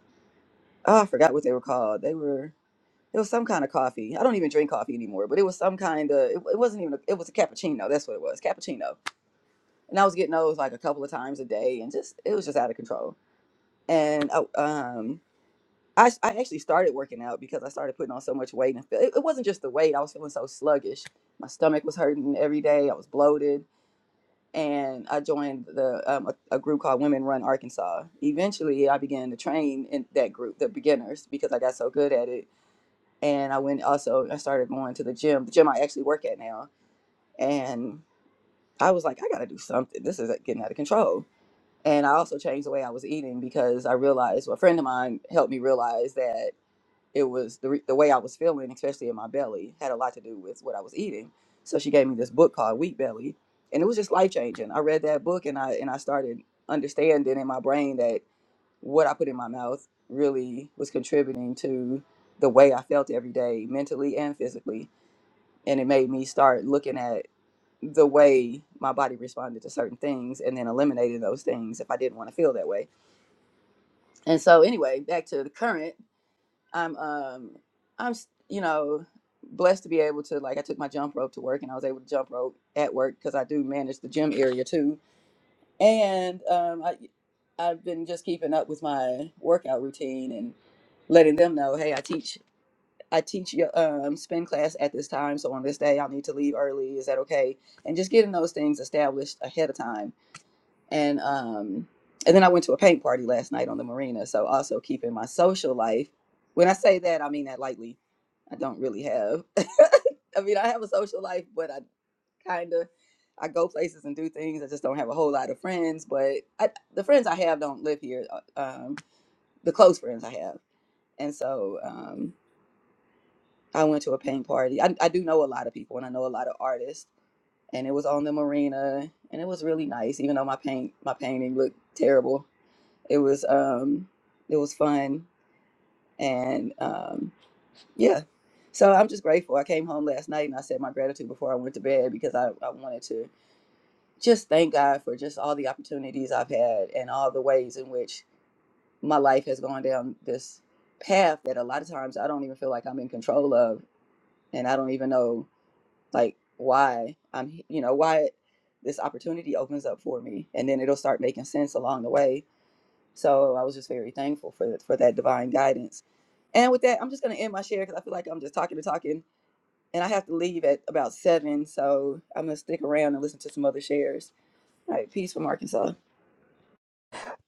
[SPEAKER 20] Oh, I forgot what they were called. They were It was some kind of coffee. I don't even drink coffee anymore, but it was some kind of. It, it wasn't even. A, it was a cappuccino. That's what it was, cappuccino. And I was getting those like a couple of times a day, and just it was just out of control. And I, um, I s- I actually started working out because I started putting on so much weight, and I feel- it, it wasn't just the weight. I was feeling so sluggish. My stomach was hurting every day. I was bloated, and I joined the um, a, a group called Women Run Arkansas. Eventually, I began to train in that group, the beginners, because I got so good at it and I went also I started going to the gym, the gym I actually work at now. And I was like, I gotta do something. This is like, getting out of control. And I also changed the way I was eating because I realized well, a friend of mine helped me realize that it was the, re- the way I was feeling, especially in my belly, had a lot to do with what I was eating. So she gave me this book called Wheat Belly, and it was just life changing. I read that book and I and I started understanding in my brain that what I put in my mouth really was contributing to the way I felt every day, mentally and physically. And it made me start looking at the way my body responded to certain things and then eliminating those things if I didn't want to feel that way. And so anyway, back to the current, I'm um I'm s- you know blessed to be able to like I took my jump rope to work and I was able to jump rope at work because I do manage the gym area too And um, I, I've been just keeping up with my workout routine and letting them know, hey, I teach I teach your um, spin class at this time, so on this day I'll need to leave early. Is that okay? And just getting those things established ahead of time. And um, and then I went to a paint party last night on the marina, so also keeping my social life. When I say that, I mean that lightly. I don't really have. I mean, I have a social life, but I kind of. I go places and do things. I just don't have a whole lot of friends, but I, the friends I have don't live here. uh, Um, the close friends I have, and so um, I went to a paint party. I, I do know a lot of people, and I know a lot of artists, and it was on the marina, and it was really nice. Even though my paint my painting looked terrible, it was um, it was fun, and um, yeah. So I'm just grateful. I came home last night and I said my gratitude before I went to bed because I, I wanted to just thank God for just all the opportunities I've had and all the ways in which my life has gone down this path that a lot of times I don't even feel like I'm in control of and I don't even know like why I'm you know why this opportunity opens up for me and then it'll start making sense along the way. So I was just very thankful for for that divine guidance. And with that, I'm just going to end my share cuz I feel like I'm just talking and talking and I have to leave at about 7, so I'm going to stick around and listen to some other shares. All right, peace from Arkansas.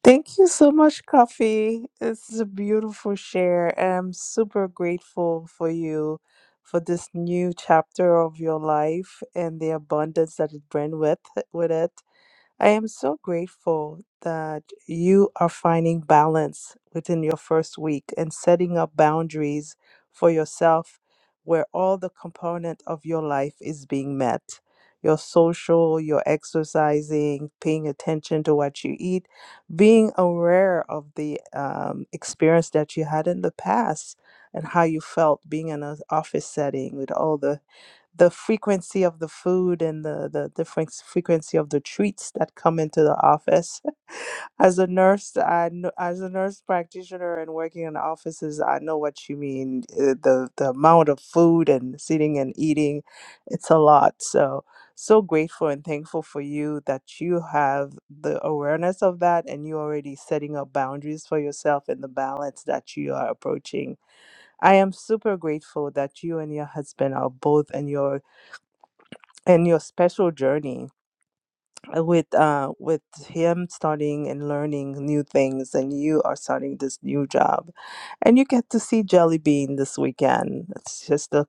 [SPEAKER 15] Thank you so much, Coffee. This is a beautiful share. I'm super grateful for you for this new chapter of your life and the abundance that it brings with with it. I am so grateful that you are finding balance within your first week and setting up boundaries for yourself where all the component of your life is being met. Your social, your exercising, paying attention to what you eat, being aware of the um, experience that you had in the past and how you felt being in an office setting with all the the frequency of the food and the, the different frequency of the treats that come into the office. As a nurse, I know, as a nurse practitioner and working in offices, I know what you mean. uh, The the amount of food and sitting and eating, it's a lot. So so grateful and thankful for you that you have the awareness of that and you already setting up boundaries for yourself and the balance that you are approaching I am super grateful that you and your husband are both in your and your special journey uh, with uh with him starting and learning new things and you are starting this new job and you get to see jelly bean this weekend it's just the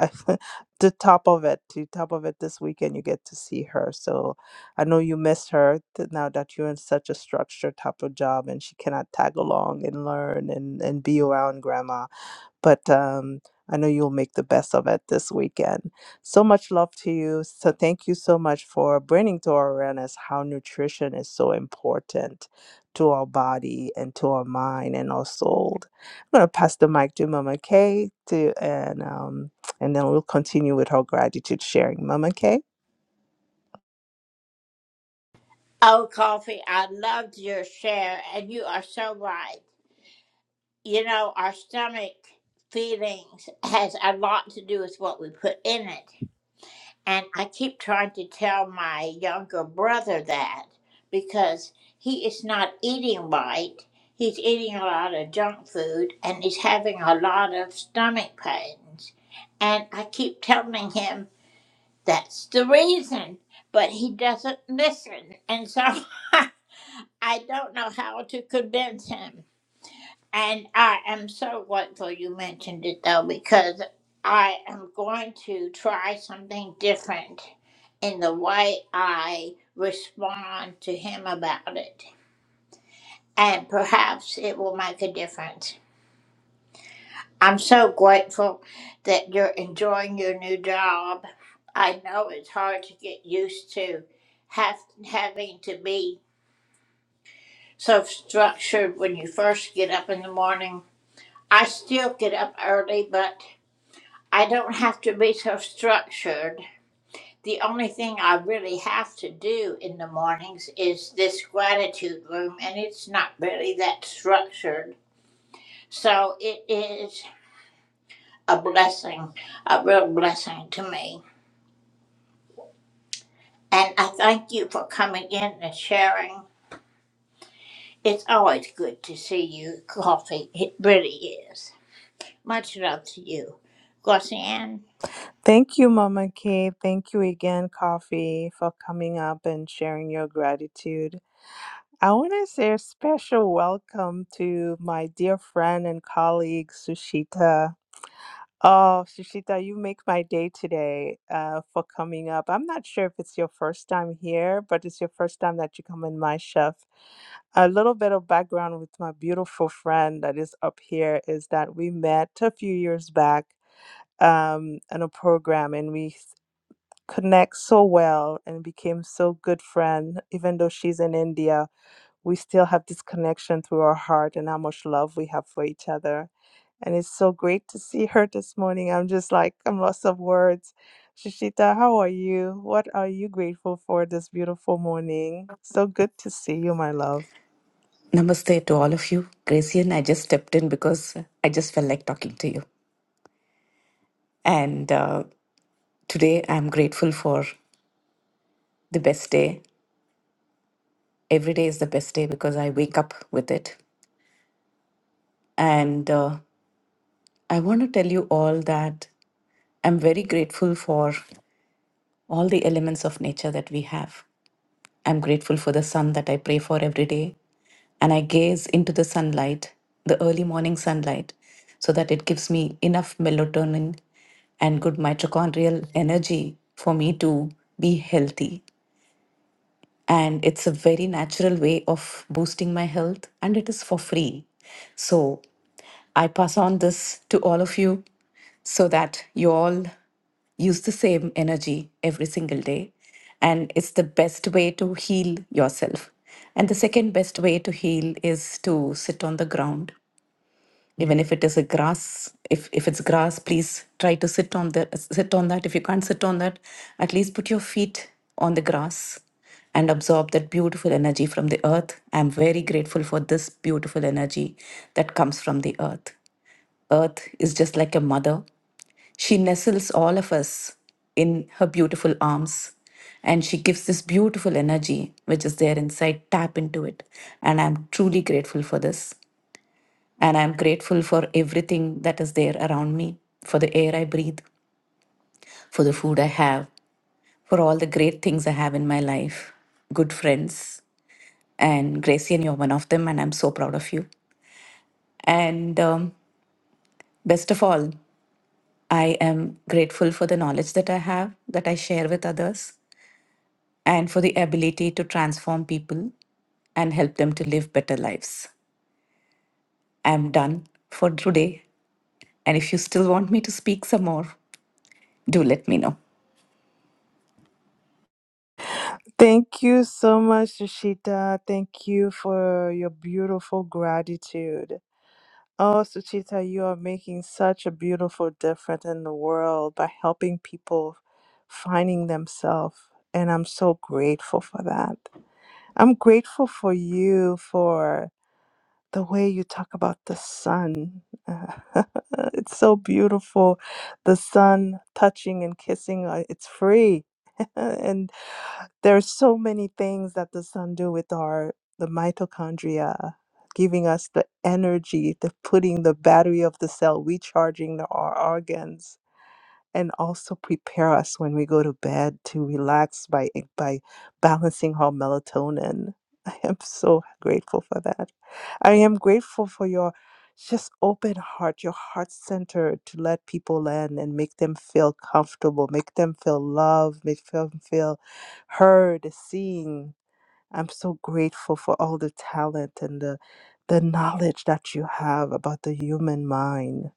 [SPEAKER 15] the top of it the top of it this weekend you get to see her so i know you miss her th- now that you're in such a structured type of job and she cannot tag along and learn and and be around grandma but um, I know you'll make the best of it this weekend. So much love to you. So thank you so much for bringing to our awareness how nutrition is so important to our body and to our mind and our soul. I'm gonna pass the mic to Mama Kay to and um, and then we'll continue with her gratitude sharing. Mama Kay. Thank you, Mama Kay. Thank you again, Coffee, for coming up and sharing your gratitude. I want to say a special welcome to my dear friend and colleague, Sushita. Oh, Sushita, you make my day today uh, for coming up. I'm not sure if it's your first time here, but it's your first time that you come in my chef. A little bit of background with my beautiful friend that is up here is that we met a few years back um, in a program and we connect so well and became so good friend even though she's in india we still have this connection through our heart and how much love we have for each other and it's so great to see her this morning i'm just like i'm lost of words shishita how are you what are you grateful for this beautiful morning so good to see you my love
[SPEAKER 21] Namaste to all of you. Gracian, I just stepped in because I just felt like talking to you. And uh, today I'm grateful for the best day. Every day is the best day because I wake up with it. And uh, I want to tell you all that I'm very grateful for all the elements of nature that we have. I'm grateful for the sun that I pray for every day. And I gaze into the sunlight, the early morning sunlight, so that it gives me enough melatonin and good mitochondrial energy for me to be healthy and it's a very natural way of boosting my health and it is for free so i pass on this to all of you so that you all use the same energy every single day and it's the best way to heal yourself and the second best way to heal is to sit on the ground even if it is a grass if if it's grass please try to sit on the sit on that if you can't sit on that at least put your feet on the grass and absorb that beautiful energy from the earth i am very grateful for this beautiful energy that comes from the earth earth is just like a mother she nestles all of us in her beautiful arms and she gives this beautiful energy which is there inside. Tap into it. And I'm truly grateful for this. And I'm grateful for everything that is there around me, for the air I breathe, for the food I have, for all the great things I have in my life, good friends. And Gracie, and you're one of them, and I'm so proud of you. And um, best of all, I am grateful for the knowledge that I have, that I share with others, and for the ability to transform people and help them to live better lives. I am done for today. And if you still want me to speak some more, do let me know.
[SPEAKER 15] thank you so much shishita thank you for your beautiful gratitude Oh, Suchita, you are making such a beautiful difference in the world by helping people finding themselves. And I'm so grateful for that. I'm grateful for you for the way you talk about the sun. it's so beautiful. The sun touching and kissing, uh, it's free. and there are so many things that the sun do with our the mitochondria giving us the energy the putting the battery of the cell recharging the, our organs and also prepare us when we go to bed to relax by eh, by balancing our melatonin. I am so grateful for that. I am grateful for your just open heart, your heart center to let people in and make them feel comfortable, make them feel loved, make them feel heard, seen. I'm so grateful for all the talent and the the knowledge that you have about the human mind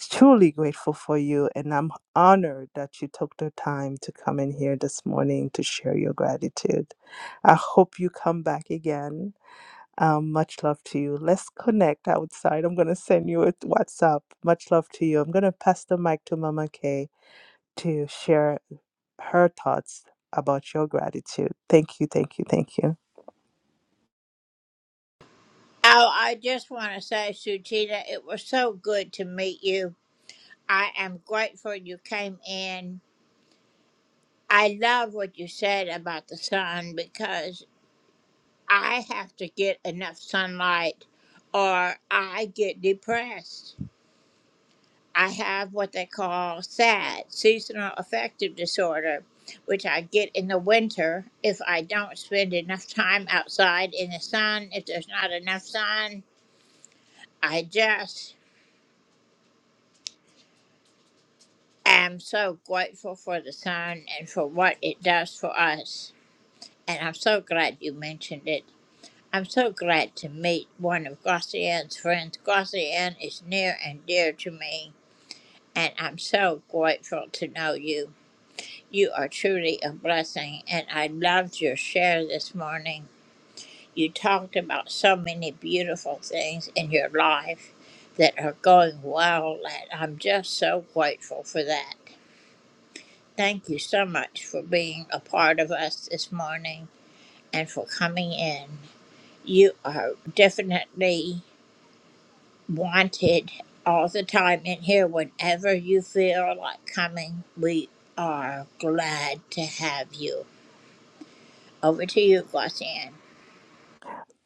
[SPEAKER 15] truly grateful for you, and I'm honored that you took the time to come in here this morning to share your gratitude. I hope you come back again. Um, much love to you. Let's connect outside. I'm going to send you a WhatsApp. Much love to you. I'm going to pass the mic to Mama Kay to share her thoughts about your gratitude. Thank you, thank you, thank you.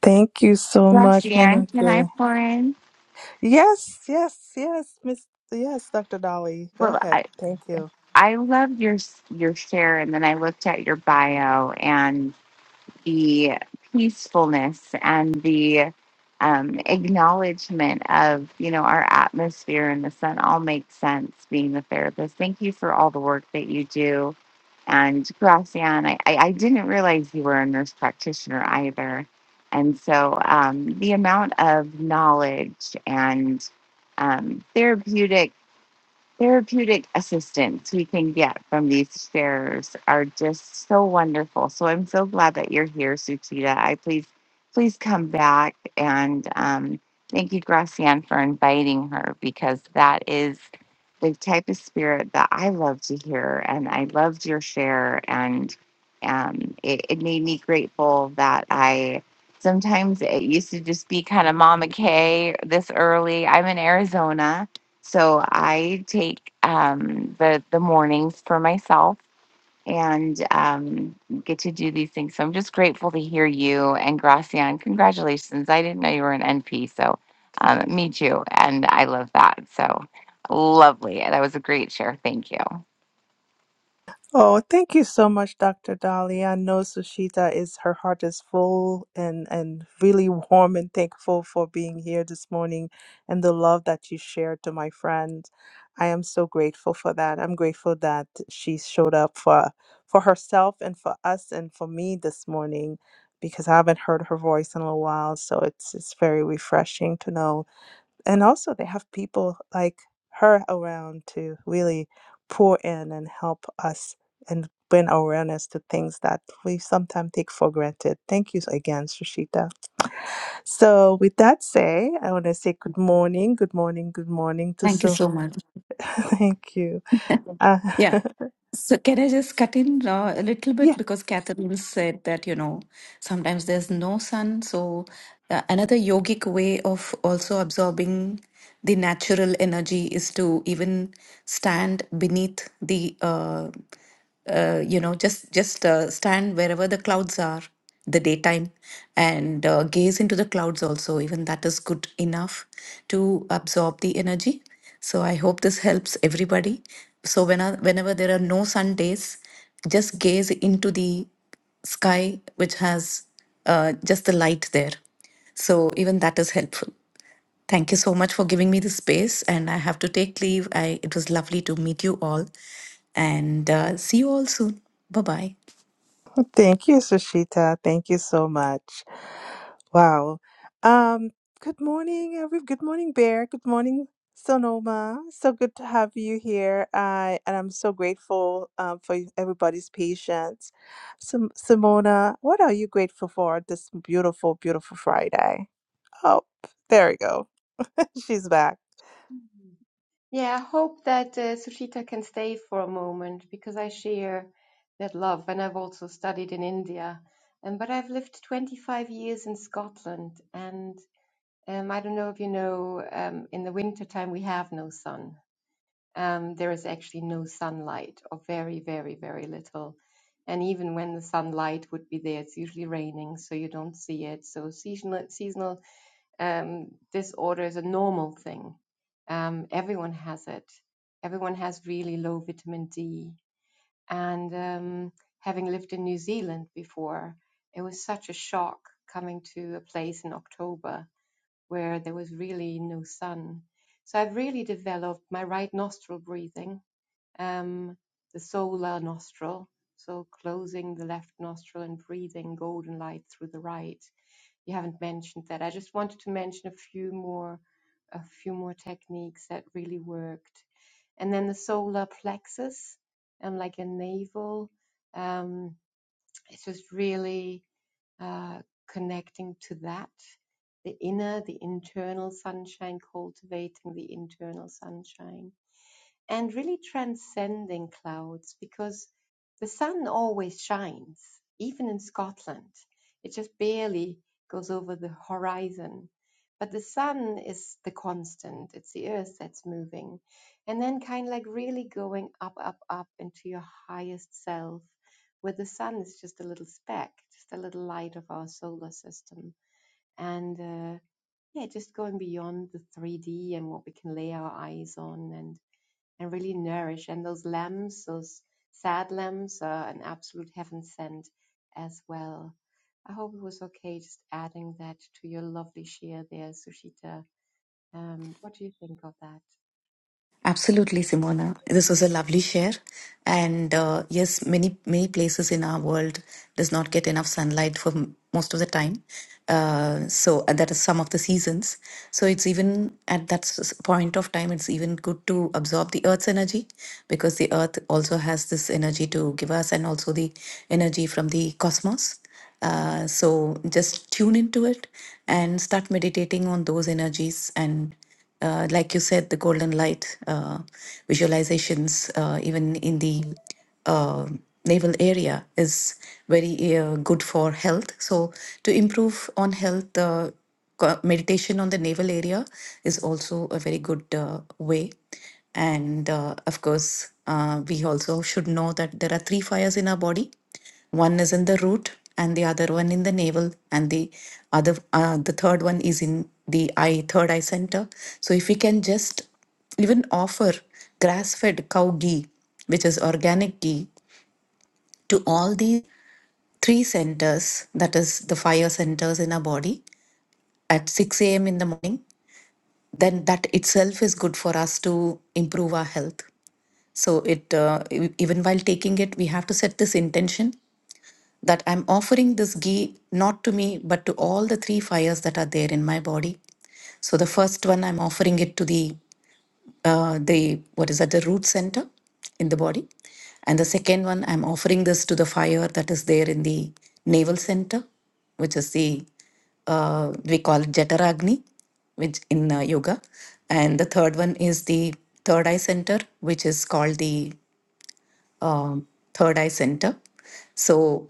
[SPEAKER 15] Thank you so much,
[SPEAKER 19] Roxanne,
[SPEAKER 15] Mama
[SPEAKER 19] can I
[SPEAKER 15] Kay.
[SPEAKER 19] pour in?
[SPEAKER 15] Yes, yes, yes, Miss. Yes, Dr. Dolly. Go
[SPEAKER 19] Well,
[SPEAKER 15] ahead.
[SPEAKER 19] I
[SPEAKER 15] Thank you.
[SPEAKER 19] I love your your share, and then I looked at your bio and the peacefulness and the um, acknowledgement of you know our atmosphere and the sun all makes sense. Being the therapist, thank you for all the work that you do. And Gracian, I, I, I didn't realize you were a nurse practitioner either. And so um, the amount of knowledge and um, therapeutic therapeutic assistance we can get from these sharers are just so wonderful. So I'm so glad that you're here, Suchita. I please, please come back and um, thank you, Gracian, for inviting her because that is the type of spirit that I love to hear, and I loved your share, and um, it, it made me grateful that I sometimes it used to just be kind of Mama Kay this early. I'm in Arizona, so I take um, the the mornings for myself and um, get to do these things. So I'm just grateful to hear you and Gracian. Congratulations. I didn't know you were an NP. So um, me too. And I love that. So lovely. That was a great share. Thank you.
[SPEAKER 15] Oh, thank you so much, Dr. Dolly. I know Sushita is her heart is full and and really warm and thankful for being here this morning and the love that you shared to my friend. I am so grateful for that. I'm grateful that she showed up for for herself and for us and for me this morning because I haven't heard her voice in a while, so it's it's very refreshing to know and also they have people like her around to really pour in and help us and bring awareness to things that we sometimes take for granted. Thank you again, Sushita. So with that say, I want to say good morning, good morning, good morning to
[SPEAKER 21] Thank you
[SPEAKER 15] so
[SPEAKER 21] so much.
[SPEAKER 15] thank you. Uh,
[SPEAKER 21] Yeah. So can I just cut in uh, a little
[SPEAKER 15] yeah,
[SPEAKER 21] bit because Catherine said that, you know, sometimes there's no sun. So uh, another yogic way of also absorbing the natural energy is to even stand beneath the uh, uh, you know just just uh, stand wherever the clouds are the daytime and uh, gaze into the clouds also even that is good enough to absorb the energy so i hope this helps everybody so when I- whenever there are no sun days just gaze into the sky which has uh, just the light there so even that is helpful Thank you so much for giving me the space, and I have to take leave. I, it was lovely to meet you all. And uh, see you all soon. Bye bye.
[SPEAKER 15] thank you, Sushita. Thank you so much. Wow. Um, good morning, every good morning, Bear. Good morning, Sonoma. So good to have you here. I and I'm so grateful um, for you- everybody's patience. Sim- Simona, what are you grateful for this beautiful, beautiful Friday? Oh, there we go. She's back.
[SPEAKER 22] Mhm. Yeah, I hope that uh, Sushita can stay for a moment because I share that love and I've also studied in India. Um, but I've lived 25 years in Scotland and um, I don't know if you know, um, in the wintertime we have no sun. Um, there is actually no sunlight or very, very, very little. And even when the sunlight would be there, it's usually raining, so you don't see it. So seasonal, seasonal um, disorder is a normal thing. Um, everyone has it. Everyone has really low vitamin D. And um, having lived in New Zealand before, it was such a shock coming to a place in October where there was really no sun. So I've really developed my right nostril breathing, um, the solar nostril. So closing the left nostril and breathing golden light through the right you haven't mentioned that. I just wanted to mention a few more a few more techniques that really worked. And then the solar plexus, um, like a navel, um, it's just really uh, connecting to that, the inner, the internal sunshine, cultivating the internal sunshine and really transcending clouds because the sun always shines, even in Scotland. It just barely goes over the horizon. But the sun is the constant, it's the earth that's moving. And then, kind of like really going up, up, up into your highest self, where the sun is just a little speck, just a little light of our solar system. And uh, yeah, just going beyond the 3D and what we can lay our eyes on and and really nourish. And those lambs, those sad lambs, are an absolute heaven sent as well. I hope it was okay just adding that to your lovely share there, Sushita. Um, what do you think of that?
[SPEAKER 21] Absolutely, Simona. This was a lovely share. And uh, yes, many many places in our world does not get enough sunlight for m- most of the time. Uh, so and that is some of the seasons. So it's even at that s- point of time, it's even good to absorb the earth's energy because the earth also has this energy to give us, and also the energy from the cosmos. Uh, so just tune into it and start meditating on those energies and uh, like you said, the golden light uh, visualizations, uh, even in the uh, naval area, is very uh, good for health. So, to improve on health, uh, co- meditation on the naval area is also a very good uh, way. And uh, of course, uh, we also should know that there are three fires in our body one is in the root, and the other one in the navel, and the other uh, the third one is in the eye, third eye center. So if we can just even offer grass-fed cow ghee, which is organic ghee, to all these three centers, that is the fire centers in our body, at 6 a.m. in the morning, then that itself is good for us to improve our health. So it uh, e- even while taking it, we have to set this intention that I'm offering this ghee not to me, but to all the three fires that are there in my body. So the first one, I'm offering it to the uh, the what is that the root center in the body, and the second one, I'm offering this to the fire that is there in the navel center, which is the uh, we call it Jataragni, which in uh, yoga, and the third one is the third eye center, which is called the um, Third Eye Center. So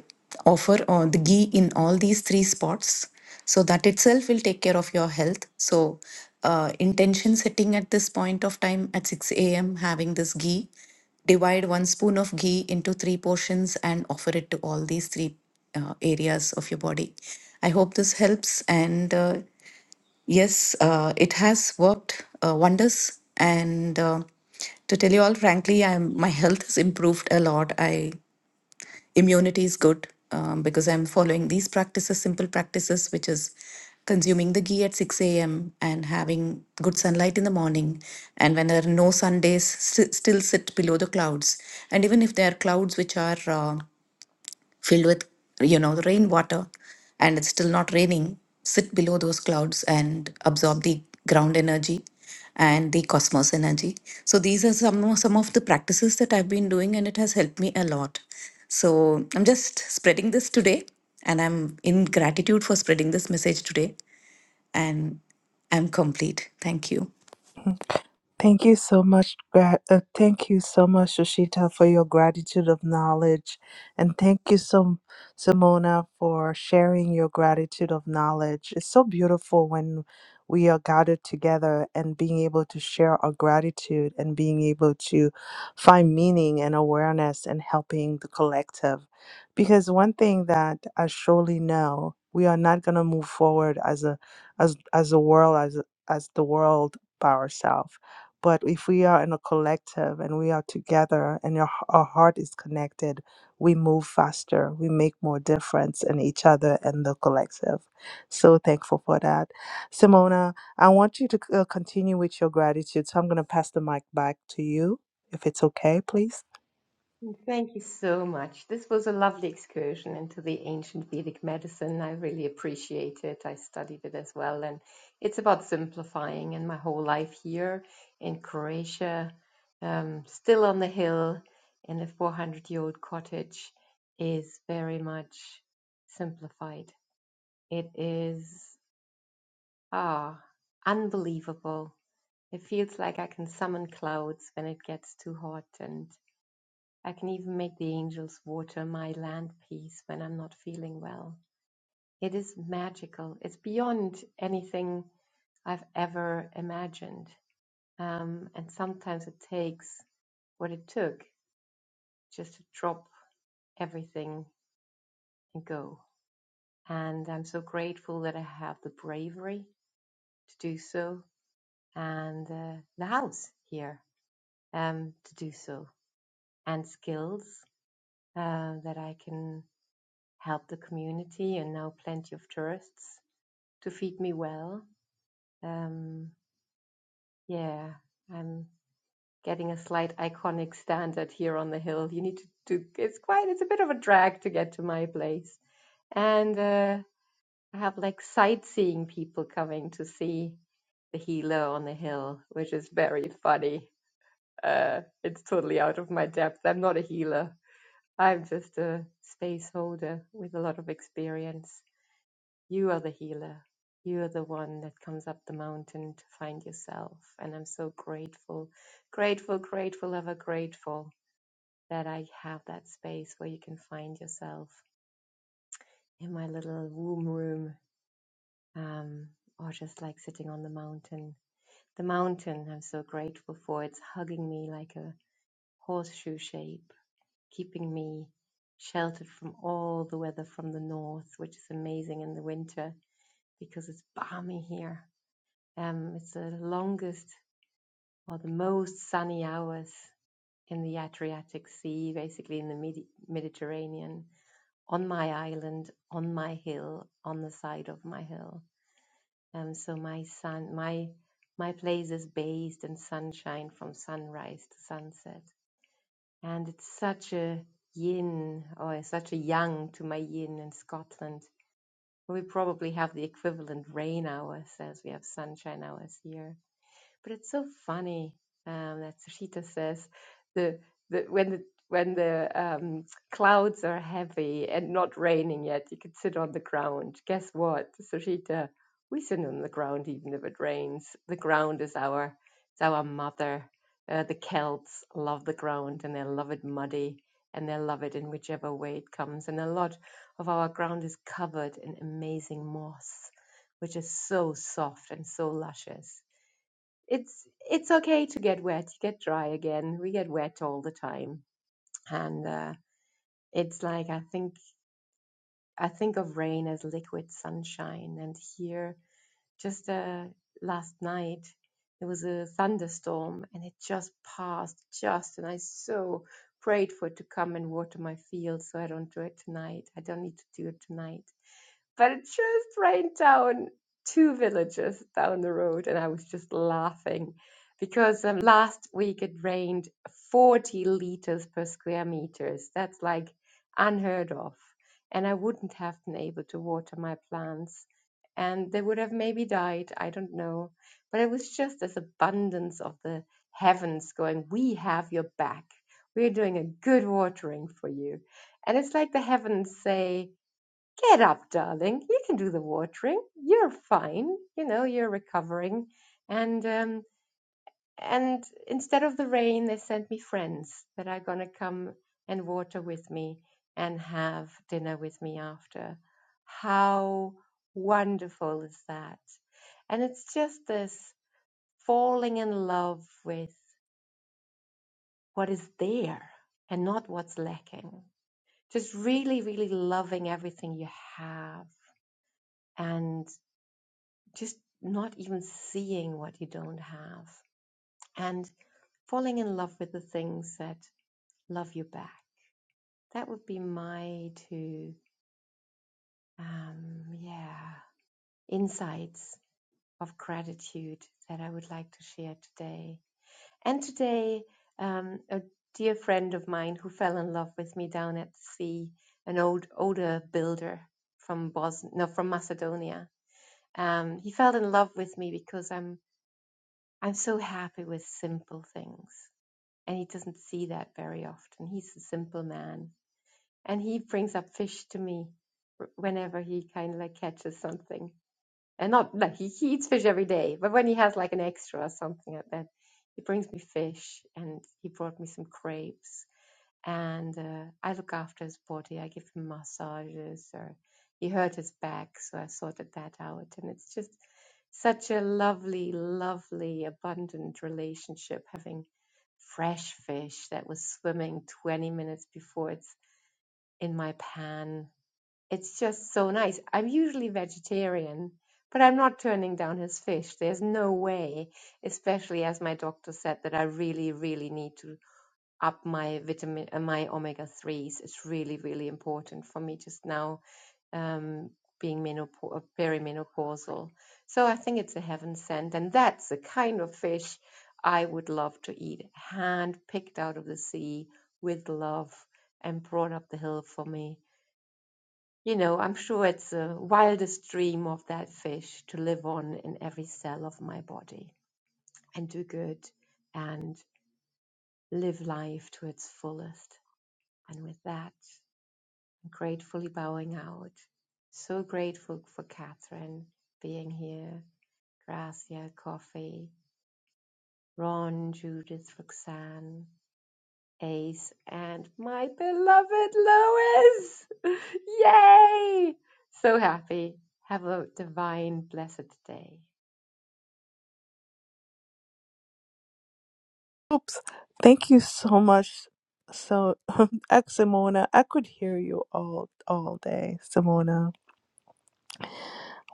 [SPEAKER 21] offer uh, the ghee in all these three spots. So that itself will take care of your health. So uh, intention setting at this point of time at 6 a.m. having this ghee. Divide one spoon of ghee into three portions and offer it to all these three uh, areas of your body. I hope this helps and. Uh, Yes, uh, it has worked uh, wonders. And uh, to tell you all frankly, I'm my health has improved a lot. I immunity is good um, because I'm following these practices, simple practices, which is consuming the ghee at 6 a.m. and having good sunlight in the morning. And when there are no sun days, st- still sit below the clouds. And even if there are clouds which are uh, filled with you know the rainwater and it's still not raining sit below those clouds and absorb the ground energy and the cosmos energy so these are some of- some of the practices that i've been doing and it has helped me a lot so i'm just spreading this today and i'm in gratitude for spreading this message today and i'm complete thank you
[SPEAKER 15] Thank you so much. gra- Uh, thank you so much, Shoshita, for your gratitude of knowledge, and thank you so, Simona, for sharing your gratitude of knowledge. It's so beautiful when we are gathered together and being able to share our gratitude and being able to find meaning and awareness and helping the collective. Because one thing that I surely know, we are not going to move forward as a as as a world as as the world by ourselves but if we are in a collective and we are together and your, our heart is connected, we move faster. We make more difference in each other and the collective. So thankful for that. Simona, I want you to c- uh, continue with your gratitude. So I'm going to pass the mic back to you, if it's okay, please.
[SPEAKER 22] Thank you so much. This was a lovely excursion into the ancient Vedic medicine. I really appreciate it. I studied it as well. And it's about simplifying. And my whole life here in Croatia, um, still on the hill in a 400 year old cottage, is very much simplified. It is ah, unbelievable. It feels like I can summon clouds when it gets too hot and I can even make the angels water my land piece when I'm not feeling well. It is magical. It's beyond anything I've ever imagined. Um, and sometimes it takes what it took just to drop everything and go. And I'm so grateful that I have the bravery to do so and uh, the house here um, to do so and skills uh, that I can help the community and now plenty of tourists to feed me well. Um, yeah, I'm getting a slight iconic standard here on the hill. You need to, do. it's quite, it's a bit of a drag to get to my place. And uh, I have like sightseeing people coming to see the healer on the hill, which is very funny. Uh, it's totally out of my depth. I'm not a healer. I'm just a space holder with a lot of experience You are the healer. You are the one that comes up the mountain to find yourself. And I'm so grateful, grateful, grateful, ever grateful that I have that space where you can find yourself in my little womb room um, or just like sitting on the mountain. The mountain, I'm so grateful for. It's hugging me like a horseshoe shape, keeping me sheltered from all the weather from the north, which is amazing in the winter because it's balmy here Um, it's the longest or the most sunny hours in the Adriatic Sea, basically in the Medi- Mediterranean, on my island, on my hill, on the side of my hill. Um, so my sun, my my place is bathed in sunshine from sunrise to sunset, and it's such a yin or such a yang to my yin in Scotland. We probably have the equivalent rain hours as we have sunshine hours here But it's so funny um, that Sushita says the, the when the when the um, clouds are heavy and not raining yet, you could sit on the ground. Guess what, Sushita? We sit on the ground even if it rains. The ground is our it's our mother. Uh, the Celts love the ground and they love it muddy and they love it in whichever way it comes. And a lot of our ground is covered in amazing moss, which is so soft and so luscious it's it's okay to get wet, get dry again. We get wet all the time, and uh, it's like I think I think of rain as liquid sunshine. And here, just uh, last night, there was a thunderstorm, and it just passed just, and I so prayed for it to come and water my field, so I don't do it tonight. I don't need to do it tonight but it's just right down two villages down the road and i was just laughing because um, last week it rained 40 liters per square meters that's like unheard of and i wouldn't have been able to water my plants and they would have maybe died i don't know but it was just this abundance of the heavens going we have your back we're doing a good watering for you and it's like the heavens say Get up, darling. You can do the watering. You're fine. You know, you're recovering. And um, and instead of the rain, they sent me friends that are gonna come and water with me and have dinner with me after. How wonderful is that? And it's just this falling in love with what is there and not what's lacking. Just really, really loving everything you have and just not even seeing what you don't have and falling in love with the things that love you back. That would be my two, um, yeah, insights of gratitude that I would like to share today. And today, um, a dear friend of mine who fell in love with me down at the sea, an old older builder from Bosnia, no, from Macedonia. Um, he fell in love with me because I'm I'm so happy with simple things. and he doesn't see that very often. He's a simple man, and he brings up fish to me whenever he kind of like catches something. And not like he, he eats fish every day, but when he has like an extra or something like that, he brings me fish, and he brought me some crepes. And uh, I look after his body. I give him massages, or he hurt his back, so I sorted that out. And it's just such a lovely, lovely, abundant relationship having fresh fish that was swimming 20 minutes before it's in my pan. It's just so nice. I'm usually vegetarian, but I'm not turning down his fish. There's no way, especially as my doctor said that I really, really need to up my vitamin, uh, my omega 3s. It's really, really important for me just now um, being menopau- perimenopausal. So I think it's a heaven sent, and that's the kind of fish I would love to eat, hand picked out of the sea with love and brought up the hill for me. You know, I'm sure it's the wildest dream of that fish to live on in every cell of my body and do good and live life to its fullest. And with that, gratefully bowing out. So grateful for Catherine being here, Gracia, Coffee, Ron, Judith, Roxanne, Ace, and my beloved Lois! Yay! So happy. Have a divine, blessed day.
[SPEAKER 15] Oops. Thank you so much. So, Simona, I could hear you all all day, Simona.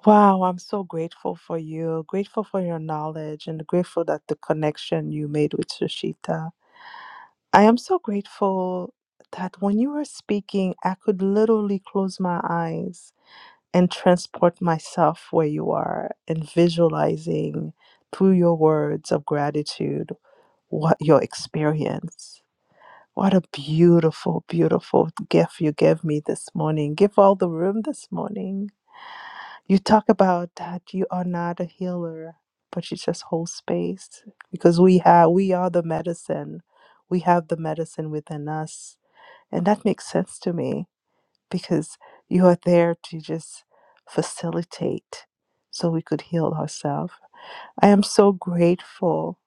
[SPEAKER 15] Wow, I'm so grateful for you. Grateful for your knowledge and grateful that the connection you made with Sushita. I am so grateful that when you were speaking, I could literally close my eyes and transport myself where you are and visualizing through your words of gratitude what your experience. What a beautiful, beautiful gift you gave me this morning. Give all the room this morning. You talk about that you are not a healer, but you just hold space because we have we are the medicine. We have the medicine within us. And that makes sense to me because you are there to just facilitate so we could heal ourselves. I am so grateful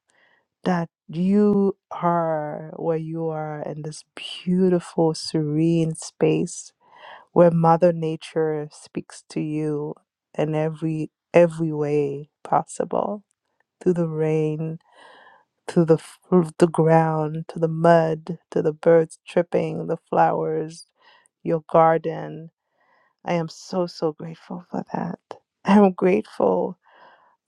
[SPEAKER 15] that you are where you are in this beautiful, serene space where mother nature speaks to you in every every way possible through the rain through the f- the ground to the mud to the birds tripping the flowers your garden i am so so grateful for that i am grateful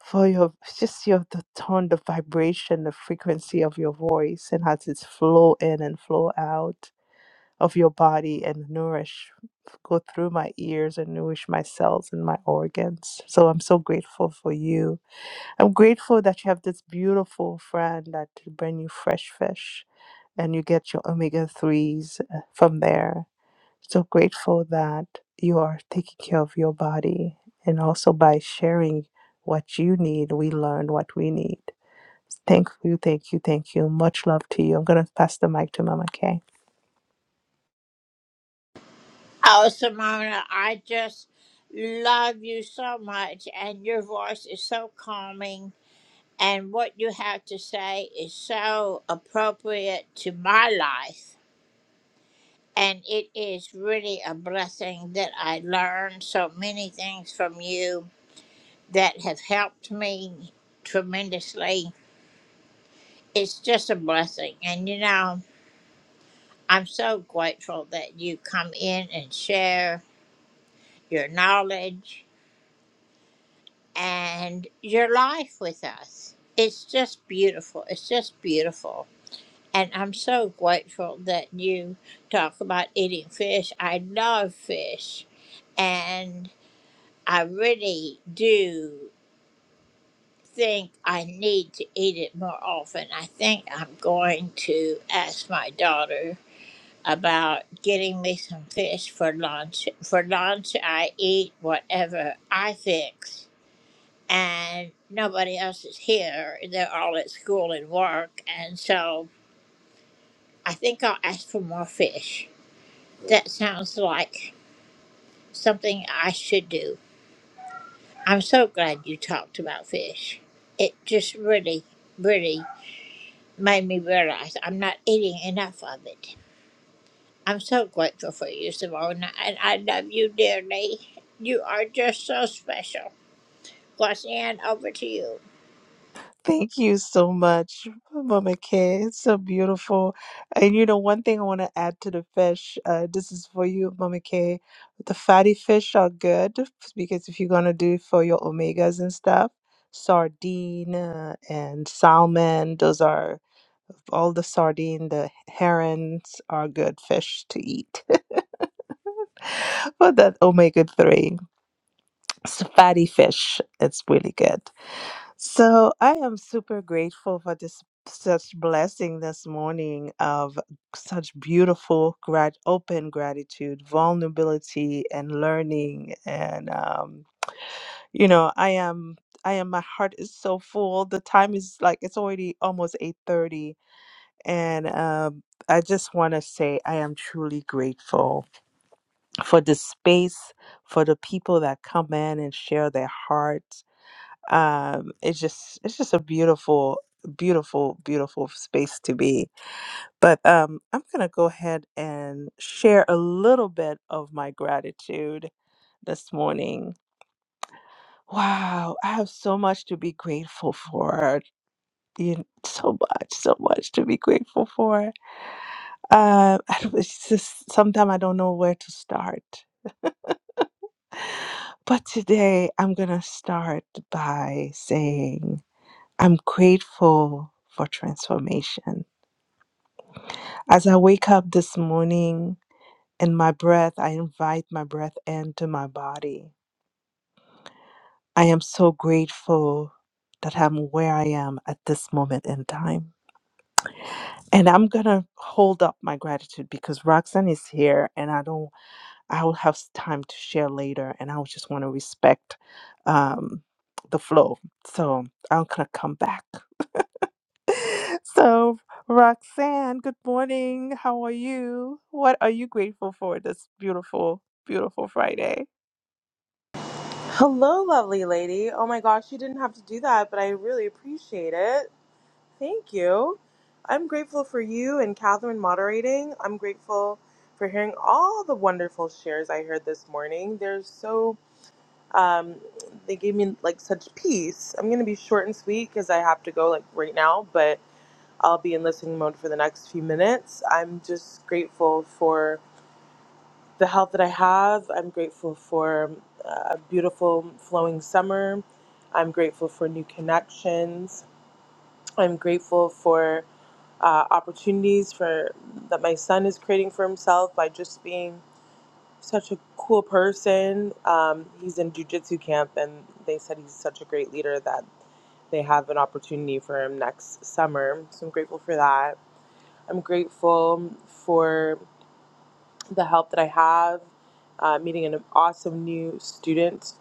[SPEAKER 15] for your just your the tone the vibration the frequency of your voice and how it's flow in and flow out of your body and nourish, go through my ears and nourish my cells and my organs. So I'm so grateful for you. I'm grateful that you have this beautiful friend that brings you fresh fish and you get your omega 3s from there. So grateful that you are taking care of your body and also by sharing what you need, we learn what we need. Thank you, thank you, thank you. Much love to you. I'm going to pass the mic to Mama Kay. Thank you so much, Mama Kay. It's so beautiful. And you know, one thing I want to add to the fish, uh, this is for you, Mama Kay. The fatty fish are good because if you're going to do it for your omegas and stuff, sardine uh, and salmon, those are all the sardine, the herons are good fish to eat for that omega 3. So fatty fish, it's really good. So I am super grateful for this such blessing this morning of such beautiful grat- open gratitude, vulnerability, and learning. And um, you know, I am I am my heart is so full. The time is like it's already almost eight thirty, and um, I just want to say I am truly grateful for the space, for the people that come in and share their heart um it's just it's just a beautiful beautiful beautiful space to be but um i'm gonna go ahead and share a little bit of my gratitude this morning wow i have so much to be grateful for you kn- so much so much to be grateful for uh it's just sometimes i don't know where to start but today i'm gonna start by saying i'm grateful for transformation As I wake up this morning and my breath, I invite my breath into my body. I am so grateful that I'm where I am at this moment in time. And I'm gonna hold up my gratitude because Roxanne is here and I don't I'll have s- time to share later and I would just want to respect um the flow. So I'm gonna come back. So, Roxanne, good morning. How are you? What are you grateful for this beautiful, beautiful Friday?
[SPEAKER 23] Hello, lovely lady. Oh my gosh, you didn't have to do that, but I really appreciate it. Thank you. I'm grateful for you and Catherine moderating. I'm grateful for hearing all the wonderful shares I heard this morning. They're so, um, they gave me like such peace. I'm going to be short and sweet because I have to go like right now, but I'll be in listening mode for the next few minutes. I'm just grateful for the health that I have. I'm grateful for uh, a beautiful flowing summer. I'm grateful for new connections. I'm grateful for uh, opportunities for that my son is creating for himself by just being such a cool person. Um, he's in jujitsu camp, and they said he's such a great leader that they have an opportunity for him next summer. So I'm grateful for that. I'm grateful for the help that I have, uh, meeting an awesome new student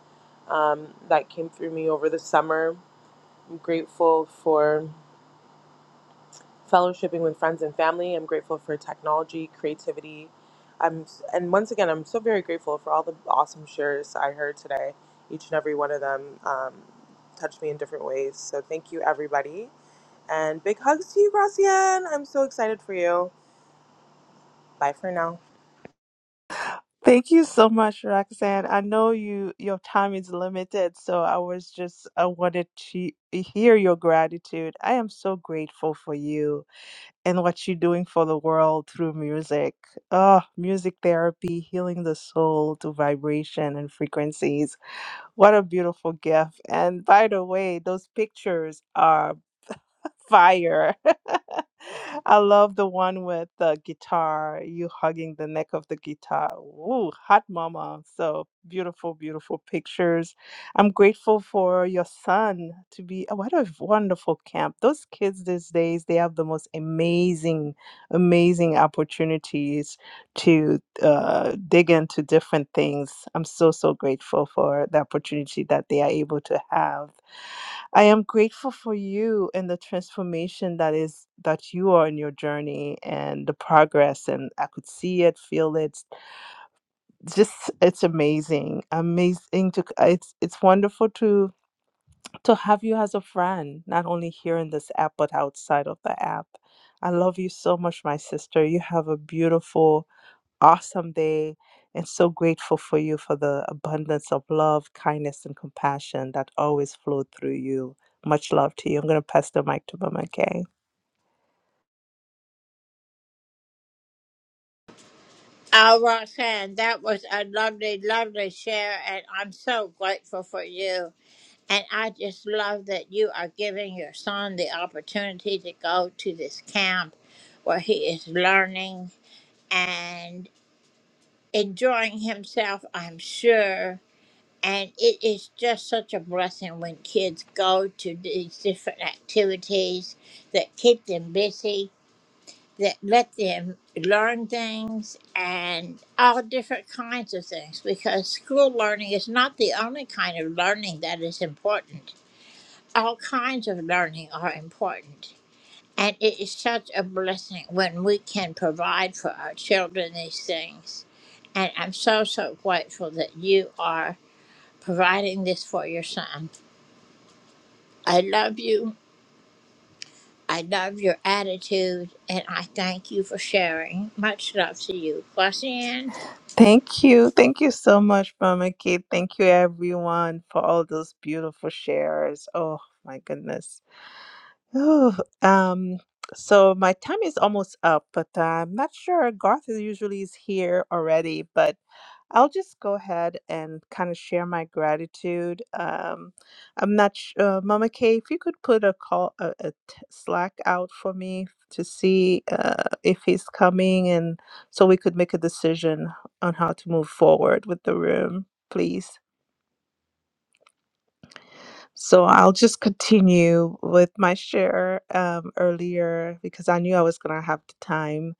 [SPEAKER 23] um, that came through me over the summer. I'm grateful for fellowshipping with friends and family. I'm grateful for technology, creativity. I'm, and once again, I'm so very grateful for all the awesome shares I heard today. Each and every one of them um, touched me in different ways. So thank you, everybody. And big hugs to you, Gracian. I'm so excited for you. Bye for now.
[SPEAKER 15] Thank you so much, Roxanne. I know you your time is limited, so I was just I wanted to hear your gratitude. I am so grateful for you and what you're doing for the world through music. Oh, music therapy, healing the soul to vibration and frequencies. What a beautiful gift. And by the way, those pictures are Fire. I love the one with the guitar, you hugging the neck of the guitar. Ooh, hot mama. So beautiful, beautiful pictures. I'm grateful for your son to be. Oh, what a wonderful camp. Those kids these days, they have the most amazing, amazing opportunities to uh, dig into different things. I'm so, so grateful for the opportunity that they are able to have I am grateful for you and the transformation that is that you are in your journey and the progress and I could see it, feel it. Just it's amazing. Amazing to it's it's wonderful to to have you as a friend, not only here in this app but outside of the app. I love you so much, my sister. You have a beautiful awesome day and so grateful for you for the abundance of love, kindness, and compassion that always flowed through you. Much love to you. I'm going to pass the mic to Mama Kay. Thank you. Thank you so much, Mama Kay. Thank you, everyone, for all those beautiful shares. Oh, my goodness. Oh, um, so my time is almost up, but I'm not sure. Garth is usually is here already, but I'll just go ahead and kind of share my gratitude. Um, I'm not sh- uh, Mama K, if you could put a call, a, a t- Slack out for me to see uh, if he's coming, and so we could make a decision on how to move forward with the room, please. So I'll just continue with my share um, earlier because I knew I was gonna have the time.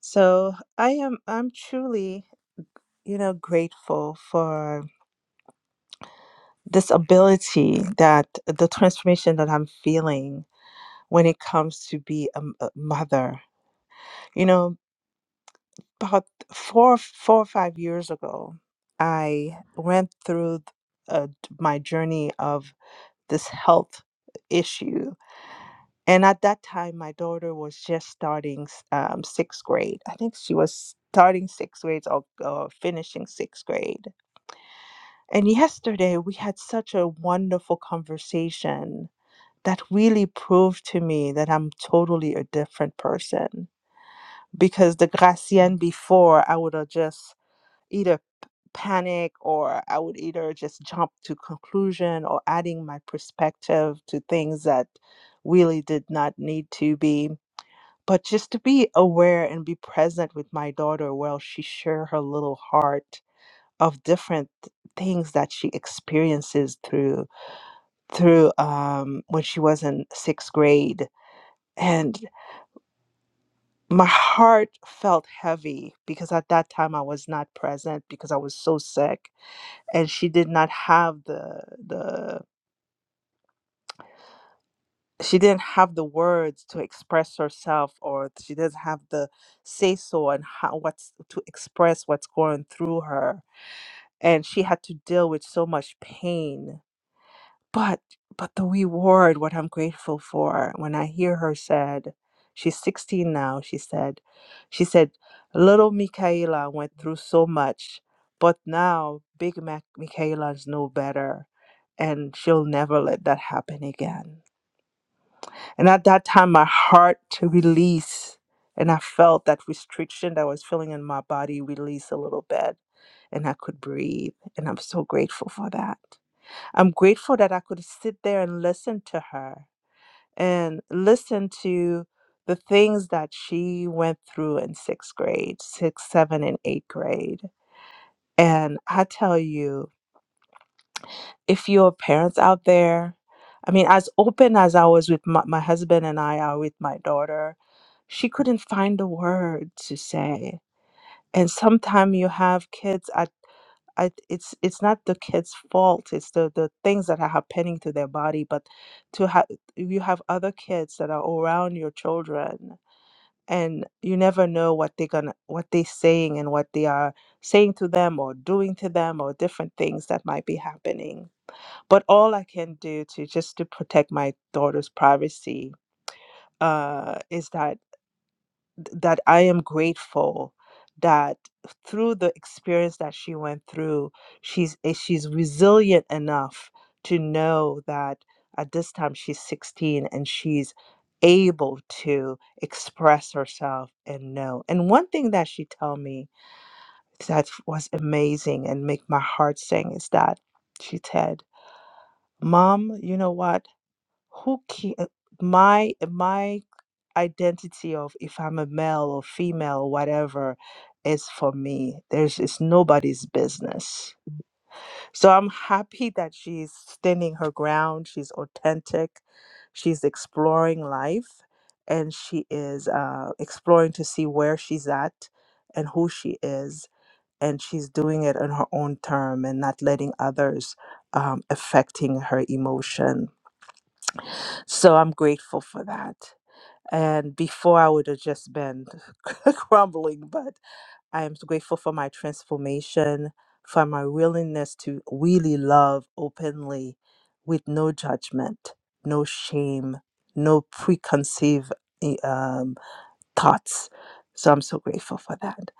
[SPEAKER 15] So I am, I'm truly, you know, grateful for. this ability that the transformation that I'm feeling when it comes to be a, m- a mother. You know, about four, four or five years ago, I went through th- uh, d- my journey of this health issue. And at that time, my daughter was just starting s- um, sixth grade. I think she was starting sixth grade or, or finishing sixth grade. And yesterday, we had such a wonderful conversation that really proved to me that I'm totally a different person. Because the Gracienne before, I would have just either p- panic or I would either just jump to conclusion or adding my perspective to things that really did not need to be. But just to be aware and be present with my daughter while she share her little heart of different things that she experiences through through um, when she was in sixth grade and my heart felt heavy because at that time I was not present because I was so sick and she did not have the the she didn't have the words to express herself or she doesn't have the say so and how what's to express what's going through her and she had to deal with so much pain but but the reward what i'm grateful for when i hear her said she's 16 now she said she said little michaela went through so much but now big Mac michaela's no better and she'll never let that happen again and at that time my heart to release and i felt that restriction that i was feeling in my body release a little bit and i could breathe and i'm so grateful for that I'm grateful that I could sit there and listen to her and listen to the things that she went through in sixth grade, sixth, seven, and eighth grade. And I tell you, if you're parents out there, I mean, as open as I was with my, my husband and I are with my daughter, she couldn't find a word to say. And sometimes you have kids at. I, it's it's not the kid's fault. It's the the things that are happening to their body. But to have you have other kids that are around your children, and you never know what they're gonna what they're saying and what they are saying to them or doing to them or different things that might be happening. But all I can do to just to protect my daughter's privacy uh, is that th- that I am grateful that through the experience that she went through, she's eh, she's resilient enough to know that at this time she's 16 and she's able to express herself and know. And one thing that she told me that was amazing and make my heart sing is that she said, "Mom, you know what? who ca- uh, my my identity of if i'm a male or female whatever is for me there's it's nobody's business so i'm happy that she's standing her ground she's authentic she's exploring life and she is uh, exploring to see where she's at and who she is and she's doing it on her own term and not letting others um, affecting her emotion so I'm grateful for that. And before I would have just been crumbling, but I am so grateful for my transformation, for my willingness to really love openly with no judgment, no shame, no preconceived eh, um, thoughts. So I'm so grateful for that.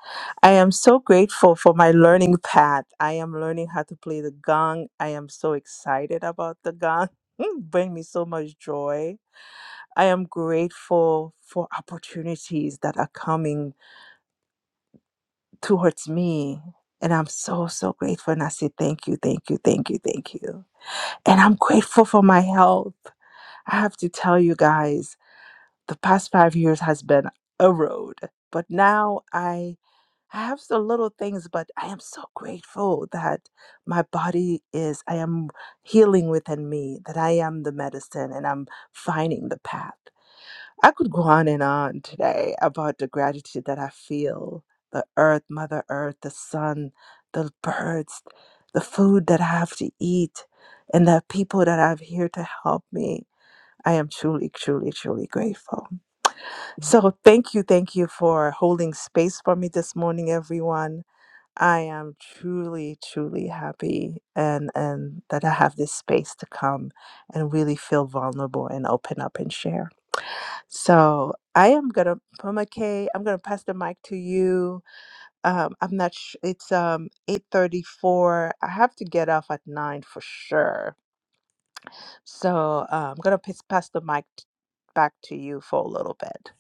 [SPEAKER 15] I am so grateful for my learning path. I am learning how to play the gong. I am so excited about the gong. Bring me so much joy I am grateful for opportunities that are coming towards me. And I'm so, so grateful. And I say, thank you, thank you, thank you, thank you. And I'm grateful for my health. I have to tell you guys, the past five years has been a road. But now I, I have the little things, but I am so grateful that my body is, I am healing within me, that I am the medicine and I'm finding the path. I could go on and on today about the gratitude that I feel the earth, Mother Earth, the sun, the birds, the food that I have to eat, and the people that I have here to help me. I am truly, truly, truly grateful. So, thank you, thank you for holding space for me this morning, everyone. I am truly, truly happy and, and that I have this space to come and really feel vulnerable and open up and share. So I am gonna Puma i am I'm gonna pass the mic to you. Um, I'm not. Sh- it's um 8:34. I have to get off at nine for sure. So uh, I'm gonna pass pass the mic t- back to you for a little bit.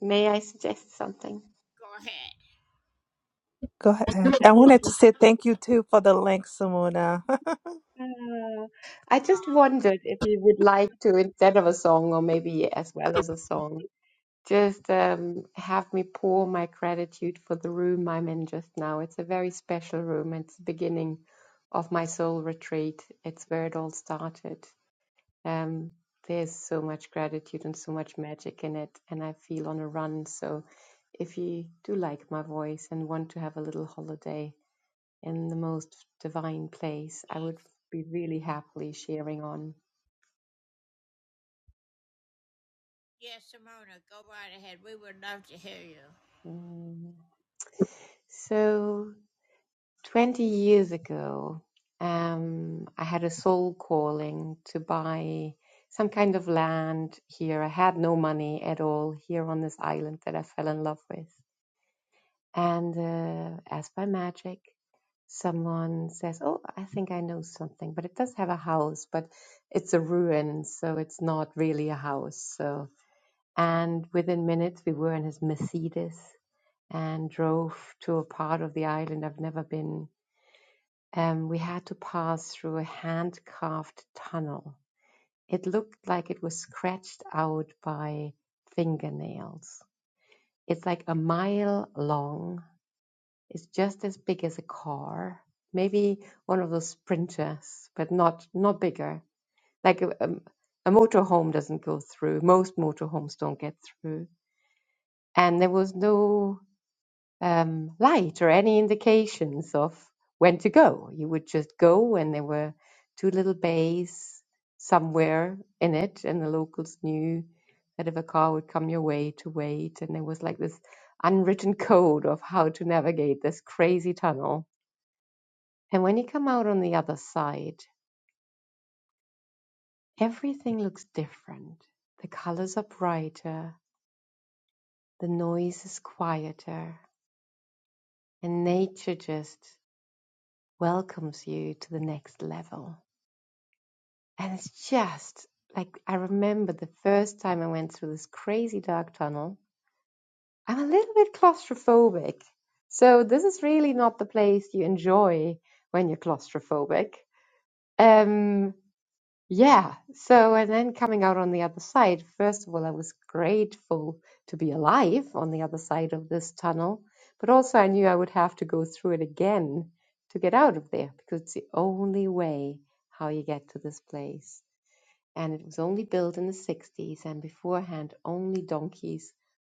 [SPEAKER 22] May I suggest something?
[SPEAKER 15] Go ahead.
[SPEAKER 22] I
[SPEAKER 15] I
[SPEAKER 22] would
[SPEAKER 15] wanted to say thank you too for the link, Simona.
[SPEAKER 22] uh, I just wondered if you would like to, instead of a song, or maybe as well as a song, just um, have me pour my gratitude for the room I'm in just now. It's a very special room. It's the beginning of my soul retreat. It's where it all started. Um, there's so much gratitude and so much magic in it, and I feel on a run. So, if you do like my voice and want to have a little holiday in the most divine place, I would be really happily sharing on. Mm. So. 20 years ago, um, I had a soul calling to buy some kind of land here. I had no money at all here on this island that I fell in love with. And uh, as by magic, someone says, Oh, I think I know something, but it does have a house, but it's a ruin, so it's not really a house. So, and within minutes, we were in his Mercedes and drove to a part of the island I've never been um, we had to pass through a hand-carved tunnel. It looked like it was scratched out by fingernails. It's like a mile long. It's just as big as a car. Maybe one of those sprinters, but not not bigger. Like a, a, a motorhome doesn't go through. Most motorhomes don't get through. And there was no um, light or any indications of when to go. You would just go when there were two little bays somewhere in it, and the locals knew that if a car would come your way to wait. And there was like this unwritten code of how to navigate this crazy tunnel. And when you come out on the other side, everything looks different. The colors are brighter, the noise is quieter, and nature just welcomes you to the next level. And it's just like I remember the first time I went through this crazy dark tunnel. I'm a little bit claustrophobic. So this is really not the place you enjoy when you're claustrophobic. Um yeah. So and then coming out on the other side, first of all I was grateful to be alive on the other side of this tunnel, but also I knew I would have to go through it again to get out of there because it's the only way how you get to this place and it was only built in the 60s, and beforehand, only donkeys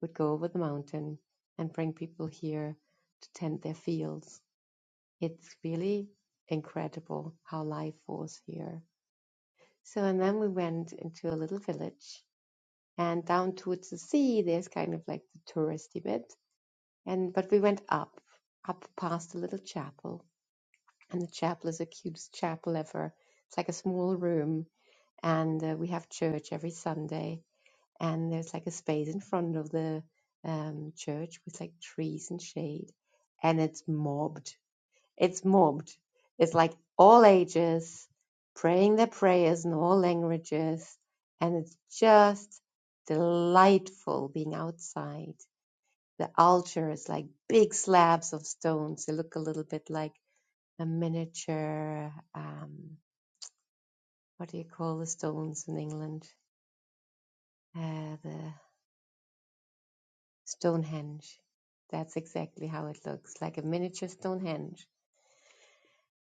[SPEAKER 22] would go over the mountain and bring people here to tend their fields. It's really incredible how life was here. So, and then we went into a little village, and down towards the sea, there's kind of like the touristy bit. And but we went up, up past a little chapel, and the chapel is the cutest chapel ever. It's like a small room, and uh, we have church every Sunday and there's like a space in front of the um, church with like trees and shade, and it's mobbed. It's mobbed. It's like all ages praying their prayers in all languages, and it's just delightful being outside. The altar is like big slabs of stones. They look a little bit like a miniature. Um, what do you call the stones in England? Uh, the Stonehenge. That's exactly how it looks, like a miniature Stonehenge.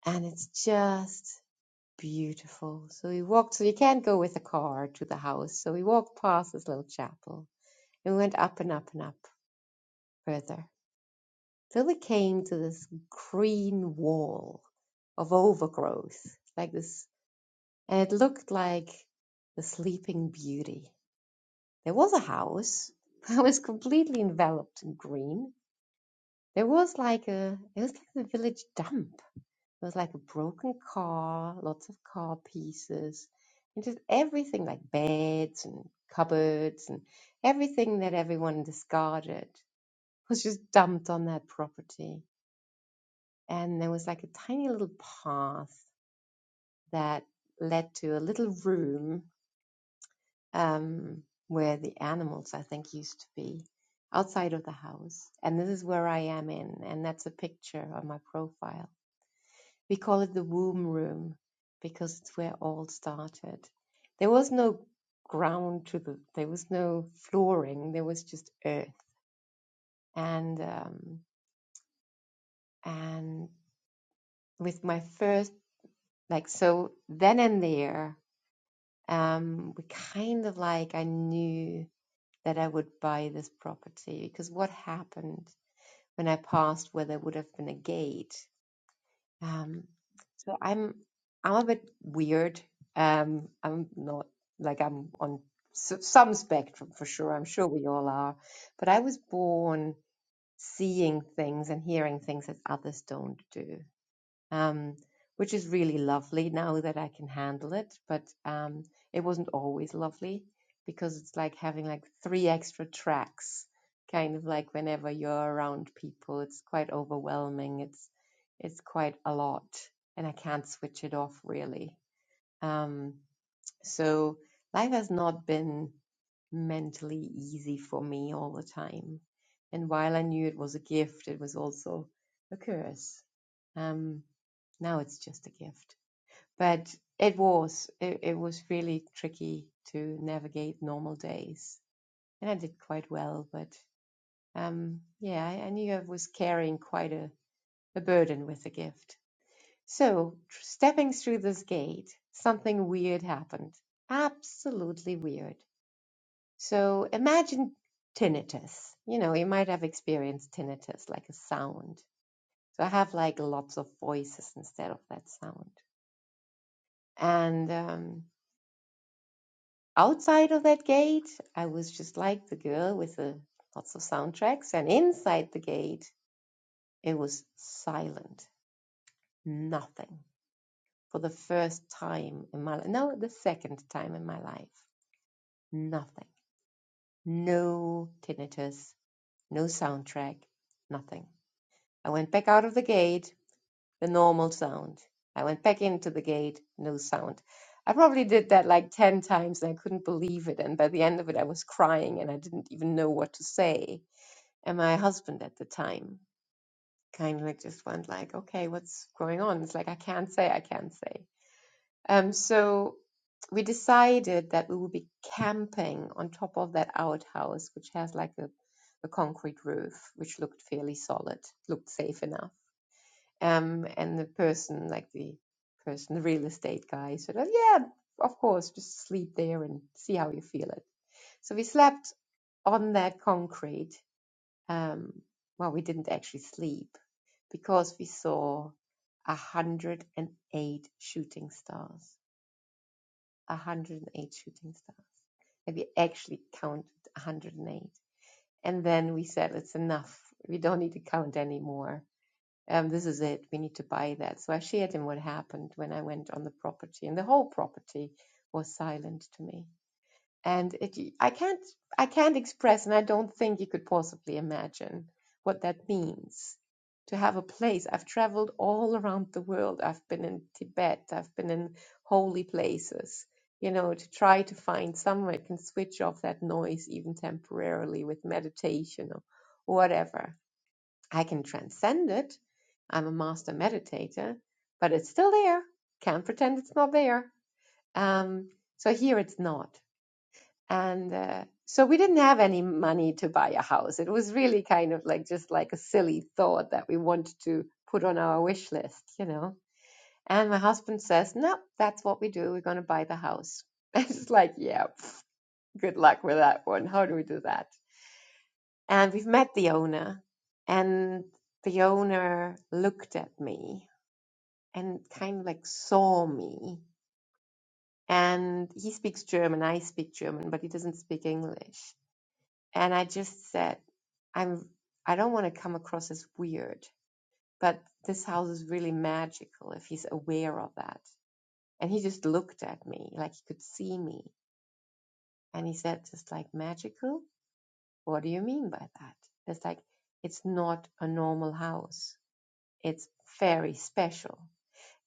[SPEAKER 22] And it's just beautiful. So we walked, so you can't go with a car to the house. So we walked past this little chapel and we went up and up and up further till we came to this green wall of overgrowth, like this, and it looked like the sleeping beauty. There was a house. It was completely enveloped in green, There was like a it was like a village dump. There was like a broken car, lots of car pieces, and just everything like beds and cupboards and everything that everyone discarded was just dumped on that property. And there was like a tiny little path that led to a little room um, where the animals, I think, used to be outside of the house. And this is where I am in, and that's a picture on my profile We call it the womb room because it's where all started. There was no ground to the, there was no flooring, there was just earth. And, um, and with my first, like, so then and there, um, we kind of like, I knew that I would buy this property because what happened when I passed where there would have been a gate? um, So I'm I'm a bit weird. Um, I'm not like I'm on s- some spectrum for sure. I'm sure we all are. But I was born seeing things and hearing things that others don't do um, which is really lovely now that I can handle it. But um, it wasn't always lovely because it's like having like three extra tracks, kind of like whenever you're around people, it's quite overwhelming. It's it's quite a lot, and I can't switch it off really. Um, so life has not been mentally easy for me all the time. And while I knew it was a gift, it was also a curse. Um, now it's just a gift. But it was, it, it was really tricky to navigate normal days. And I did quite well, but um, yeah, I, I knew I was carrying quite a, a burden with the gift. So, tr- stepping through this gate, something weird happened. Absolutely weird. So, imagine tinnitus. You know, you might have experienced tinnitus, like a sound. So, I have like lots of voices instead of that sound. And um, outside of that gate, I was just like the girl with the lots of soundtracks, and inside the gate, it was silent, nothing. For the first time in my life, no, the second time in my life, nothing, no tinnitus, no soundtrack, nothing. I went back out of the gate, the normal sound. I went back into the gate, no sound. I probably did that like 10 times and I couldn't believe it. And by the end of it, I was crying and I didn't even know what to say And my husband at the time kind of just went like, okay, what's going on? It's like, I can't say, I can't say. Um, so we decided that we would be camping on top of that outhouse, which has like a, a concrete roof, which looked fairly solid, looked safe enough. Um, and the person, like the person, the real estate guy said, oh, yeah, of course, just sleep there and see how you feel it. So we slept on that concrete Um, well, we didn't actually sleep because we saw 108 shooting stars. 108 shooting stars. And we actually counted 108. And eight. And then we said, it's enough. We don't need to count anymore. Um, this is it. We need to buy that. So I shared him what happened when I went on the property, and the whole property was silent to me and it y- i can't i can't express and i don't think you could possibly imagine what that means to have a place i've traveled all around the world i've been in tibet i've been in holy places you know to try to find somewhere i can switch off that noise even temporarily with meditation or whatever i can transcend it i'm a master meditator but it's still there can't pretend it's not there um, so here it's not and uh, so we didn't have any money to buy a house. It was really kind of like just like a silly thought that we wanted to put on our wish list, you know. And my husband says, No, that's what we do. We're going to buy the house. And it's like, Yeah, pff, good luck with that one. How do we do that? And we've met the owner, and the owner looked at me and kind of like saw me. And he speaks German, I speak German, but he doesn't speak English. And I just said, I'm I don't want to come across as weird, but this house is really magical if he's aware of that. And he just looked at me like he could see me. And he said, just like magical? What do you mean by that? It's like it's not a normal house. It's very special.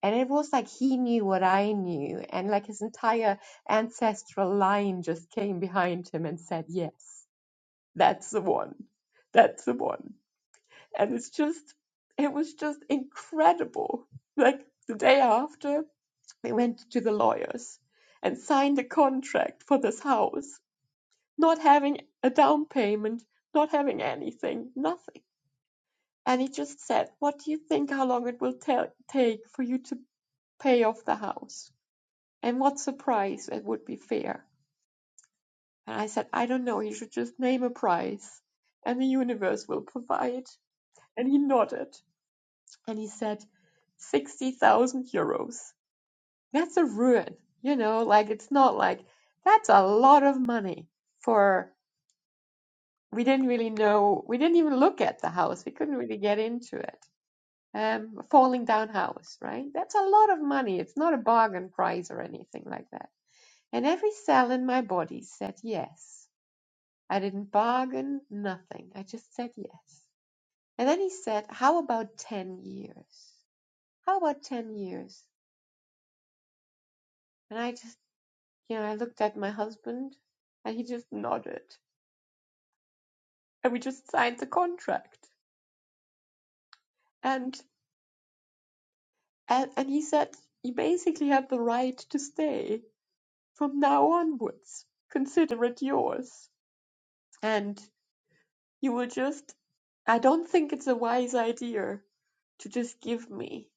[SPEAKER 22] And it was like he knew what I knew, and like his entire ancestral line just came behind him and said, Yes, that's the one. That's the one and it's just it was just incredible like the day after they went to the lawyers and signed a contract for the house not having a down payment not having anything nothing and he just said what do you think how long it will ta- take for you to pay off the house and what's the price that would be fair and i said i don't know you should just name a price and the universe will provide and he nodded and he said 60,000 euros That's a ruin, you know, like it's not like that's a lot of money for we didn't really know, we didn't even look at the house. We couldn't really get into it. Um, falling down house, right? That's a lot of money. It's not a bargain price or anything like that. And every cell in my body said yes. I didn't bargain, nothing. I just said yes. And then he said, How about 10 years? How about 10 years? And I just You know, I looked at my husband and he just nodded. And we just signed the contract. And and, and he said, You basically have the right to stay from now onwards. Consider it yours. And you will just I don't think it's a wise idea to just give me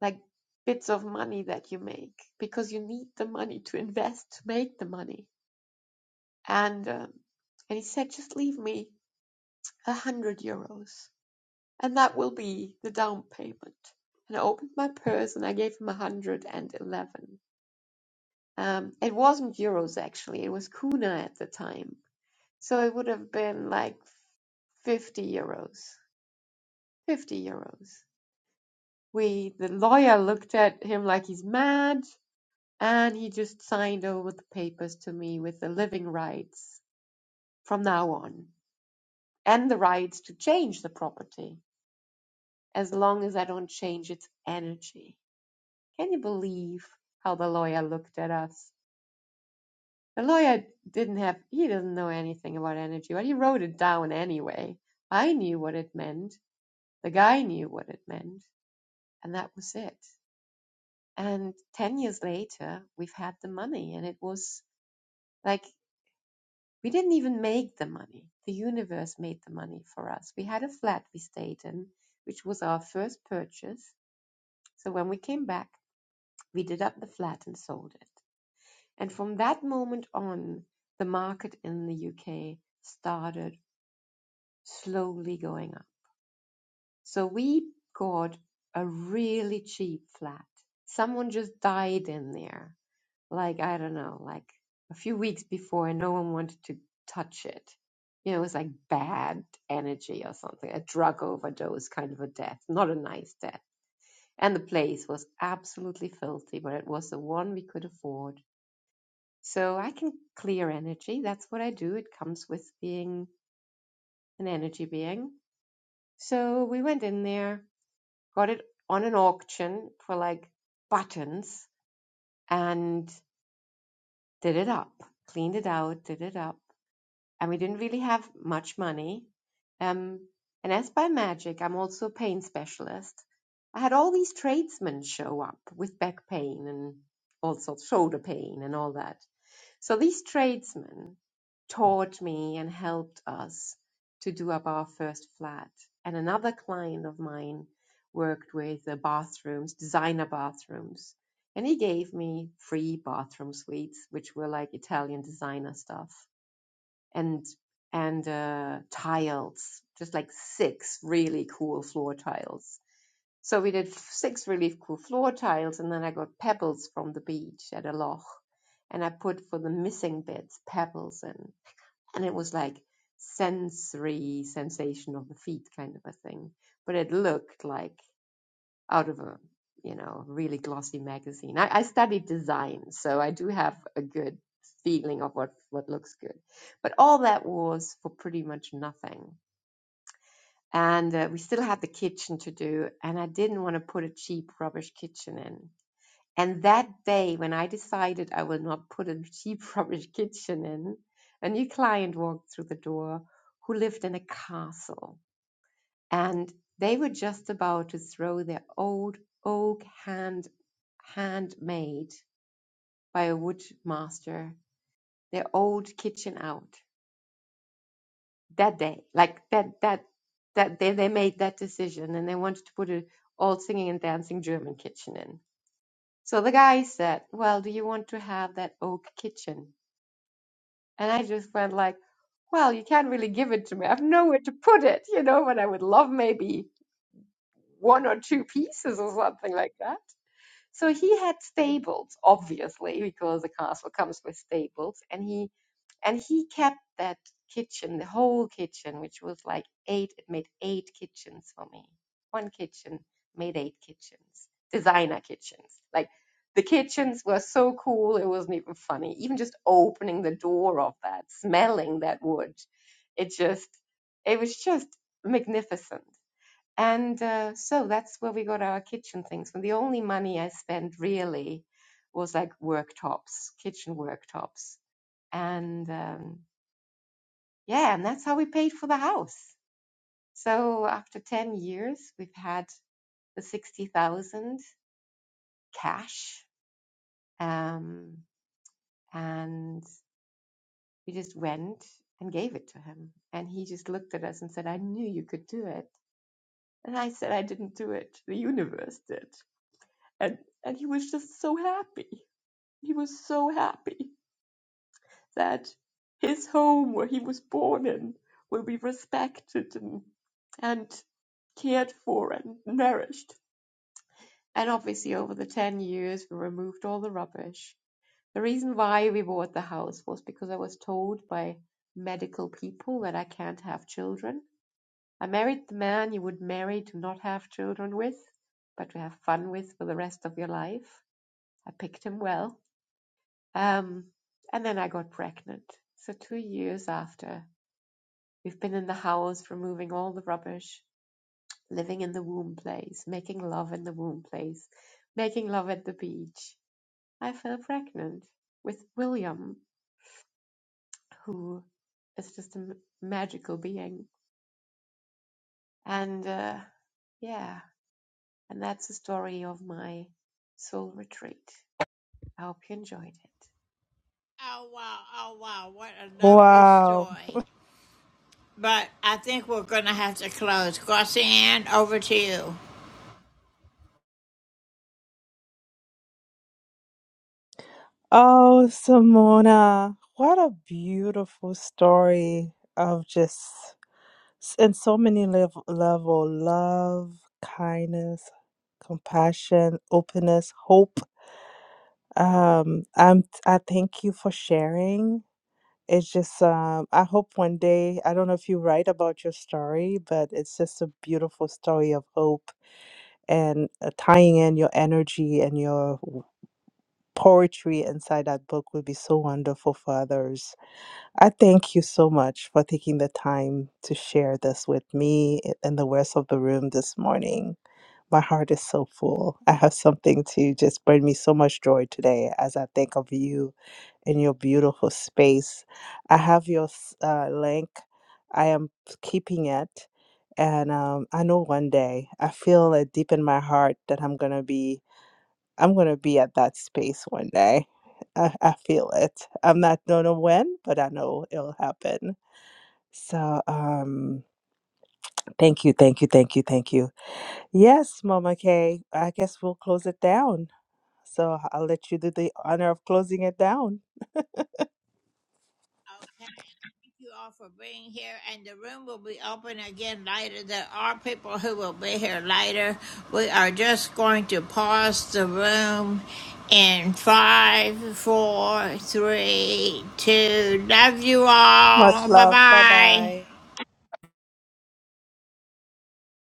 [SPEAKER 22] like bits of money that you make because you need the money to invest to make the money. And um, and he said, just leave me a hundred euros. and that will be the down payment. And I opened my purse and I gave him 111. Um, it wasn't euros actually, it was kuna at the time. So it would have been like 50 euros. 50 euros. We, the lawyer looked at him like he's mad and he just signed over the papers to me with the living rights from now on and the rights to change the property as long as I don't change its energy. Can you believe how the lawyer looked at us? The lawyer didn't have, he doesn't know anything about energy, but he wrote it down anyway. I knew what it meant. The guy knew what it meant. And that was it. And 10 years later, we've had the money. And it was like, we didn't even make the money. The universe made the money for us. We had a flat we stayed in, which was our first purchase. So when we came back, we did up the flat and sold it And from that moment on, the market in the UK started slowly going up. So we got a really cheap flat. Someone just died in there, like, I don't know, like a few weeks before, and no one wanted to touch it. You know, it was like bad energy or something, a drug overdose kind of a death, not a nice death. And the place was absolutely filthy, but it was the one we could afford So I can clear energy. That's what I do. It comes with being an energy being. So we went in there, got it on an auction for like buttons and did it up, cleaned it out, did it up. And we didn't really have much money. Um, and as by magic, I'm also a pain specialist. I had all these tradesmen show up with back pain and all sorts, shoulder pain and all that So these tradesmen taught me and helped us to do up our first flat. And another client of mine worked with the bathrooms, designer bathrooms. And he gave me free bathroom suites, which were like Italian designer stuff and and uh, tiles, just like six really cool floor tiles. So we did six relief cool floor tiles, and then I got pebbles from the beach at a loch, and I put for the missing bits pebbles in, and it was like sensory sensation of the feet kind of a thing, but it looked like out of a you know really glossy magazine. I, I studied design, so I do have a good feeling of what what looks good, but all that was for pretty much nothing and uh, we still had the kitchen to do and i didn't want to put a cheap rubbish kitchen in and that day when i decided i will not put a cheap rubbish kitchen in a new client walked through the door who lived in a castle and they were just about to throw their old oak hand handmade by a wood master their old kitchen out that day like that that that they, they made that decision and they wanted to put an old singing and dancing german kitchen in so the guy said well do you want to have that oak kitchen and i just went like well you can't really give it to me i have nowhere to put it you know but i would love maybe one or two pieces or something like that so he had stables obviously because the castle comes with stables and he and he kept that kitchen the whole kitchen which was like eight it made eight kitchens for me one kitchen made eight kitchens designer kitchens like the kitchens were so cool it wasn't even funny even just opening the door of that smelling that wood it just it was just magnificent and uh, so that's where we got our kitchen things and the only money i spent really was like worktops kitchen worktops and um, yeah, and that's how we paid for the house. So after 10 years, we've had the 60,000 cash. Um, and we just went and gave it to him. And he just looked at us and said, I knew you could do it. And I said, I didn't do it. The universe did. And, and he was just so happy. He was so happy that his home where he was born in will be respected and, and cared for and nourished And obviously, over the 10 years, we removed all the rubbish. The reason why we bought the house was because I was told by medical people that I can't have children. I married the man you would marry to not have children with, but to have fun with for the rest of your life. I picked him well. Um, and then I got pregnant. So, two years after, we've been in the house, removing all the rubbish, living in the womb place, making love in the womb place, making love at the beach I fell pregnant with William, who is just a m- magical being. And uh, yeah, and that's the story of my soul retreat. I hope you enjoyed it.
[SPEAKER 15] wow. Oh, Simona, what a beautiful story of just in so many level, level love, kindness, compassion, openness, hope. Um, I'm I thank you for sharing. It's just um, I hope one day I don't know if you write about your story, but it's just a beautiful story of hope and uh, tying in your energy and your w- poetry inside that book would be so wonderful for others. I thank you so much for taking the time to share this with me a- and the rest of the room this morning. My heart is so full. I have something to just bring me so much joy today as I think of you in your beautiful space. I have your s- uh, link. I am keeping it. And um, I know one day I feel it deep in my heart that I'm gonna be I'm gonna be at that space one day. I, I feel it. I'm not don't know when, but I know it'll happen. So um, thank you, thank you, thank you, thank you. Yes, Mama Kay. I guess we'll close it down. So I'll let you do the honor of closing it down. Much love. Bye bye.